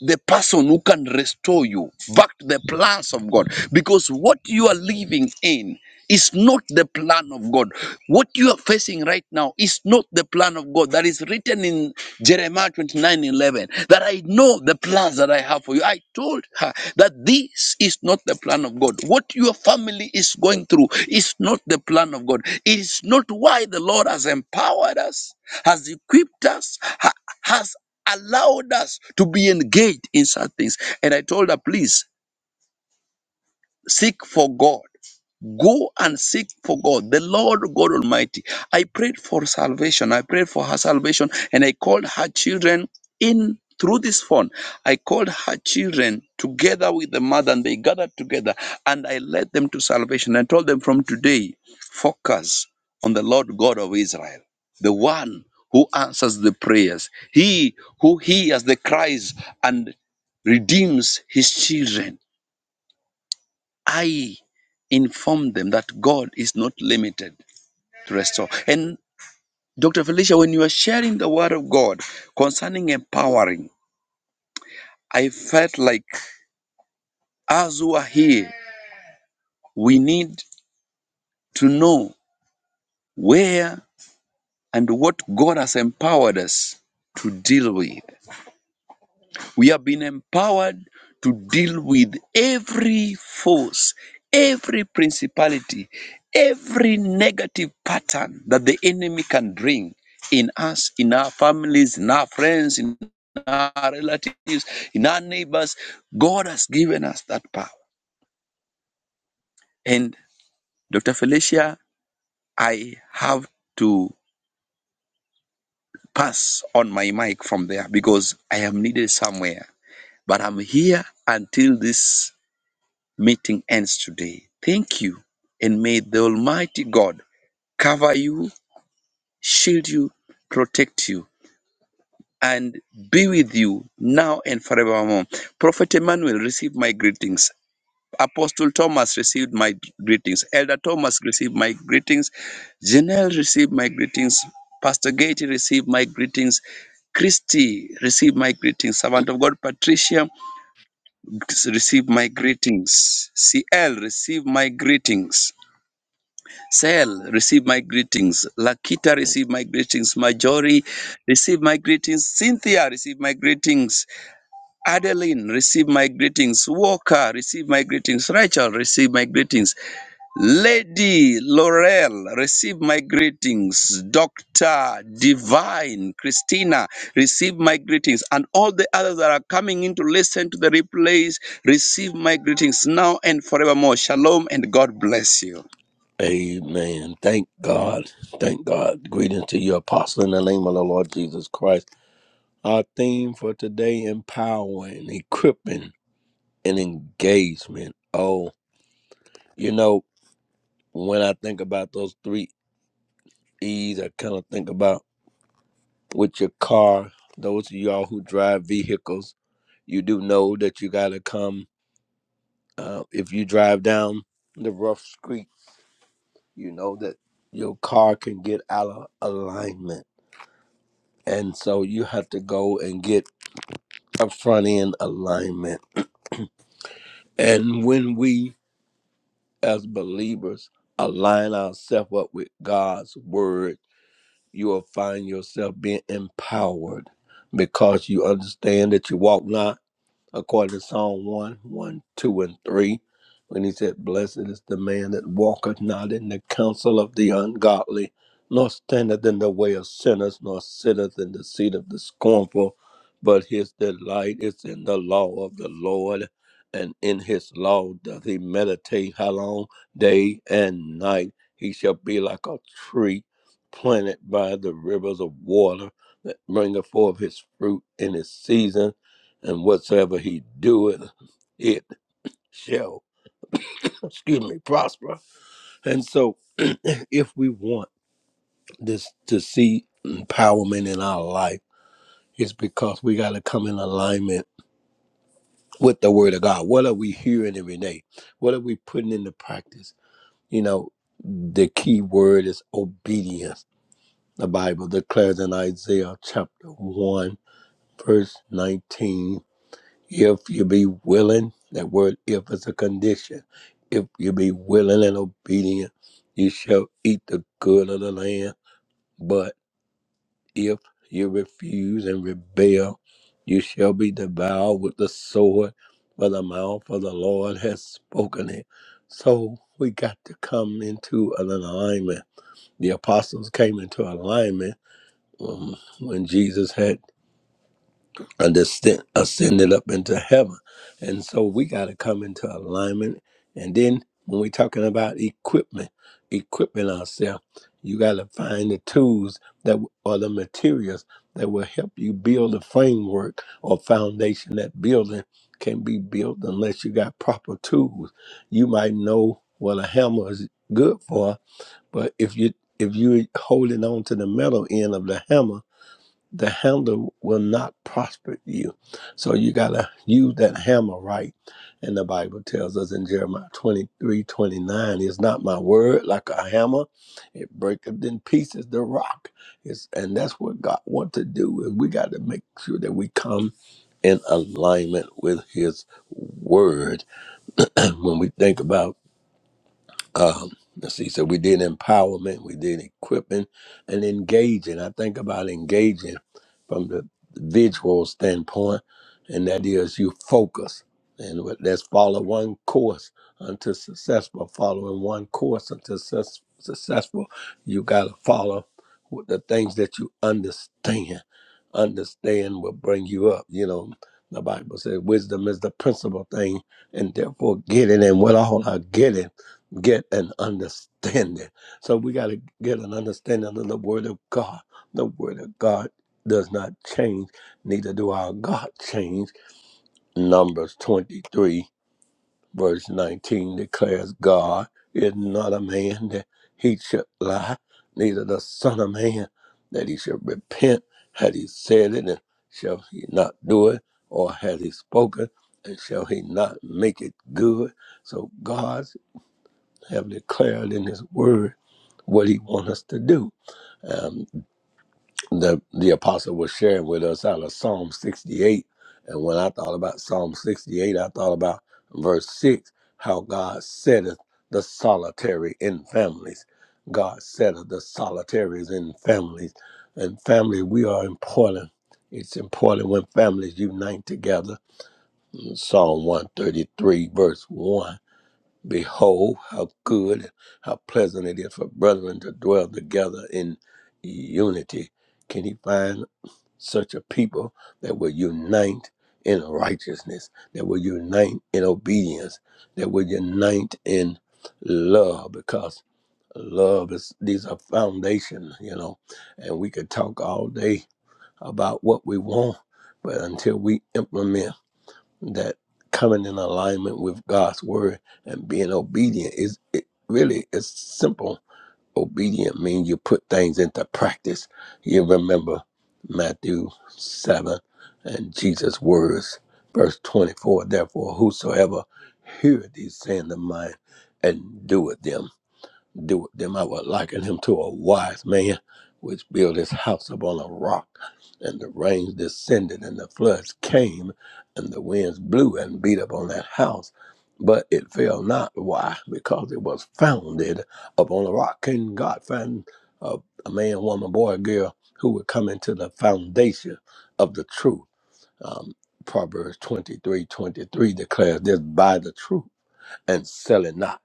S3: the person who can restore you back to the plans of God. Because what you are living in is not the plan of God. What you are facing right now is not the plan of God. That is written in Jeremiah 29 11. That I know the plans that I have for you. I told her that this is not the plan of God. What your family is going through is not the plan of God. It is not why the Lord has empowered us, has equipped us, ha- has allowed us to be engaged in such things. And I told her, please Seek for God. Go and seek for God, the Lord God Almighty. I prayed for salvation. I prayed for her salvation and I called her children in through this phone. I called her children together with the mother and they gathered together and I led them to salvation. I told them from today, focus on the Lord God of Israel, the one who answers the prayers, he who hears the cries and redeems his children. I informed them that God is not limited to restore. And Dr. Felicia, when you were sharing the word of God concerning empowering, I felt like as we are here, we need to know where and what God has empowered us to deal with. We have been empowered to deal with every force, every principality, every negative pattern that the enemy can bring in us, in our families, in our friends, in our relatives, in our neighbors. God has given us that power. And Dr. Felicia, I have to pass on my mic from there because I am needed somewhere. But I'm here until this meeting ends today. Thank you, and may the Almighty God cover you, shield you, protect you, and be with you now and forevermore. Prophet Emmanuel, receive my greetings. Apostle Thomas received my greetings. Elder Thomas received my greetings. Janelle received my greetings. Pastor Gate received my greetings. Christy, receive my greetings. Servant of God, Patricia, receive my greetings. CL, receive my greetings. Sel, receive my greetings. Lakita, receive my greetings. Majori, receive my greetings. Cynthia, receive my greetings. Adeline, receive my greetings. Walker, receive my greetings. Rachel, receive my greetings. Lady Laurel, receive my greetings. Dr. Divine, Christina, receive my greetings. And all the others that are coming in to listen to the replays, receive my greetings now and forevermore. Shalom and God bless you.
S4: Amen. Thank God. Thank God. Greetings to you, Apostle, in the name of the Lord Jesus Christ. Our theme for today empowering, equipping, and engagement. Oh, you know, when I think about those three E's, I kind of think about with your car, those of y'all who drive vehicles, you do know that you got to come. Uh, if you drive down the rough street, you know that your car can get out of alignment And so you have to go and get a front end alignment. And when we as believers align ourselves up with God's word, you will find yourself being empowered because you understand that you walk not. according to Psalm One, One, 2, and 3, when he said, Blessed is the man that walketh not in the counsel of the ungodly, nor standeth in the way of sinners, nor sitteth in the seat of the scornful, but his delight is in the law of the Lord, and in his law doth he meditate how long? Day and night. He shall be like a tree planted by the rivers of water that bringeth forth his fruit in his season and whatsoever he doeth, it shall, excuse me, prosper. And so, if we want this to see empowerment in our life, it's because we got to come in alignment with the Word of God. What are we hearing every day? What are we putting into practice? You know, the key word is obedience. The Bible declares in Isaiah chapter 1, verse 19 If you be willing, that word if is a condition. If you be willing and obedient, you shall eat the good of the land. But if you refuse and rebel, you shall be devoured with the sword, for the mouth of the Lord has spoken it. So we got to come into an alignment. The apostles came into alignment um, when Jesus had And ascend, ascended up into heaven. And so we got to come into alignment. And then when we're talking about equipment, equipping ourselves, you got to find the tools that or the materials that will help you build a framework or foundation. That building can be built unless you got proper tools. You might know what a hammer is good for, but if you if you're holding on to the metal end of the hammer the handle will not prosper you. So you got to use that hammer right. And the Bible tells us in Jeremiah 23 29, "Is not my word like a hammer, it breaketh in pieces the rock. It's, and that's what God wants to do. And we got to make sure that we come in alignment with His word. when we think about um, let's see. So we did empowerment, we did equipping, and engaging. I think about engaging from the visual standpoint, and that is you focus and what- let's follow one course until successful. Following one course until success, successful, you got to follow with the things that you understand. Understand will bring you up. You know, the Bible says wisdom is the principal thing, and therefore getting and what all I getting get an understanding. So we got to get an understanding of the Word of God. The Word of God does not change, neither do our God change. Numbers 23, verse 19 declares God is not a man that he should lie, neither the Son of Man that he should repent. Had he said it, and shall he not do it? Or had he spoken, and shall he not make it good? So God have declared in His Word what He wants us to do. Um, the the apostle was sharing with us out of Psalm 68, and when I thought about Psalm 68, I thought about verse six, how God setteth the solitary in families. God setteth the solitaries in families, and family we are important. It's important when families unite together. Psalm 133, verse 1 Behold, how good, how pleasant it is for brethren to dwell together in unity. Can he find such a people that will unite in righteousness, that will unite in obedience, that will unite in love? Because love is, these are foundation, you know, and we could talk all day about what we want, but until we implement that coming in alignment with God's word and being obedient is it really is simple. Obedient means you put things into practice. You remember Matthew seven and Jesus' words, verse twenty four, therefore whosoever heareth these sayings of mine and doeth them do with them. I would liken him to a wise man which built his house upon a rock, and the rains descended, and the floods came, and the winds blew and beat upon that house. But it fell not. Why? Because it was founded upon a rock. Can God find a, a man, woman, boy, girl who would come into the foundation of the truth? Um, Proverbs 23, 23 declares this by the truth and sell it not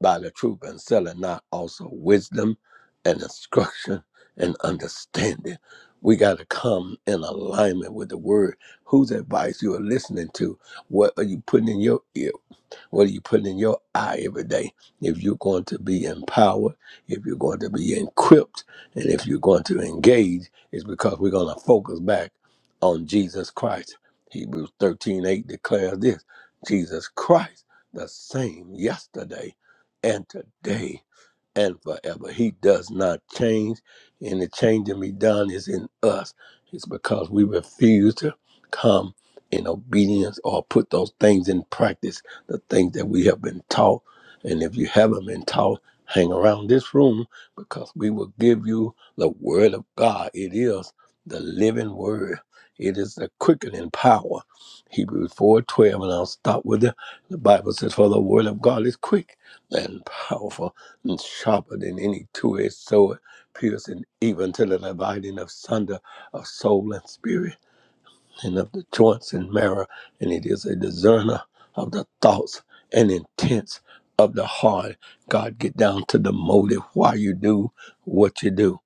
S4: by the truth and selling not also wisdom and instruction and understanding. We got to come in alignment with the word. Whose advice you are listening to? What are you putting in your ear? What are you putting in your eye every day? If you're going to be empowered, if you're going to be equipped, and if you're going to engage, it's because we're going to focus back on Jesus Christ. Hebrews 13 8 declares this Jesus Christ, the same yesterday and today and forever. He does not change, and the changing be done is in us. It's because we refuse to come in obedience or put those things in practice, the things that we have been taught. And if you haven't been taught, hang around this room because we will give you the word of God. It is the living word. It is the quickening power. Hebrews 4:12, and I'll stop with it. The Bible says, For the word of God is quick and powerful and sharper than any two-edged sword, piercing even to the dividing of sunder of soul and spirit and of the joints and marrow, and it is a discerner of the thoughts and intents of the heart. God, get down to the motive why you do what you do.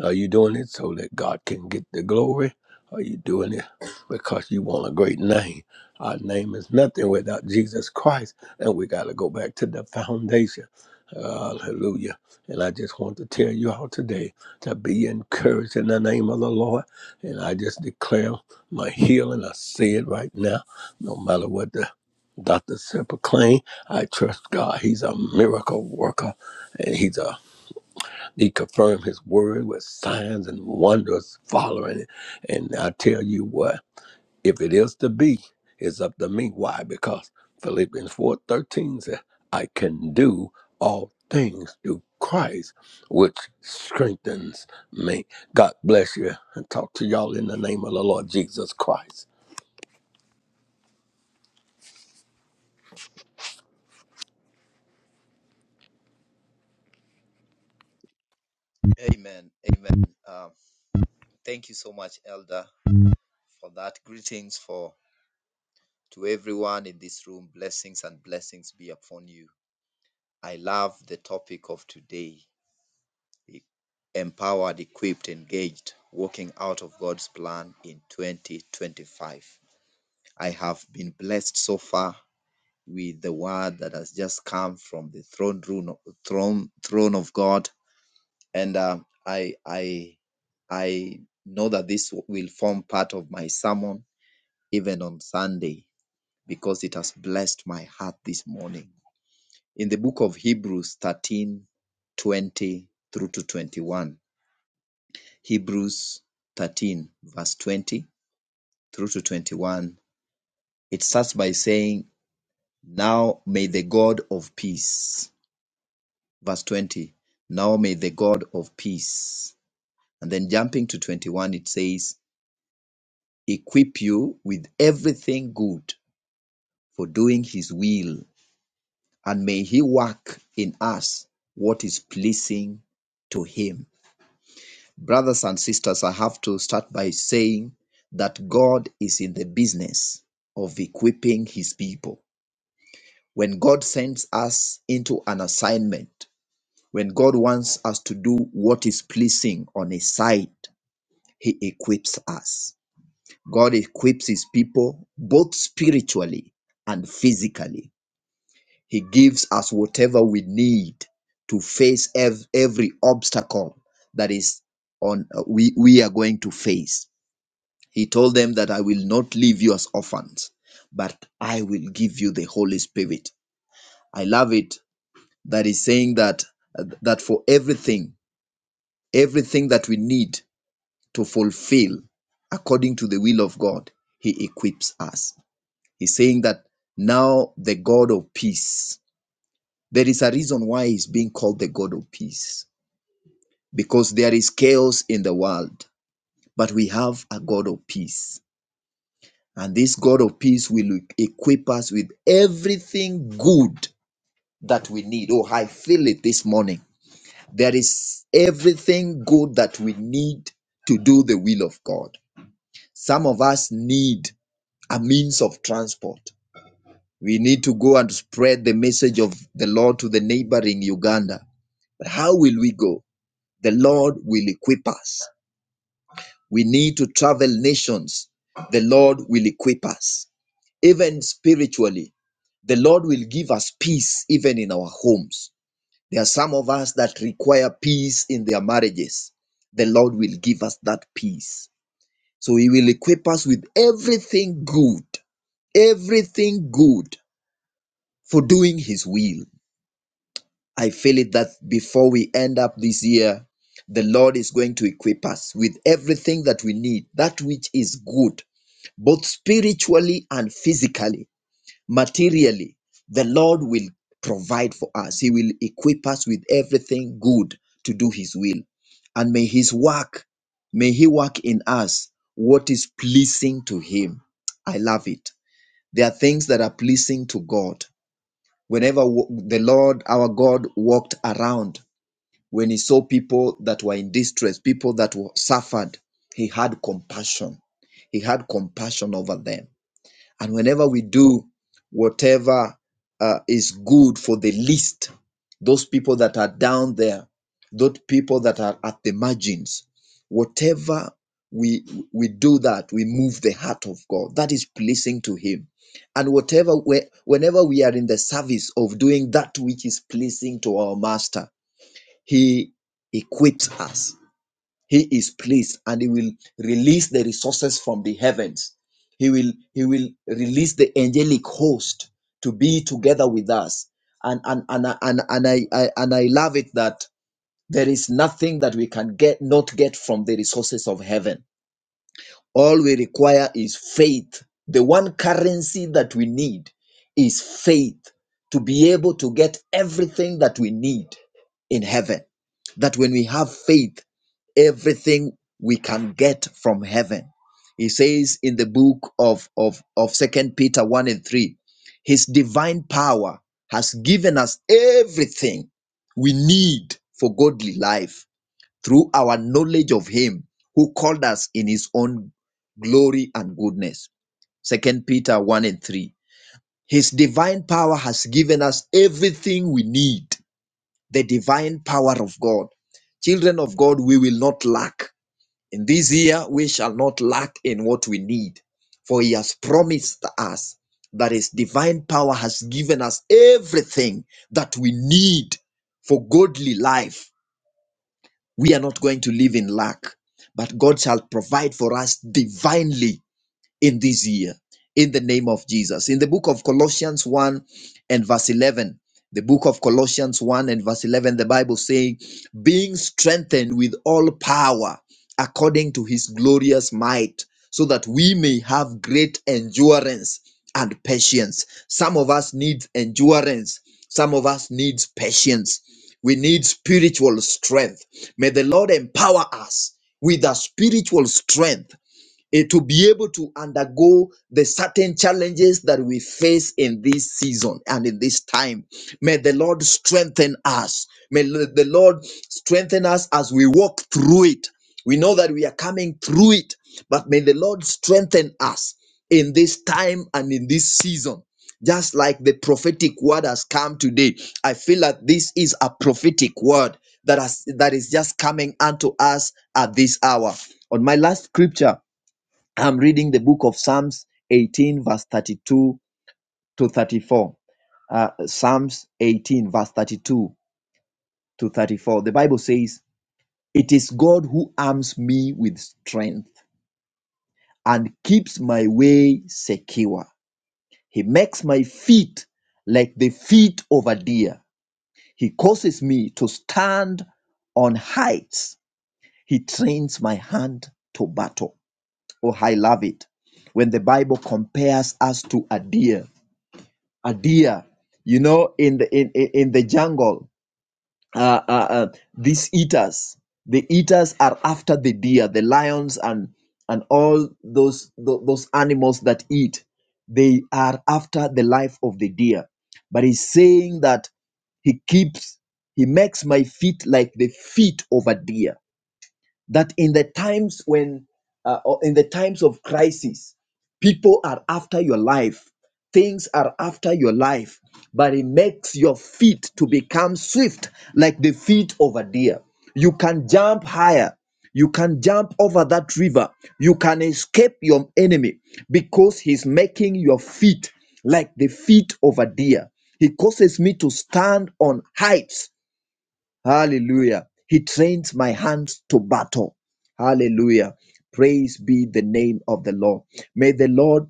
S4: Are you doing it so that God can get the glory? Are you doing it because you want a great name? Our name is nothing without Jesus Christ, and we got to go back to the foundation. Hallelujah. And I just want to tell you all today to be encouraged in the name of the Lord. And I just declare my healing. I say it right now. No matter what the doctor said, proclaim, I trust God. He's a miracle worker. And he's a, he confirmed his word with signs and wonders following it. And I tell you what, if it is to be, it's up to me. Why? Because Philippians four thirteen says, I can do all things through Christ, which strengthens me. God bless you. And talk to y'all in the name of the Lord Jesus Christ.
S5: Amen. Amen. Uh, thank you so much, Elder, for that. Greetings for to everyone in this room. Blessings and blessings be upon you. I love the topic of today: e- empowered, equipped, engaged, walking out of God's plan in 2025. I have been blessed so far with the word that has just come from the throne room, throne, throne of God. and uh, I I I know that this will form part of my sermon even on Sunday because it has blessed my heart this morning. In the book of Hebrews 13, 20 through to 21, Hebrews 13, verse 20 through to 21, it starts by saying, Now may the God of peace, verse 20, now may the God of peace. And then jumping to 21, it says, equip you with everything good for doing his will, and may he work in us what is pleasing to him. Brothers and sisters, I have to start by saying that God is in the business of equipping his people. When God sends us into an assignment, when God wants us to do what is pleasing on his side, he equips us. God equips his people both spiritually and physically. He gives us whatever we need to face ev- every obstacle that is on uh, we we are going to face. He told them that I will not leave you as orphans, but I will give you the Holy Spirit. I love it that he's saying that that for everything, everything that we need to fulfill according to the will of God, he equips us. He's saying that now the God of peace. There is a reason why he's being called the God of peace because there is chaos in the world, but we have a God of peace. And this God of peace will equip us with everything good that we need. Oh, I feel it this morning. There is everything good that we need to do the will of God. Some of us need a means of transport. We need to go and spread the message of the Lord to the neighboring Uganda. But how will we go? The Lord will equip us. We need to travel nations. The Lord will equip us. Even spiritually, the Lord will give us peace even in our homes. There are some of us that require peace in their marriages. The Lord will give us that peace. So He will equip us with everything good everything good for doing his will. I feel it that before we end up this year, the Lord is going to equip us with everything that we need, that which is good, both spiritually and physically, materially. The Lord will provide for us. He will equip us with everything good to do His will. And may His work, may He work in us what is pleasing to Him. I love it. There are things that are pleasing to God whenever wa- the Lord our God walked around, when he saw people that were in distress, people that were suffered, he had compassion. He had compassion over them. And whenever we do whatever uh, is good for the least, those people that are down there, those people that are at the margins, whatever we we do that, we move the heart of God. That is pleasing to Him and whatever whenever we are in the service of doing that which is pleasing to our master he equips us. He is pleased and he will release the resources from the heavens. He will he will release the angelic host to be together with us. And and and, I- and, and I, I and I love it that there is nothing that we can get not get from the resources of heaven all we require is faith. The one currency that we need is faith to be able to get everything that we need in heaven. That when we have faith, everything we can get from heaven. He says in the book of, of, of Second Peter 1 and 3, His divine power has given us everything we need for godly life through our knowledge of him who called us in his own glory and goodness. Second Peter 1 and 3. His divine power has given us everything we need. The divine power of God. Children of God, we will not lack. In this year, we shall not lack in what we need. For he has promised us that his divine power has given us everything that we need for godly life we are not going to live in lack, but God shall provide for us divinely in this year in the name of Jesus. In the book of Colossians 1 and verse 11, the book of Colossians 1 and verse 11, the Bible saying, being strengthened with all power according to his glorious might, so that we may have great endurance and patience. Some of us need endurance, some of us need patience. We need spiritual strength. May the Lord empower us with a spiritual strength eh, to be able to undergo the certain challenges that we face in this season and in this time. May the Lord strengthen us. May l- the Lord strengthen us as we walk through it. We know that we are coming through it, but may the Lord strengthen us in this time and in this season. Just like the prophetic word has come today, I feel that this is a prophetic word that has, that is just coming unto us at this hour. On my last scripture, I'm reading the book of Psalms 18, verse 32 to 34. Uh, Psalms 18, verse 32 to 34. The Bible says, It is God who arms me with strength and keeps my way secure. He makes my feet like the feet of a deer. He causes me to stand on heights. He trains my hand to battle. Oh, I love it when the Bible compares us to a deer a deer, you know, in the in in, in the jungle. Uh, uh, uh, these eaters, the eaters are after the deer, the lions, and and all those tho- those animals that eat. They are after the life of the deer. But he's saying that he keeps, he makes my feet like the feet of a deer that in the times when uh, or in the times of crisis people are after your life things are after your life but it makes your feet to become swift like the feet of a deer you can jump higher you can jump over that river you can escape your enemy because he's making your feet like the feet of a deer he causes me to stand on heights Hallelujah. He trains my hands to battle. Hallelujah. Praise be the name of the Lord. May the Lord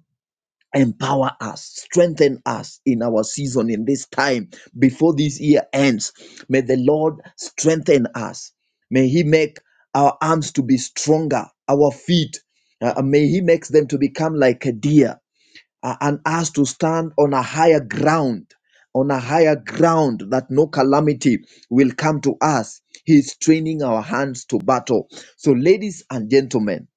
S5: empower us, strengthen us in our season, in this time before this year ends. May the Lord strengthen us. May He make our arms to be stronger, our feet. uh, uh, may He makes them to become like a deer uh, and us to stand on a higher ground, on a higher ground that no calamity will come to us. He's training our hands to battle. So, ladies and gentlemen,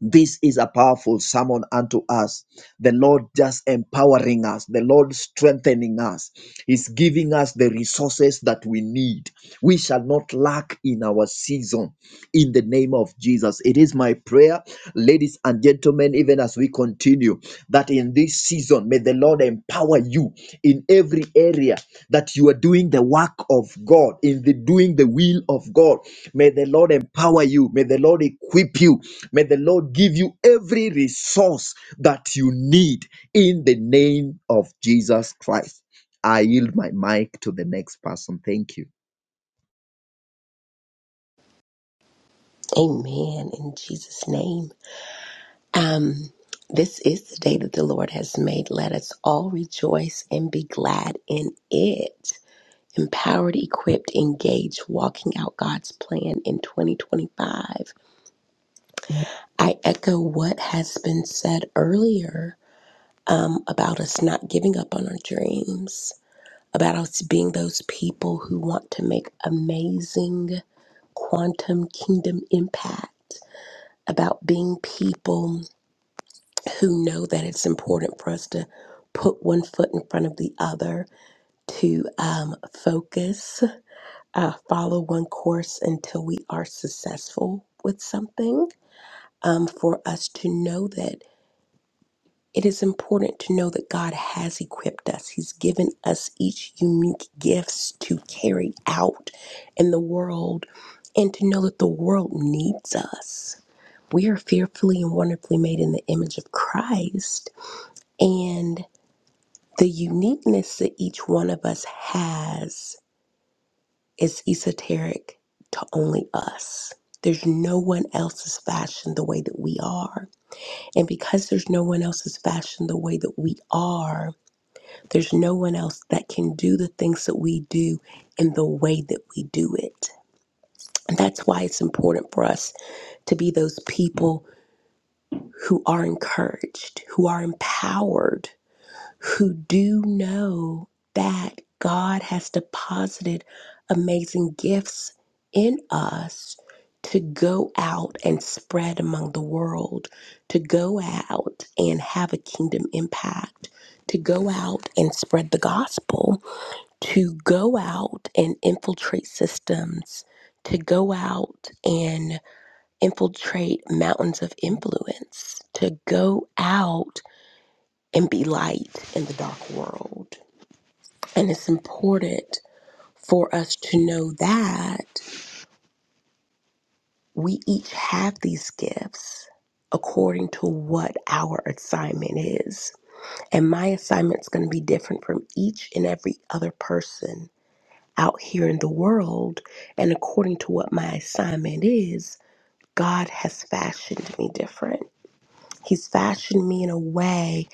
S5: this is a powerful sermon unto us. The Lord just empowering us, the Lord strengthening us. He's giving us the resources that we need. We shall not lack in our season in the name of Jesus. It is my prayer, ladies and gentlemen settlement, even as we continue, that in this season, may the Lord empower you in every area that you are doing the work of God, in the doing the will of God. May the Lord empower you. May the Lord equip you. May the Lord give you every resource that you need in the name of Jesus Christ. I yield my mic to the next person. Thank you.
S6: Amen. In Jesus' name. Um, this is the day that the Lord has made. Let us all rejoice and be glad in it. Empowered, equipped, engaged, walking out God's plan in 2025. I echo what has been said earlier um, about us not giving up on our dreams, about us being those people who want to make amazing quantum kingdom impact, about being people who know that it's important for us to put one foot in front of the other, to um, focus, uh, follow one course until we are successful with something, um, for us to know that it is important to know that God has equipped us. He's given us each unique gifts to carry out in the world, and to know that the world needs us. We are fearfully and wonderfully made in the image of Christ. and The uniqueness that each one of us has is esoteric to only us. There's no one else's fashioned the way that we are. And because there's no one else's fashioned the way that we are, there's no one else that can do the things that we do in the way that we do it. And that's why it's important for us to be those people who are encouraged, who are empowered, who do know that God has deposited amazing gifts in us to go out and spread among the world, to go out and have a kingdom impact, to go out and spread the gospel, to go out and infiltrate systems, to go out and infiltrate mountains of influence, to go out and be light in the dark world. And it's important for us to know that we each have these gifts according to what our assignment is. And my assignment's going to be different from each and every other person out here in the world. And according to what my assignment is, God has fashioned me different. He's fashioned me in a way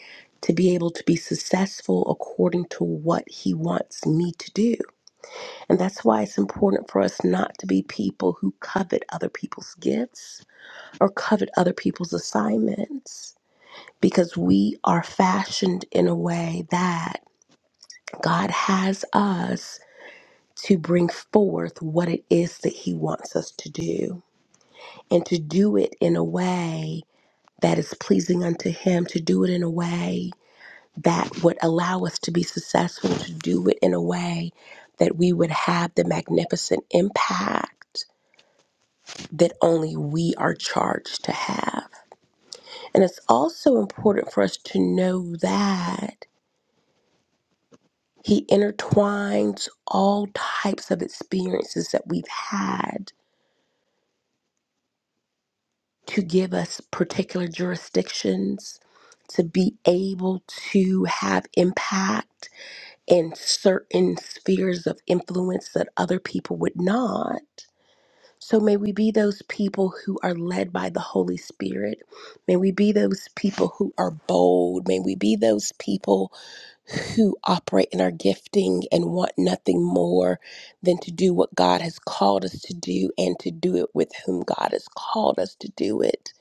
S6: to be able to be successful according to what He wants me to do. And that's why it's important for us not to be people who covet other people's gifts or covet other people's assignments because we are fashioned in a way that God has us to bring forth what it is that He wants us to do and to do it in a way that is pleasing unto Him, to do it in a way that would allow us to be successful, to do it in a way that we would have the magnificent impact that only we are charged to have. And it's also important for us to know that He intertwines all types of experiences that we've had to give us particular jurisdictions, to be able to have impact in certain spheres of influence that other people would not. So may we be those people who are led by the Holy Spirit. May we be those people who are bold. May we be those people who operate in our gifting and want nothing more than to do what God has called us to do and to do it with whom God has called us to do it.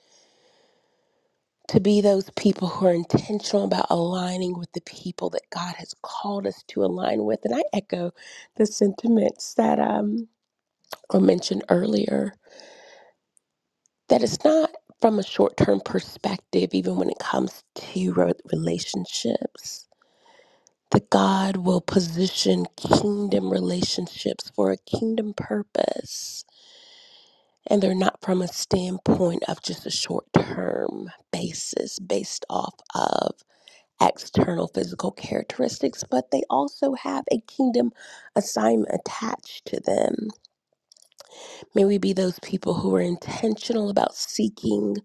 S6: To be those people who are intentional about aligning with the people that God has called us to align with. And I echo the sentiments that um, were mentioned earlier that it's not from a short term perspective, even when it comes to re- relationships, that God will position kingdom relationships for a kingdom purpose. And they're not from a standpoint of just a short term basis based off of external physical characteristics, but they also have a kingdom assignment attached to them. May we be those people who are intentional about seeking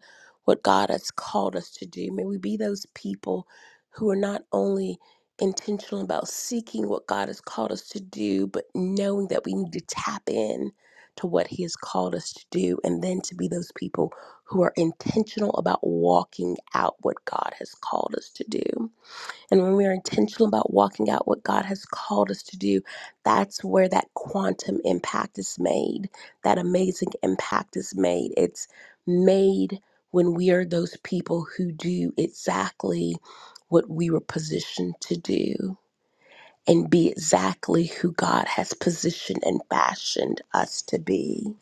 S6: what God has called us to do. May we be those people who are not only intentional about seeking what God has called us to do, but knowing that we need to tap in to what He has called us to do, and then to be those people who are intentional about walking out what God has called us to do. And when we are intentional about walking out what God has called us to do, that's where that quantum impact is made. That amazing impact is made. It's made when we are those people who do exactly what we were positioned to do and be exactly who God has positioned and fashioned us to be.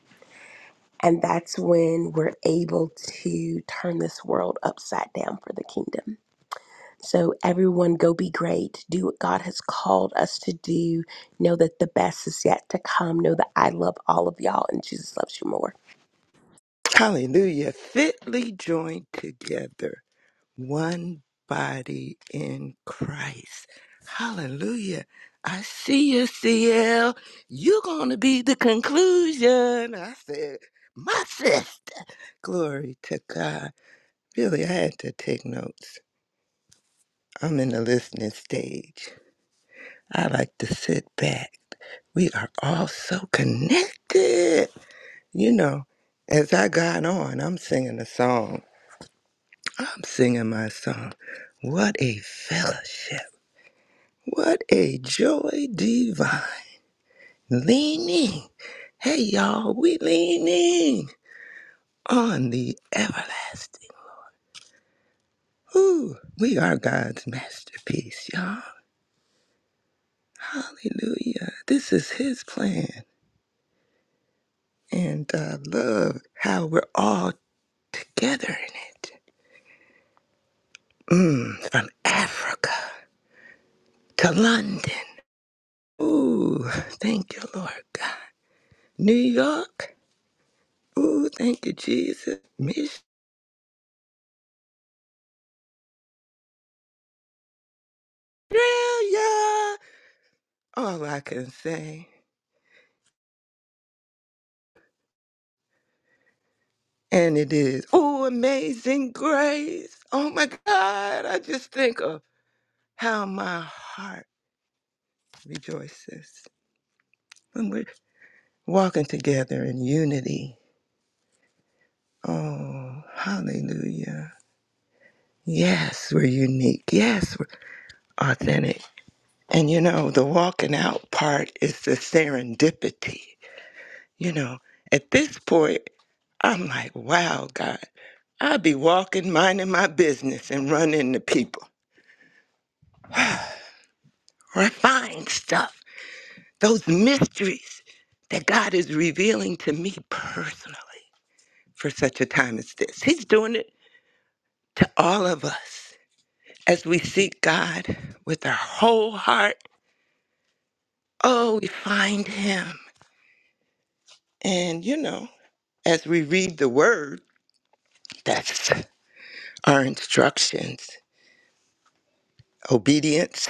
S6: And that's when we're able to turn this world upside down for the kingdom. So, everyone, go be great. Do what God has called us to do. Know that the best is yet to come. Know that I love all of y'all and Jesus loves you more.
S7: Hallelujah. Fitly joined together, one body in Christ. Hallelujah. I see you, CL. You're going to be the conclusion. I said, my sister. Glory to God. Really, I had to take notes. I'm in the listening stage. I like to sit back. We are all so connected. You know, as I got on, I'm singing a song I'm singing my song. What a fellowship. What a joy divine. Leaning. Hey, y'all, we leaning on the everlasting. Ooh, we are God's masterpiece, y'all. Hallelujah. This is His plan. And I love how we're all together in it. Mm, from Africa to London. Ooh, thank you, Lord God. New York Ooh, thank you, Jesus. Miss Australia. All I can say. And it is, oh, amazing grace. Oh my God. I just think of how my heart rejoices when we're walking together in unity. Oh, hallelujah. Yes, we're unique. Yes, we're authentic. And you know, the walking out part is the serendipity. You know, at this point, I'm like, wow, God, I be walking, minding my business and running into people. Refined stuff, those mysteries that God is revealing to me personally for such a time as this. He's doing it to all of us as we seek God with our whole heart. Oh, we find Him. And, you know, as we read the Word, that's our instructions, obedience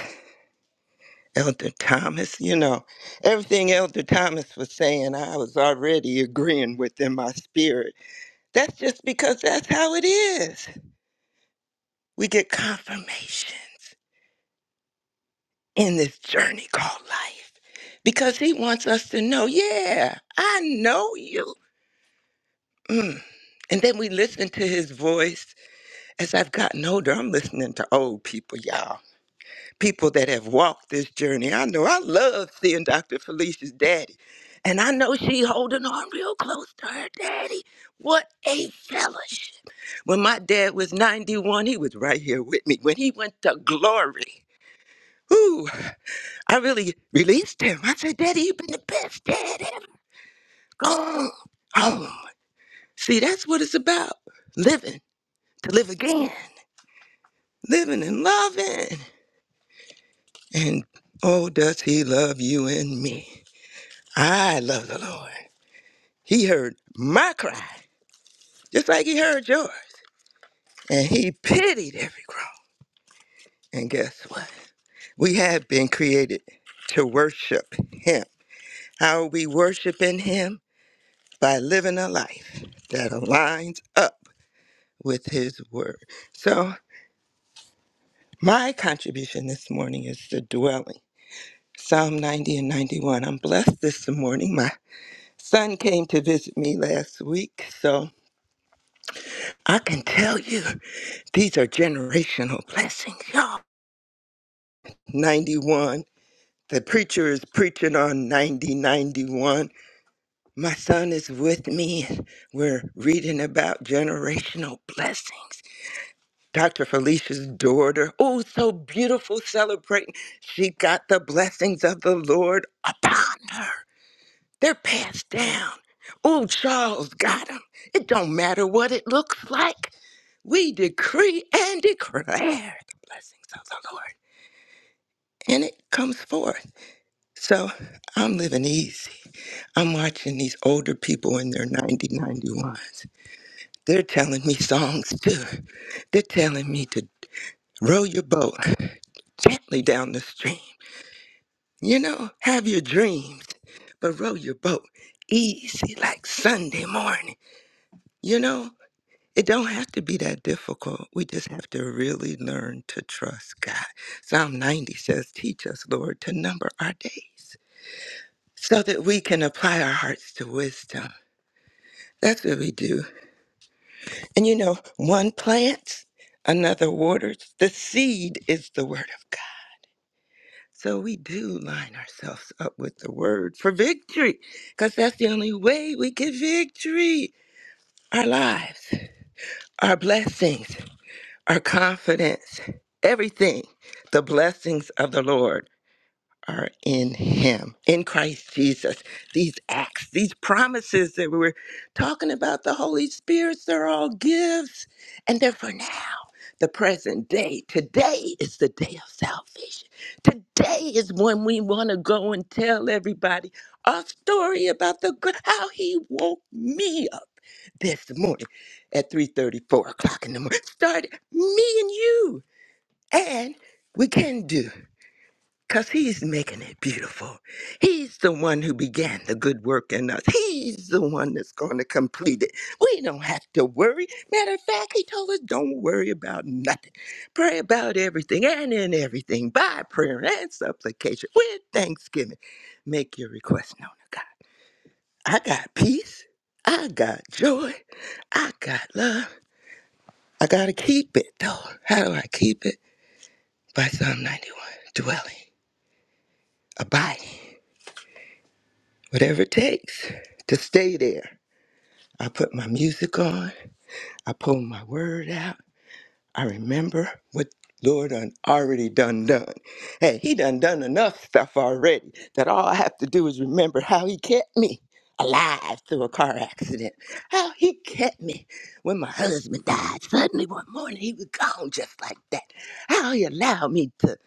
S7: Elder Thomas, you know, everything Elder Thomas was saying, I was already agreeing with in my spirit. That's just because that's how it is. We get confirmations in this journey called life because he wants us to know, yeah, I know you. Mm. And then we listen to his voice. As I've gotten older, I'm listening to old people, y'all. people that have walked this journey. I know I love seeing Dr. Felicia's daddy. And I know she holding on real close to her daddy. What a fellowship. When my dad was 91, he was right here with me. When he went to glory, whoo, I really released him. I said, Daddy, you've been the best dad ever. Go home. See, that's what it's about. Living to live again. Living and loving. And oh, does he love you and me? I love the Lord. He heard my cry, just like he heard yours. And he pitied every groan. And guess what? We have been created to worship him. How are we worshiping him? By living a life that aligns up with his word. So, my contribution this morning is the dwelling. Psalm 90 and 91. I'm blessed this morning. My son came to visit me last week, so I can tell you. These are generational blessings, y'all. 91. The preacher is preaching on 9091. My son is with me. and We're reading about generational blessings. Dr. Felicia's daughter, oh, so beautiful, celebrating. She got the blessings of the Lord upon her. They're passed down. Oh, Charles got them. It don't matter what it looks like. We decree and declare the blessings of the Lord. and it comes forth. So I'm living easy. I'm watching these older people in their 90, ninety-ones. They're telling me songs too. They're telling me to row your boat gently down the stream. You know, have your dreams, but row your boat easy like Sunday morning. You know, it don't have to be that difficult. We just have to really learn to trust God. Psalm 90 says, Teach us, Lord, to number our days so that we can apply our hearts to wisdom. That's what we do. And you know, one plants, another waters. The seed is the word of God. So we do line ourselves up with the word for victory, because that's the only way we get victory. Our lives, our blessings, our confidence, everything, the blessings of the Lord. are in him, in Christ Jesus. These acts, these promises that we were talking about, the Holy Spirit's, they're all gifts and they're for now, the present day. Today is the day of salvation. Today is when we want to go and tell everybody our story about the gr- how he woke me up this morning at three thirty, four o'clock in the morning. Started me and you. And we can do. Because he's making it beautiful. He's the one who began the good work in us. He's the one that's going to complete it. We don't have to worry. Matter of fact, he told us don't worry about nothing. Pray about everything and in everything by prayer and supplication with thanksgiving. Make your request known to God. I got peace. I got joy. I got love. I got to keep it, though. How do I keep it? By Psalm 91, dwelling, abiding. whatever it takes to stay there. I put my music on, I pull my word out, I remember what Lord done already done done. Hey, he done done enough stuff already that all I have to do is remember how he kept me alive through a car accident. How he kept me when my husband died. Suddenly one morning he was gone just like that. How he allowed me to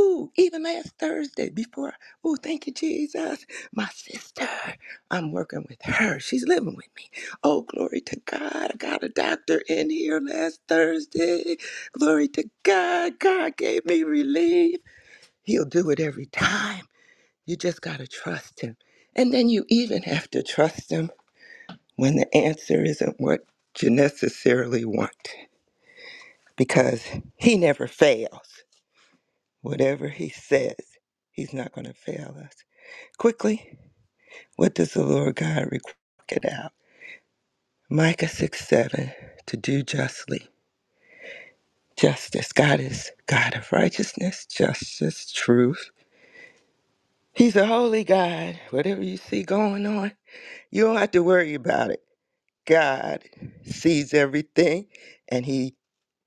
S7: Ooh, even last Thursday before, ooh, thank you, Jesus. My sister, I'm working with her. She's living with me. Oh, glory to God. I got a doctor in here last Thursday. Glory to God. God gave me relief. He'll do it every time. You just got to trust Him. And then you even have to trust Him when the answer isn't what you necessarily want because He never fails. Whatever He says, He's not going to fail us. Quickly, what does the Lord God require? Check It out. Micah 6 7 to do justly. Justice. God is God of righteousness, justice, truth. He's a holy God. Whatever you see going on, you don't have to worry about it. God sees everything and he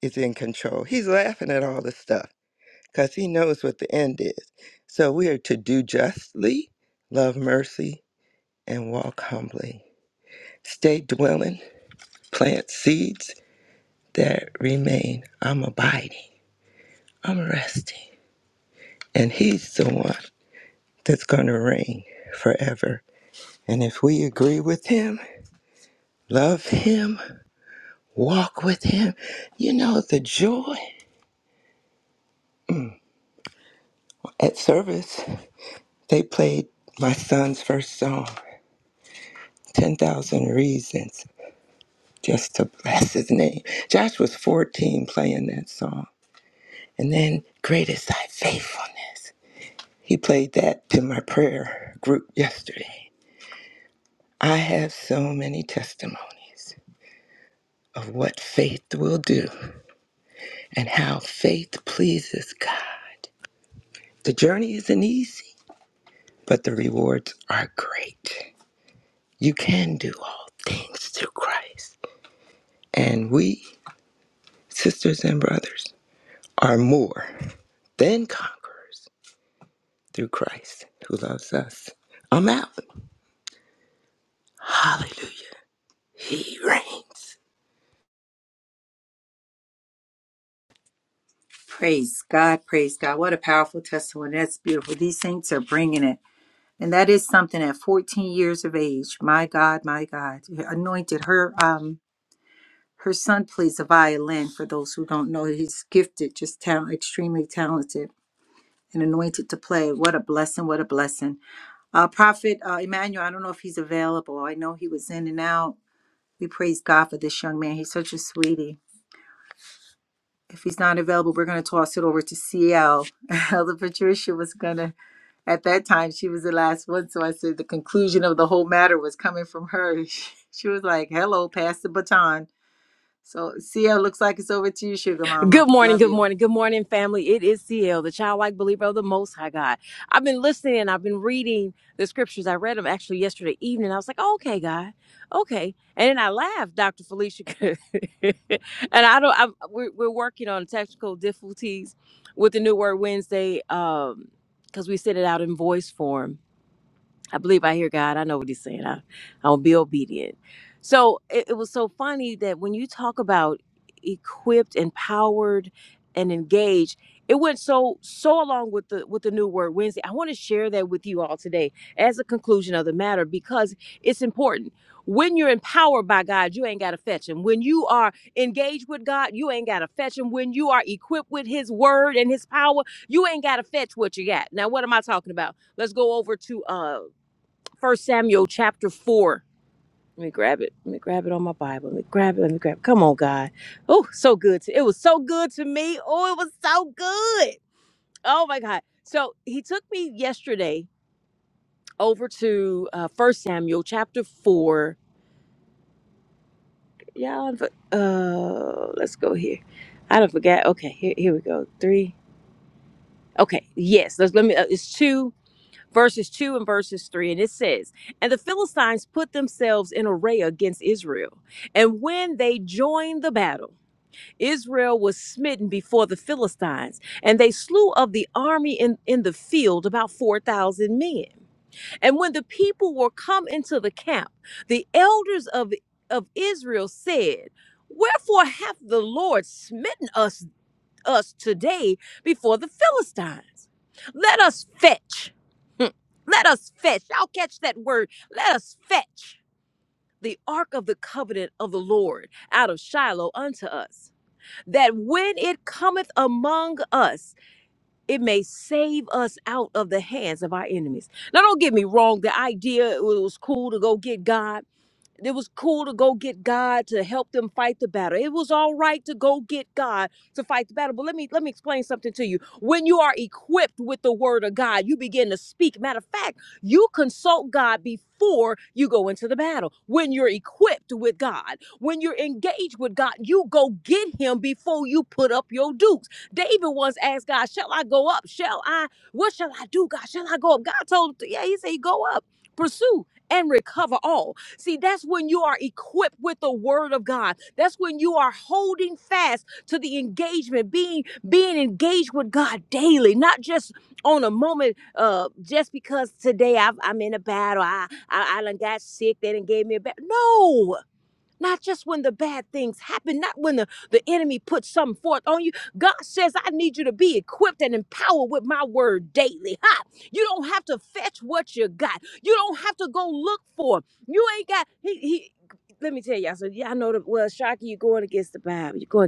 S7: is in control. He's laughing at all the stuff because he knows what the end is. So we are to do justly, love mercy, and walk humbly. Stay dwelling, plant seeds that remain. I'm abiding, I'm resting. And he's the one that's going to reign forever. And if we agree with him, love him, walk with him. You know, the joy. At service, they played my son's first song, 10,000 Reasons, just to bless his name. Josh was 14 playing that song. And then, Great is Thy Faithfulness. He played that to my prayer group yesterday. I have so many testimonies of what faith will do and how faith pleases God. The journey isn't easy, but the rewards are great. You can do all things through Christ. And we, sisters and brothers, are more than conquerors through Christ who loves us. I'm out. Hallelujah. He reigns.
S1: Praise God, praise God. What a powerful testimony. That's beautiful. These saints are bringing it. And that is something at 14 years of age. My God, my God. Anointed her um her son plays the violin for those who don't know. He's gifted, just talent, extremely talented and anointed to play. What a blessing, what a blessing. Uh Prophet uh, Emmanuel, I don't know if he's available. I know he was in and out. We praise God for this young man. He's such a sweetie. if he's not available, we're going to toss it over to CL. Elder Patricia was going to, at that time, she was the last one. So I said the conclusion of the whole matter was coming from her. She was like, hello, pass the baton. So CL looks like it's over to you, Sugar Mama.
S8: Good morning,
S1: Love
S8: good
S1: you.
S8: morning, good morning, family. It is CL, the childlike believer of the Most High God. I've been listening, I've been reading the scriptures. I read them actually yesterday evening. I was like, oh, okay, God, okay. And then I laughed, Dr. Felicia. and I don't, I'm, we're, we're working on technical difficulties with the New Word Wednesday because we sent it out in voice form I believe I hear God. I know what He's saying. I, I'll be obedient. So it, it was so funny that when you talk about equipped, empowered, and engaged, it went so so along with the with the new word Wednesday. I want to share that with you all today as a conclusion of the matter because it's important. When you're empowered by God, you ain't got to fetch him. When you are engaged with God, you ain't got to fetch him. When you are equipped with his word and his power, you ain't got to fetch what you got. Now, what am I talking about? let's go over to uh, First Samuel chapter four. Let me grab it. Let me grab it on my Bible. Let me grab it. Let me grab it. Come on, God. Oh, so good. To, it was so good to me. Oh, it was so good. Oh my God. So he took me yesterday over to uh First Samuel chapter four. Yeah, I'm for- uh, let's go here. I don't forget. Okay, here, here we go. Three. Okay, yes. Let's let me. Uh, it's two. verses 2 and verses 3 and it says and the philistines put themselves in array against israel and when they joined the battle israel was smitten before the philistines and they slew of the army in, in the field about 4000 men and when the people were come into the camp the elders of, of israel said wherefore hath the lord smitten us us today before the Philistines. Let us fetch. Hmm. Let us fetch. Y'all catch that word. Let us fetch the ark of the covenant of the Lord out of Shiloh unto us, that when it cometh among us, it may save us out of the hands of our enemies. Now, don't get me wrong, the idea it was cool to go get God it was cool to go get God to help them fight the battle. It was all right to go get God to fight the battle. But let me let me explain something to you. When you are equipped with the word of God, you begin to speak. Matter of fact, you consult God before you go into the battle. When you're equipped with God, when you're engaged with God, you go get him before you put up your dukes. David once asked God, Shall I go up? Shall I? What shall I do, God? Shall I go up? God told him, to- Yeah, he said, Go up, pursue, and recover all. See, that's when you are equipped with the word of God. That's when you are holding fast to the engagement, being being engaged with God daily, not just on a moment, uh, just because today I've, I'm in a battle, I, I I done got sick, they done gave me a bad. No, not just when the bad things happen, not when the, the enemy puts something forth on you. God says, I need you to be equipped and empowered with my word daily. Ha! You don't have to fetch what you got. You don't have to go look for. 'em. You ain't got he he let me tell y'all. So y'all know the well, Shocky, you're going against the Bible. You're going.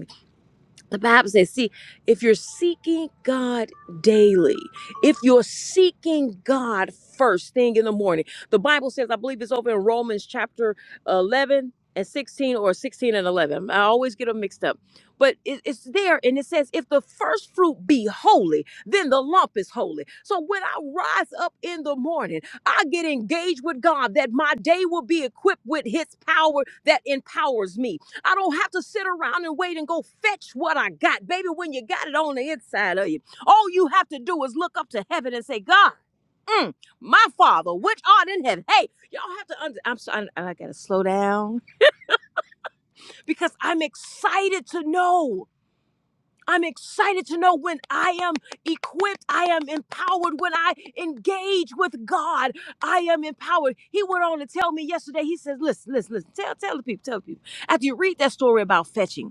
S8: The Bible says, see, if you're seeking God daily, if you're seeking God first thing in the morning, the Bible says, I believe it's over in Romans chapter uh, 11 and 16 or 16 and 11. I always get them mixed up. But it- it's there and it says, if the first fruit be holy, then the lump is holy. So when I rise up in the morning, I get engaged with God that my day will be equipped with his power that empowers me I don't have to sit around and wait and go fetch what I got. Baby, when you got it on the inside of you, all you have to do is look up to heaven and say, God, mm, my Father, which art in heaven. Hey, y'all have to, under- I'm sorry, I got to slow down because I'm excited to know. I'm excited to know when I am equipped, I am empowered, when I engage with God, I am empowered. He went on to tell me yesterday, he says, listen, listen, listen, tell, tell the people, tell the people. After you read that story about fetching,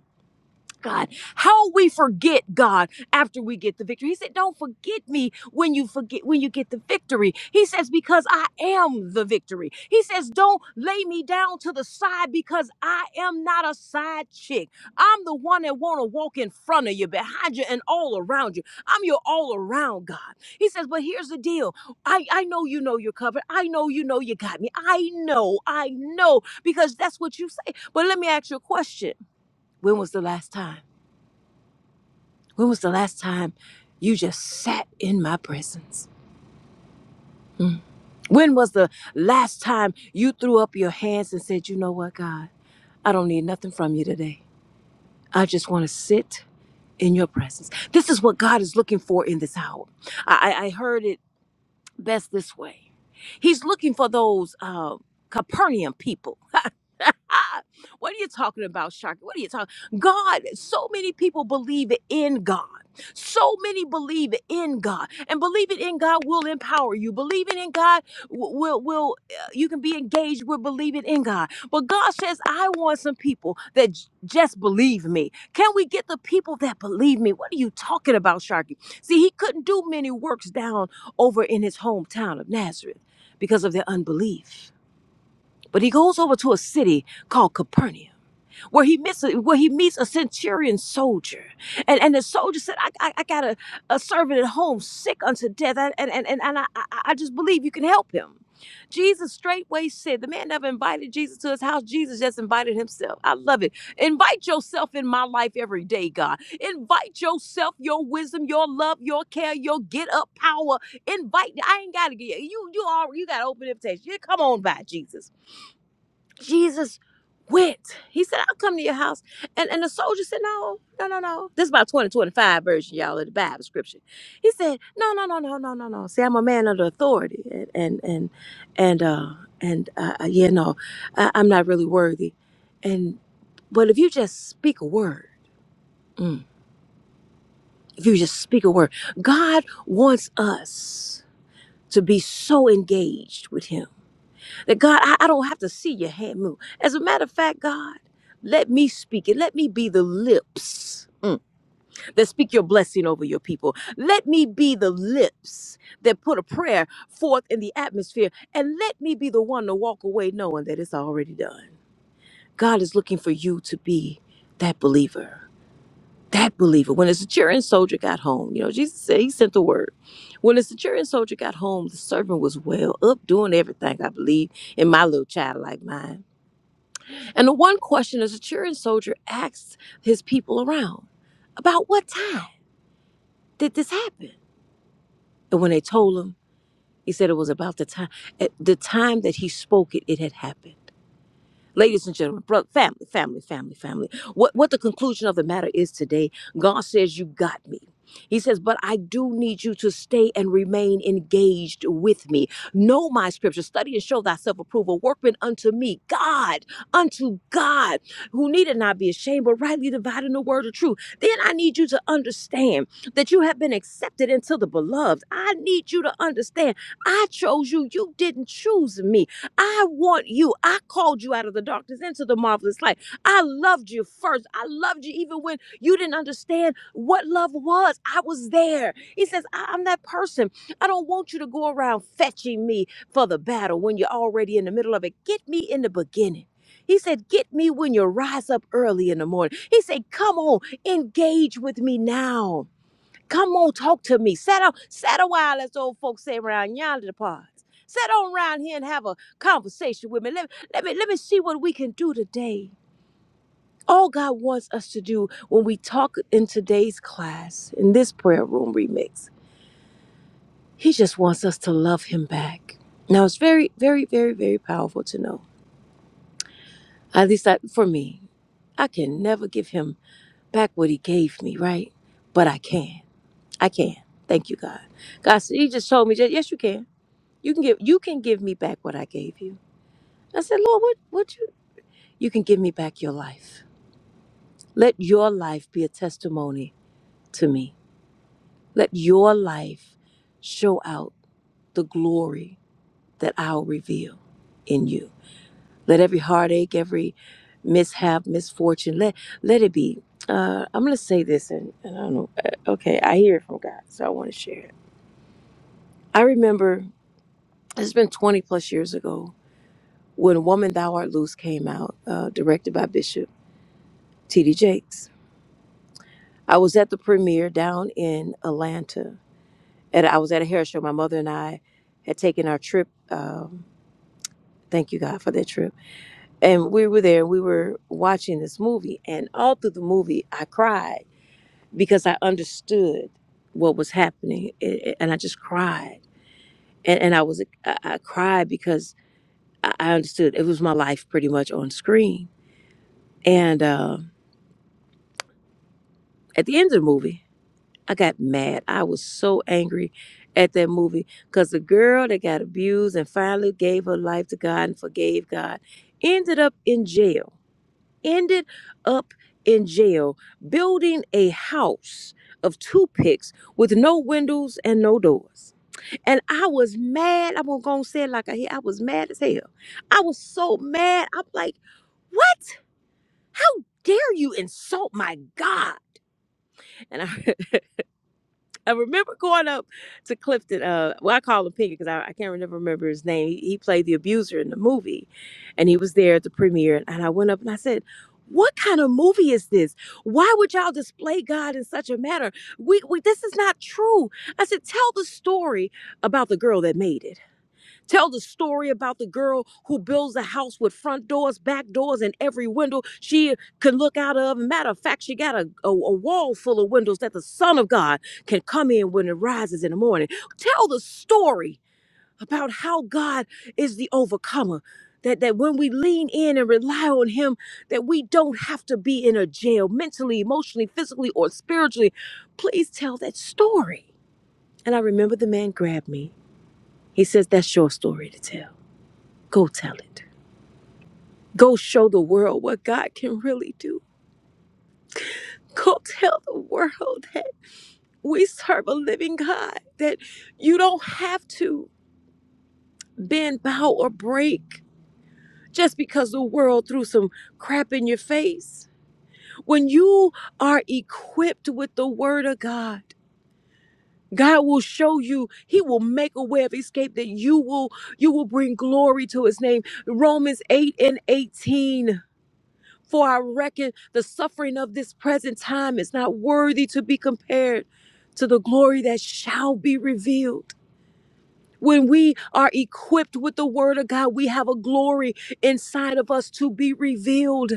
S8: God, how we forget God after we get the victory. He said, Don't forget me when you forget when you get the victory. He says, Because I am the victory. He says, Don't lay me down to the side because I am not a side chick. I'm the one that wanna walk in front of you, behind you, and all around you. I'm your all around God. He says, But here's the deal. I, I know you know you're covered. I know you know you got me. I know, I know, because that's what you say. But let me ask you a question. When was the last time? When was the last time you just sat in my presence? When was the last time you threw up your hands and said, You know what, God, I don't need nothing from you today. I just want to sit in your presence. This is what God is looking for in this hour. I, I I heard it best this way He's looking for those uh, Capernaum people what are you talking about, Shaka? What are you talking? God, so many people believe in God. So many believe in God, and believing in God will empower you. Believing in God w- will will uh, you can be engaged with believing in God. But God says, "I want some people that j- just believe me." Can we get the people that believe me? What are you talking about, Sharky? See, he couldn't do many works down over in his hometown of Nazareth because of their unbelief. But he goes over to a city called Capernaum, where he meets a, where he meets a centurion soldier, and and the soldier said, "I I, I got a, a servant at home sick unto death, and and and, and I, I I just believe you can help him." Jesus straightway said, "The man never invited Jesus to his house. Jesus just invited himself." I love it. Invite yourself in my life every day, God. Invite yourself, your wisdom, your love, your care, your get up power. Invite. I ain't gotta get you. You all. You got open invitation. Yeah, Come on by Jesus. Jesus went. He said, I'll come to your house. And and the soldier said, No, no, no, no. This is my 2025 version, y'all, of the Bible scripture. He said, No, no, no, no, no, no, no. See, I'm a man under authority. And and and and uh and uh uh, yeah, no, I, I'm not really worthy. And but if you just speak a word, mm, if you just speak a word, God wants us to be so engaged with him That God, I, I don't have to see your hand move. As a matter of fact, God, let me speak it. Let me be the lips mm, that speak your blessing over your people. Let me be the lips that put a prayer forth in the atmosphere. And let me be the one to walk away knowing that it's already done. God is looking for you to be that believer that believer. When the centurion soldier got home, you know, Jesus said he sent the word. When the centurion soldier got home, the servant was well up, doing everything, I believe, in my little childlike mind. And the one question the centurion soldier asked his people around, about what time did this happen? And when they told him, he said it was about the time, at the time that he spoke it, it had happened. Ladies and gentlemen, brother, family, family, family, family. What what the conclusion of the matter is today, God says you got me. He says, but I do need you to stay and remain engaged with me. Know my scripture, study and show thyself approval, workman unto me, God, unto God, who needed not be ashamed, but rightly dividing the word of truth. Then I need you to understand that you have been accepted into the beloved. I need you to understand I chose you. You didn't choose me. I want you. I called you out of the darkness into the marvelous light. I loved you first. I loved you even when you didn't understand what love was. I was there. He says, I- am that person. I don't want you to go around fetching me for the battle when you're already in the middle of it. Get me in the beginning. He said, Get me when you rise up early in the morning. He said, Come on, engage with me now. Come on, talk to me. Sit on, sit a while, as old folks say around yonder parts. Sit on around here and have a conversation with me. Let, let me let me see what we can do today. All God wants us to do when we talk in today's class, in this prayer room remix, He just wants us to love Him back. Now it's very, very, very, very powerful to know. At least that for me, I can never give Him back what He gave me, right? But I can. I can. Thank you, God. God, said- He just told me, just yes, you can. You can give you can give me back what I gave you. I said, Lord, what what you you can give me back your life. Let your life be a testimony to me. Let your life show out the glory that I'll reveal in you. Let every heartache, every mishap, misfortune, let let it be. Uh, I'm gonna say this, and, and I don't know. uh, Okay, I hear it from God, so I want to share it. I remember it's been 20 plus years ago when "Woman Thou Art Loose" came out, uh, directed by Bishop. TD Jakes. I was at the premiere down in Atlanta. And I was at a hair show. My mother and I had taken our trip. Um, thank you, God, for that trip. And we were there. We were watching this movie. And all through the movie, I cried because I understood what was happening. It- it- and I just cried. And, and I was, I, I cried because I, I understood it was my life pretty much on screen. And uh, at the end of the movie, I got mad. I was so angry at that movie because the girl that got abused and finally gave her life to God and forgave God ended up in jail. Ended up in jail building a house of toothpicks with no windows and no doors. And I was mad. I'm gonna go and say it like I hear. I was mad as hell. I was so mad. I'm like, what? How dare you insult my God? And I I remember going up to Clifton. Uh, well, I call him Pinky because I, I can't remember remember his name. He, he played the abuser in the movie, and he was there at the premiere. And I went up and I said, "What kind of movie is this? Why would y'all display God in such a manner? We, we this is not true." I said, "Tell the story about the girl that made it." Tell the story about the girl who builds a house with front doors, back doors, and every window she can look out of. Matter of fact, she got a, a, a wall full of windows that the Son of God can come in when it rises in the morning. Tell the story about how God is the overcomer. That, that when we lean in and rely on him that we don't have to be in a jail mentally emotionally physically or spiritually please tell that story and i remember the man grabbed me he says that's your story to tell Go tell it. Go show the world what God can really do. Go tell the world that we serve a living God, that you don't have to bend, bow, or break just because the world threw some crap in your face. When you are equipped with the word of God, God will show you, He will make a way of escape that you will you will bring glory to his name. Romans 8 and 18. For I reckon the suffering of this present time is not worthy to be compared to the glory that shall be revealed. When we are equipped with the word of God, we have a glory inside of us to be revealed.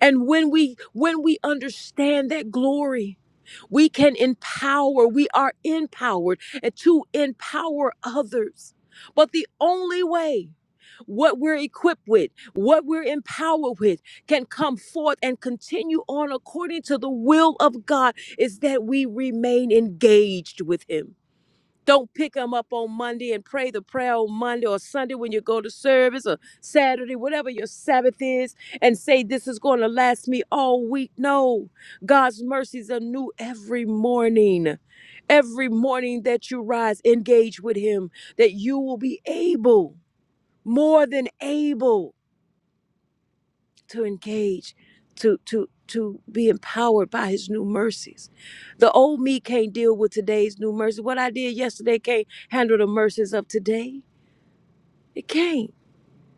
S8: And when we when we understand that glory, we can empower, we are empowered and to empower others. But the only way what we're equipped with, what we're empowered with, can come forth and continue on according to the will of God is that we remain engaged with Him don't pick them up on Monday and pray the prayer on Monday or Sunday when you go to service or Saturday, whatever your Sabbath is, and say, This is going to last me all week. No, God's mercies are new every morning. Every morning that you rise, engage with Him, that you will be able, more than able to engage to to to be empowered by his new mercies the old me can't deal with today's new mercy what i did yesterday can't handle the mercies of today it can't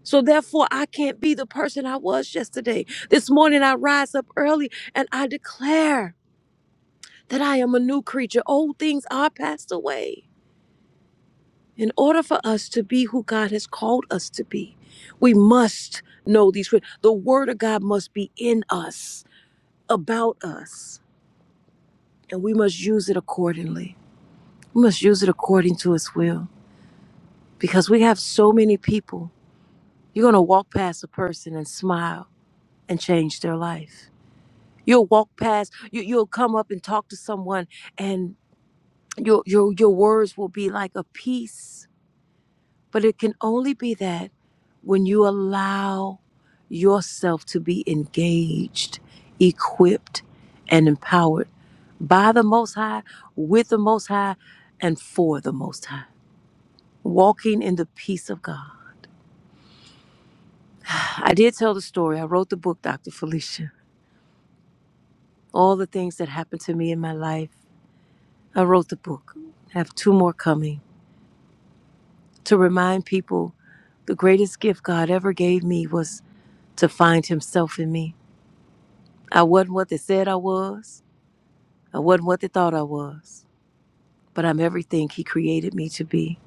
S8: so therefore i can't be the person i was yesterday this morning i rise up early and i declare that i am a new creature old things are passed away in order for us to be who god has called us to be we must know these the word of god must be in us about us and we must use it accordingly. We must use it according to His will because we have so many people. You're going to walk past a person and smile and change their life. You'll walk past, you, you'll come up and talk to someone, and your, your, your words will be like a peace. But it can only be that when you allow yourself to be engaged, equipped, and empowered by the Most High, with the Most High, and for the Most High. Walking in the peace of God. I did tell the story. I wrote the book, Dr. Felicia. All the things that happened to me in my life. I wrote the book. I have two more coming to remind people the greatest gift God ever gave me was to find Himself in me. I wasn't what they said I was, I wasn't what they thought I was, but I'm everything He created me to be.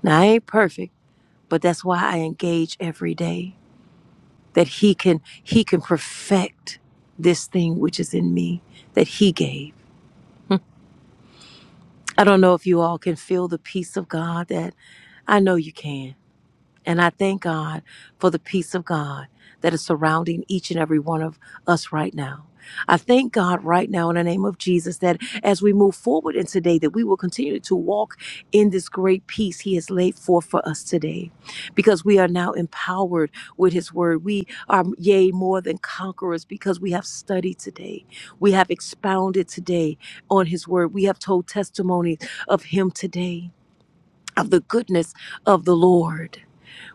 S8: Now, I ain't perfect, but that's why I engage every day. that he can he can perfect this thing which is in me that he gave. I don't know if you all can feel the peace of God that I know you can. And I thank God for the peace of God that is surrounding each and every one of us right now. I thank God right now in the name of Jesus that as we move forward in today that we will continue to walk in this great peace he has laid forth for us today because we are now empowered with his word. We are yea more than conquerors because we have studied today. We have expounded today on his word. We have told testimonies of him today of the goodness of the Lord.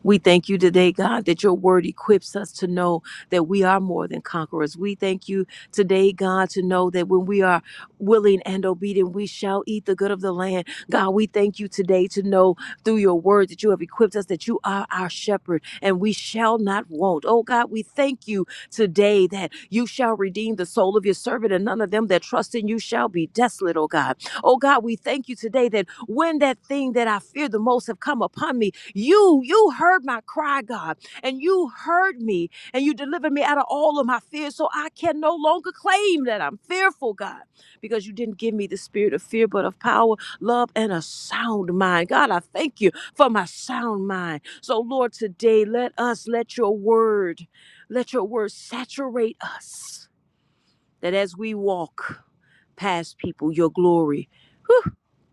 S8: We thank you today, God, that your word equips us to know that we are more than conquerors. We thank you today, God, to know that when we are willing and obedient, we shall eat the good of the land. God, we thank you today to know through your word that you have equipped us, that you are our shepherd, and we shall not want. Oh, God, we thank you today that you shall redeem the soul of your servant, and none of them that trust in you shall be desolate, oh God. Oh God, we thank you today that when that thing that I fear the most have come upon me, you, you heard my cry, God, and you heard me, and you delivered me out of all of my fears. So I can no longer claim that I'm fearful, God, because you didn't give me the spirit of fear, but of power, love, and a sound mind. God, I thank you for my sound mind. So, Lord, today let us let your word, let your word saturate us that as we walk past people, your glory.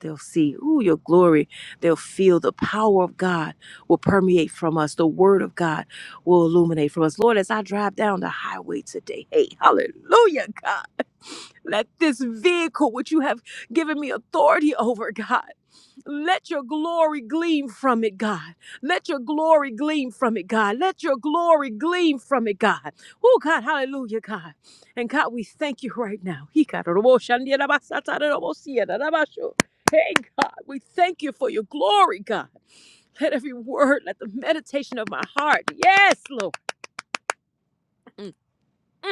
S8: They'll see, ooh, your glory. They'll feel the power of God will permeate from us. The word of God will illuminate from us. Lord, as I drive down the highway today, hey, hallelujah, God. Let this vehicle, which you have given me authority over, God, let your glory gleam from it, God. Let your glory gleam from it, God. Let your glory gleam from it, God. Oh, God, hallelujah, God. And God, we thank you right now. He got a robo shandia da ba sa ta da Hey, God, we thank you for your glory, God. Let every word, let the meditation of my heart, yes, Lord. Mm. mm.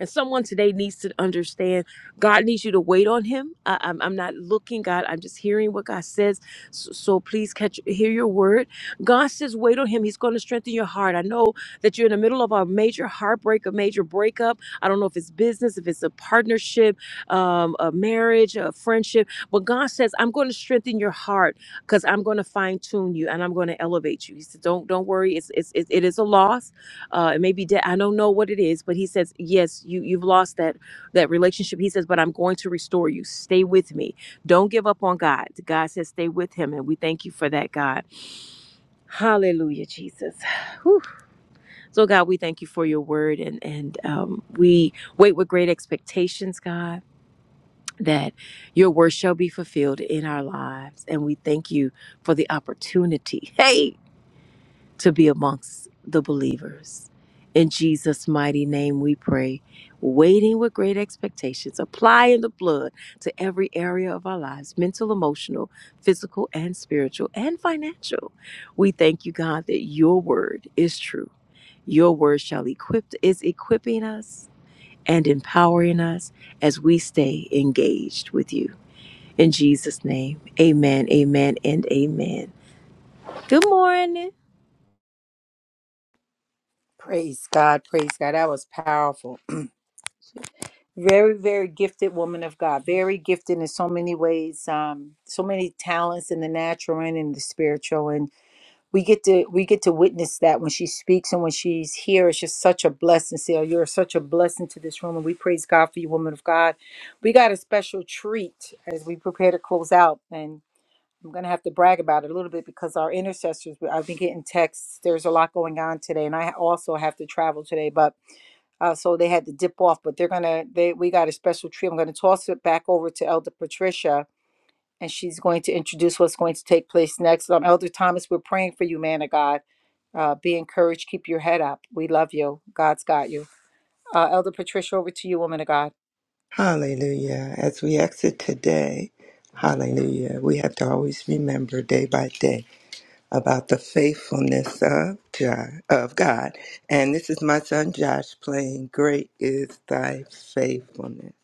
S8: And someone today needs to understand God needs you to wait on Him. I, am I'm I'm not looking, God. I'm just hearing what God says. So, so please catch hear your word. God says, wait on Him. He's going to strengthen your heart. I know that you're in the middle of a major heartbreak, a major breakup. I don't know if it's business, if it's a partnership, um, a marriage, a friendship. But God says, I'm going to strengthen your heart because I'm going to fine tune you and I'm going to elevate you. He said, don't don't worry. It's, it's it it is a loss uh it may be debt i don't know what it is but he says yes you you've lost that that relationship he says but i'm going to restore you stay with me don't give up on god god says stay with him and we thank you for that god hallelujah jesus Whew. so god we thank you for your word and and um we wait with great expectations god that your word shall be fulfilled in our lives and we thank you for the opportunity hey to be amongst the believers. In Jesus' mighty name we pray, waiting with great expectations, applying the blood to every area of our lives mental, emotional, physical, and spiritual, and financial. We thank you, God, that your word is true. Your word shall equip is equipping us and empowering us as we stay engaged with you. In Jesus' name, amen, amen, and amen. Good morning.
S1: Praise God, praise God. That was powerful. Very, very gifted woman of God. Very gifted in so many ways. Um, so many talents in the natural and in the spiritual. we get to we get to witness that when she speaks and when she's here it's just such a blessing Seal. you're such a blessing to this room and we praise god for you woman of god we got a special treat as we prepare to close out and i'm gonna have to brag about it a little bit because our intercessors we- i've been getting texts there's a lot going on today and i also have to travel today but uh, so they had to dip off but they're gonna they we got a special treat i'm gonna toss it back over to elder patricia and she's going to introduce what's going to take place next. Um, Elder Thomas, we're praying for you, man of God. Uh, be encouraged. Keep your head up. We love you. God's got you. Uh, Elder Patricia, over to you, woman of God.
S7: Hallelujah. As we exit today, hallelujah, we have to always remember day by day about the faithfulness of, Jo- of God. And this is my son Josh playing Great is Thy Faithfulness.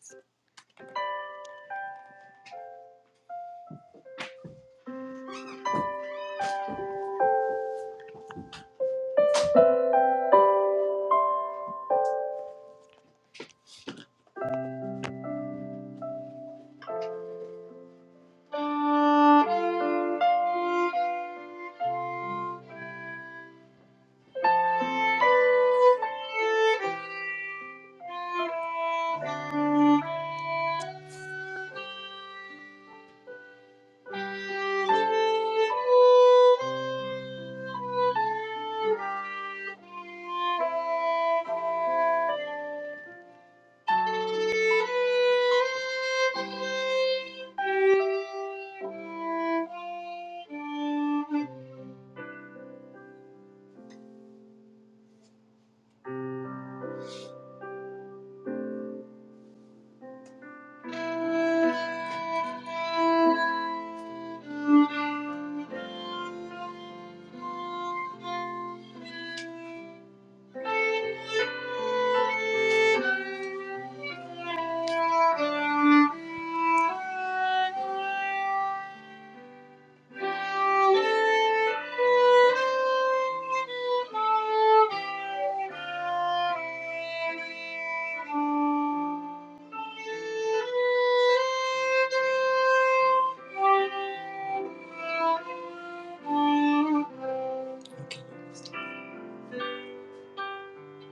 S7: Okay.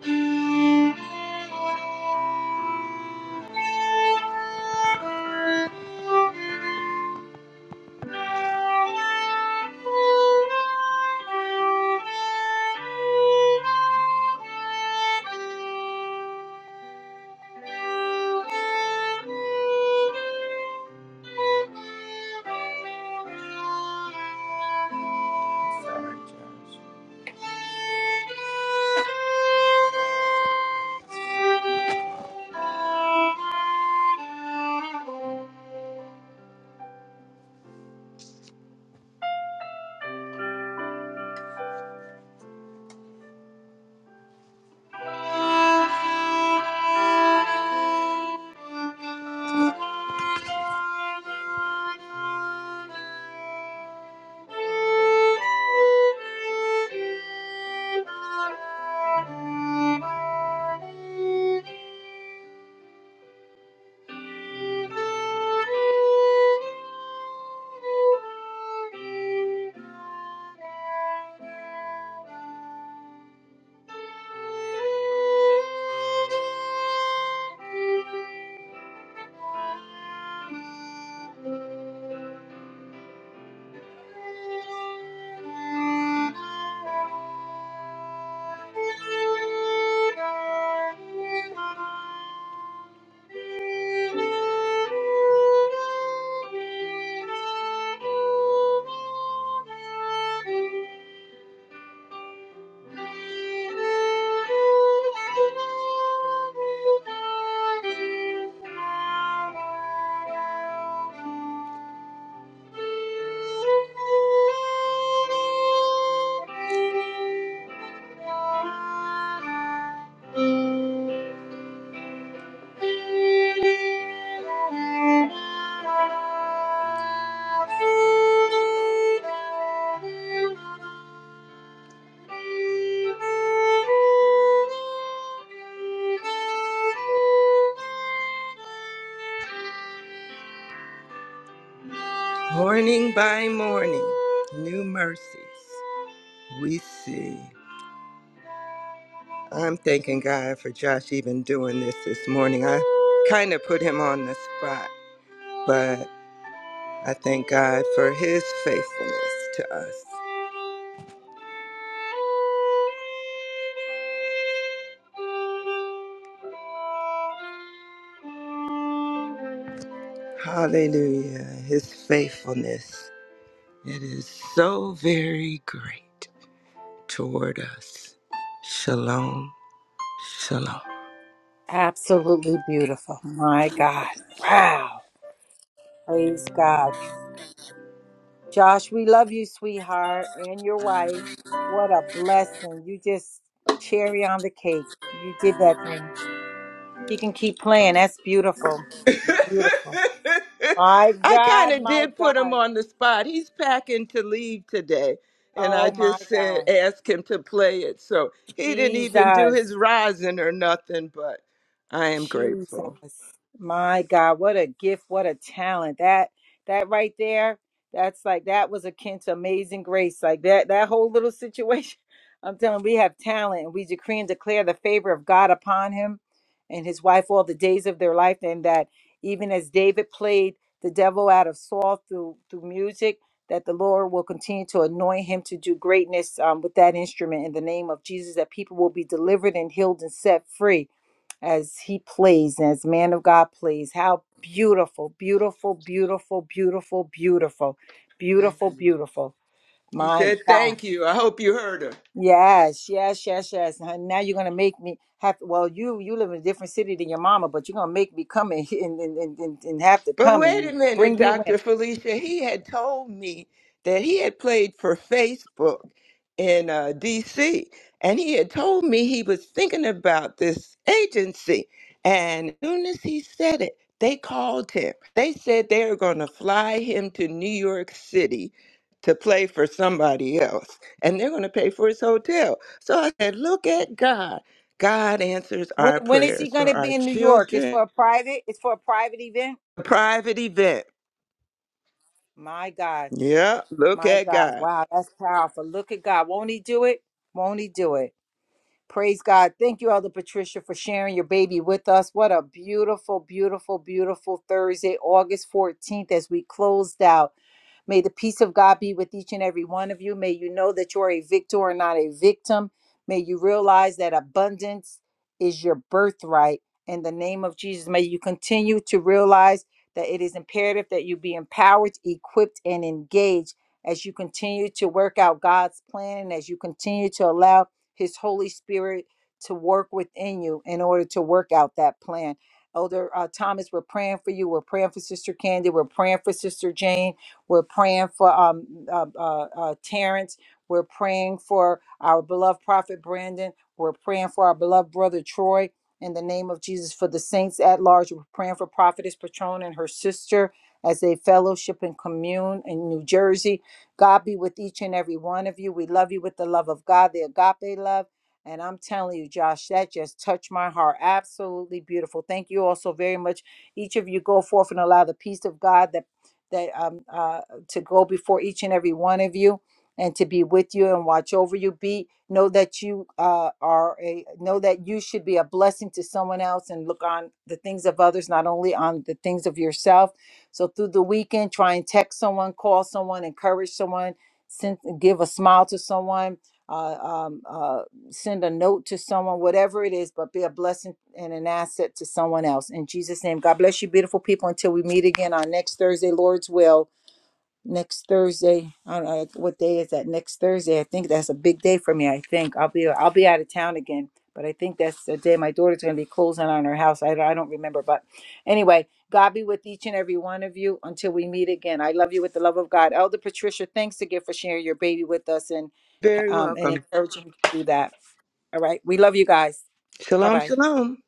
S7: Sorry, Josh. Thank you. Thank you. Thank you. Morning by morning, new mercies we see. I'm thanking God for Josh even doing this this morning. I kind of put him on the spot, but I thank God for his faithfulness to us. Hallelujah. His faithfulness. It is so very great toward us. Shalom. Shalom.
S1: Absolutely beautiful. My God. Wow. Praise God. Josh, we love you, sweetheart, and your wife. What a blessing. You just cherry on the cake. You did that thing. He can keep playing. That's beautiful. Beautiful. My
S7: I kind
S1: God,
S7: of
S1: my
S7: did put him
S1: God.
S7: on the spot. He's packing to leave today. And I
S1: Oh, my
S7: just said,
S1: God.
S7: ask him to play it. So he didn't even do
S1: Jesus.
S7: his rising or nothing, but I am grateful.
S1: Jesus. My God, what a gift, what a talent. That that right there, that's like that was akin to amazing grace. Like that that whole little situation. I'm telling you, we have talent and we decree and declare the favor of God upon him and his wife all the days of their life. And that even as David played the devil out of Saul through through music, that the Lord will continue to anoint him to do greatness um, with that instrument in the name of Jesus, that people will be delivered and healed and set free as he plays, as man of God plays. How beautiful, beautiful, beautiful, beautiful, beautiful,
S7: Thank
S1: beautiful,
S7: you.
S1: beautiful.
S7: He
S1: My
S7: said, Thank you. I hope you heard her.
S1: yes, yes, yes, yes. Now now you're gonna make me have. Well, you you live in a different city than your mama, but you're gonna make me come and and and, and, and have to
S7: But
S1: come
S7: wait a
S1: and
S7: minute,
S1: bring you in.
S7: Dr. Felicia. He had told me that he had played for Facebook in uh, DC, and he had told me he was thinking about this agency. And as soon as he said it, they called him. They said they were going to fly him to New York City to play for somebody else, and they're going to pay for his hotel. So I said, Look at God. God answers
S1: When
S7: our
S1: when is he
S7: prayers for
S1: gonna
S7: our
S1: be in New York? It's
S7: children.
S1: for a private. It's for a private event.
S7: Private event.
S1: My God,
S7: Yeah, look
S1: my
S7: at
S1: God.
S7: God.
S1: Wow, that's powerful. Look at God. Won't he do it? Won't he do it? Praise God. Thank you, Elder Patricia, for sharing your baby with us. What a beautiful, beautiful, beautiful Thursday, August 14th, as we closed out. May the peace of God be with each and every one of you. May you know that you are a victor and not a victim. May you realize that abundance is your birthright. In the name of Jesus, may you continue to realize that it is imperative that you be empowered, equipped, and engaged as you continue to work out God's plan and as you continue to allow His Holy Spirit to work within you in order to work out that plan. Elder uh, Thomas, we're praying for you. We're praying for Sister Candy. We're praying for Sister Jane. We're praying for um, uh, uh, uh, Terrence. We're praying for our beloved prophet Brandon. We're praying for our beloved brother Troy. In the name of Jesus, for the saints at large, we're praying for Prophetess Patron and her sister as they fellowship and commune in New Jersey. God be with each and every one of you. We love you with the love of God, the agape love. And I'm telling you, Josh, that just touched my heart. Absolutely beautiful. Thank you all so very much. Each of you go forth and allow the peace of God that that um, uh, to go before each and every one of you and to be with you and watch over you be know that you uh, are a know that you should be a blessing to someone else and look on the things of others not only on the things of yourself so through the weekend try and text someone call someone encourage someone send give a smile to someone uh, um uh send a note to someone, whatever it is, but be a blessing and an asset to someone else. In Jesus' name, God bless you, beautiful people. Until we meet again on next Thursday, Lord's will. Next Thursday, I don't know what day is that. Next Thursday, I think that's a big day for me. I think I'll be I'll be out of town again, but I think that's the day my daughter's going to be closing on her house. I, I don't remember, but anyway, God be with each and every one of you until we meet again. I love you with the love of God, Elder Patricia. Thanks again for sharing your baby with us and
S7: Very
S1: um, and
S7: welcome.
S1: encouraging you to do that. All right. We love you guys. Bye
S7: Shalom,
S1: bye.
S7: shalom.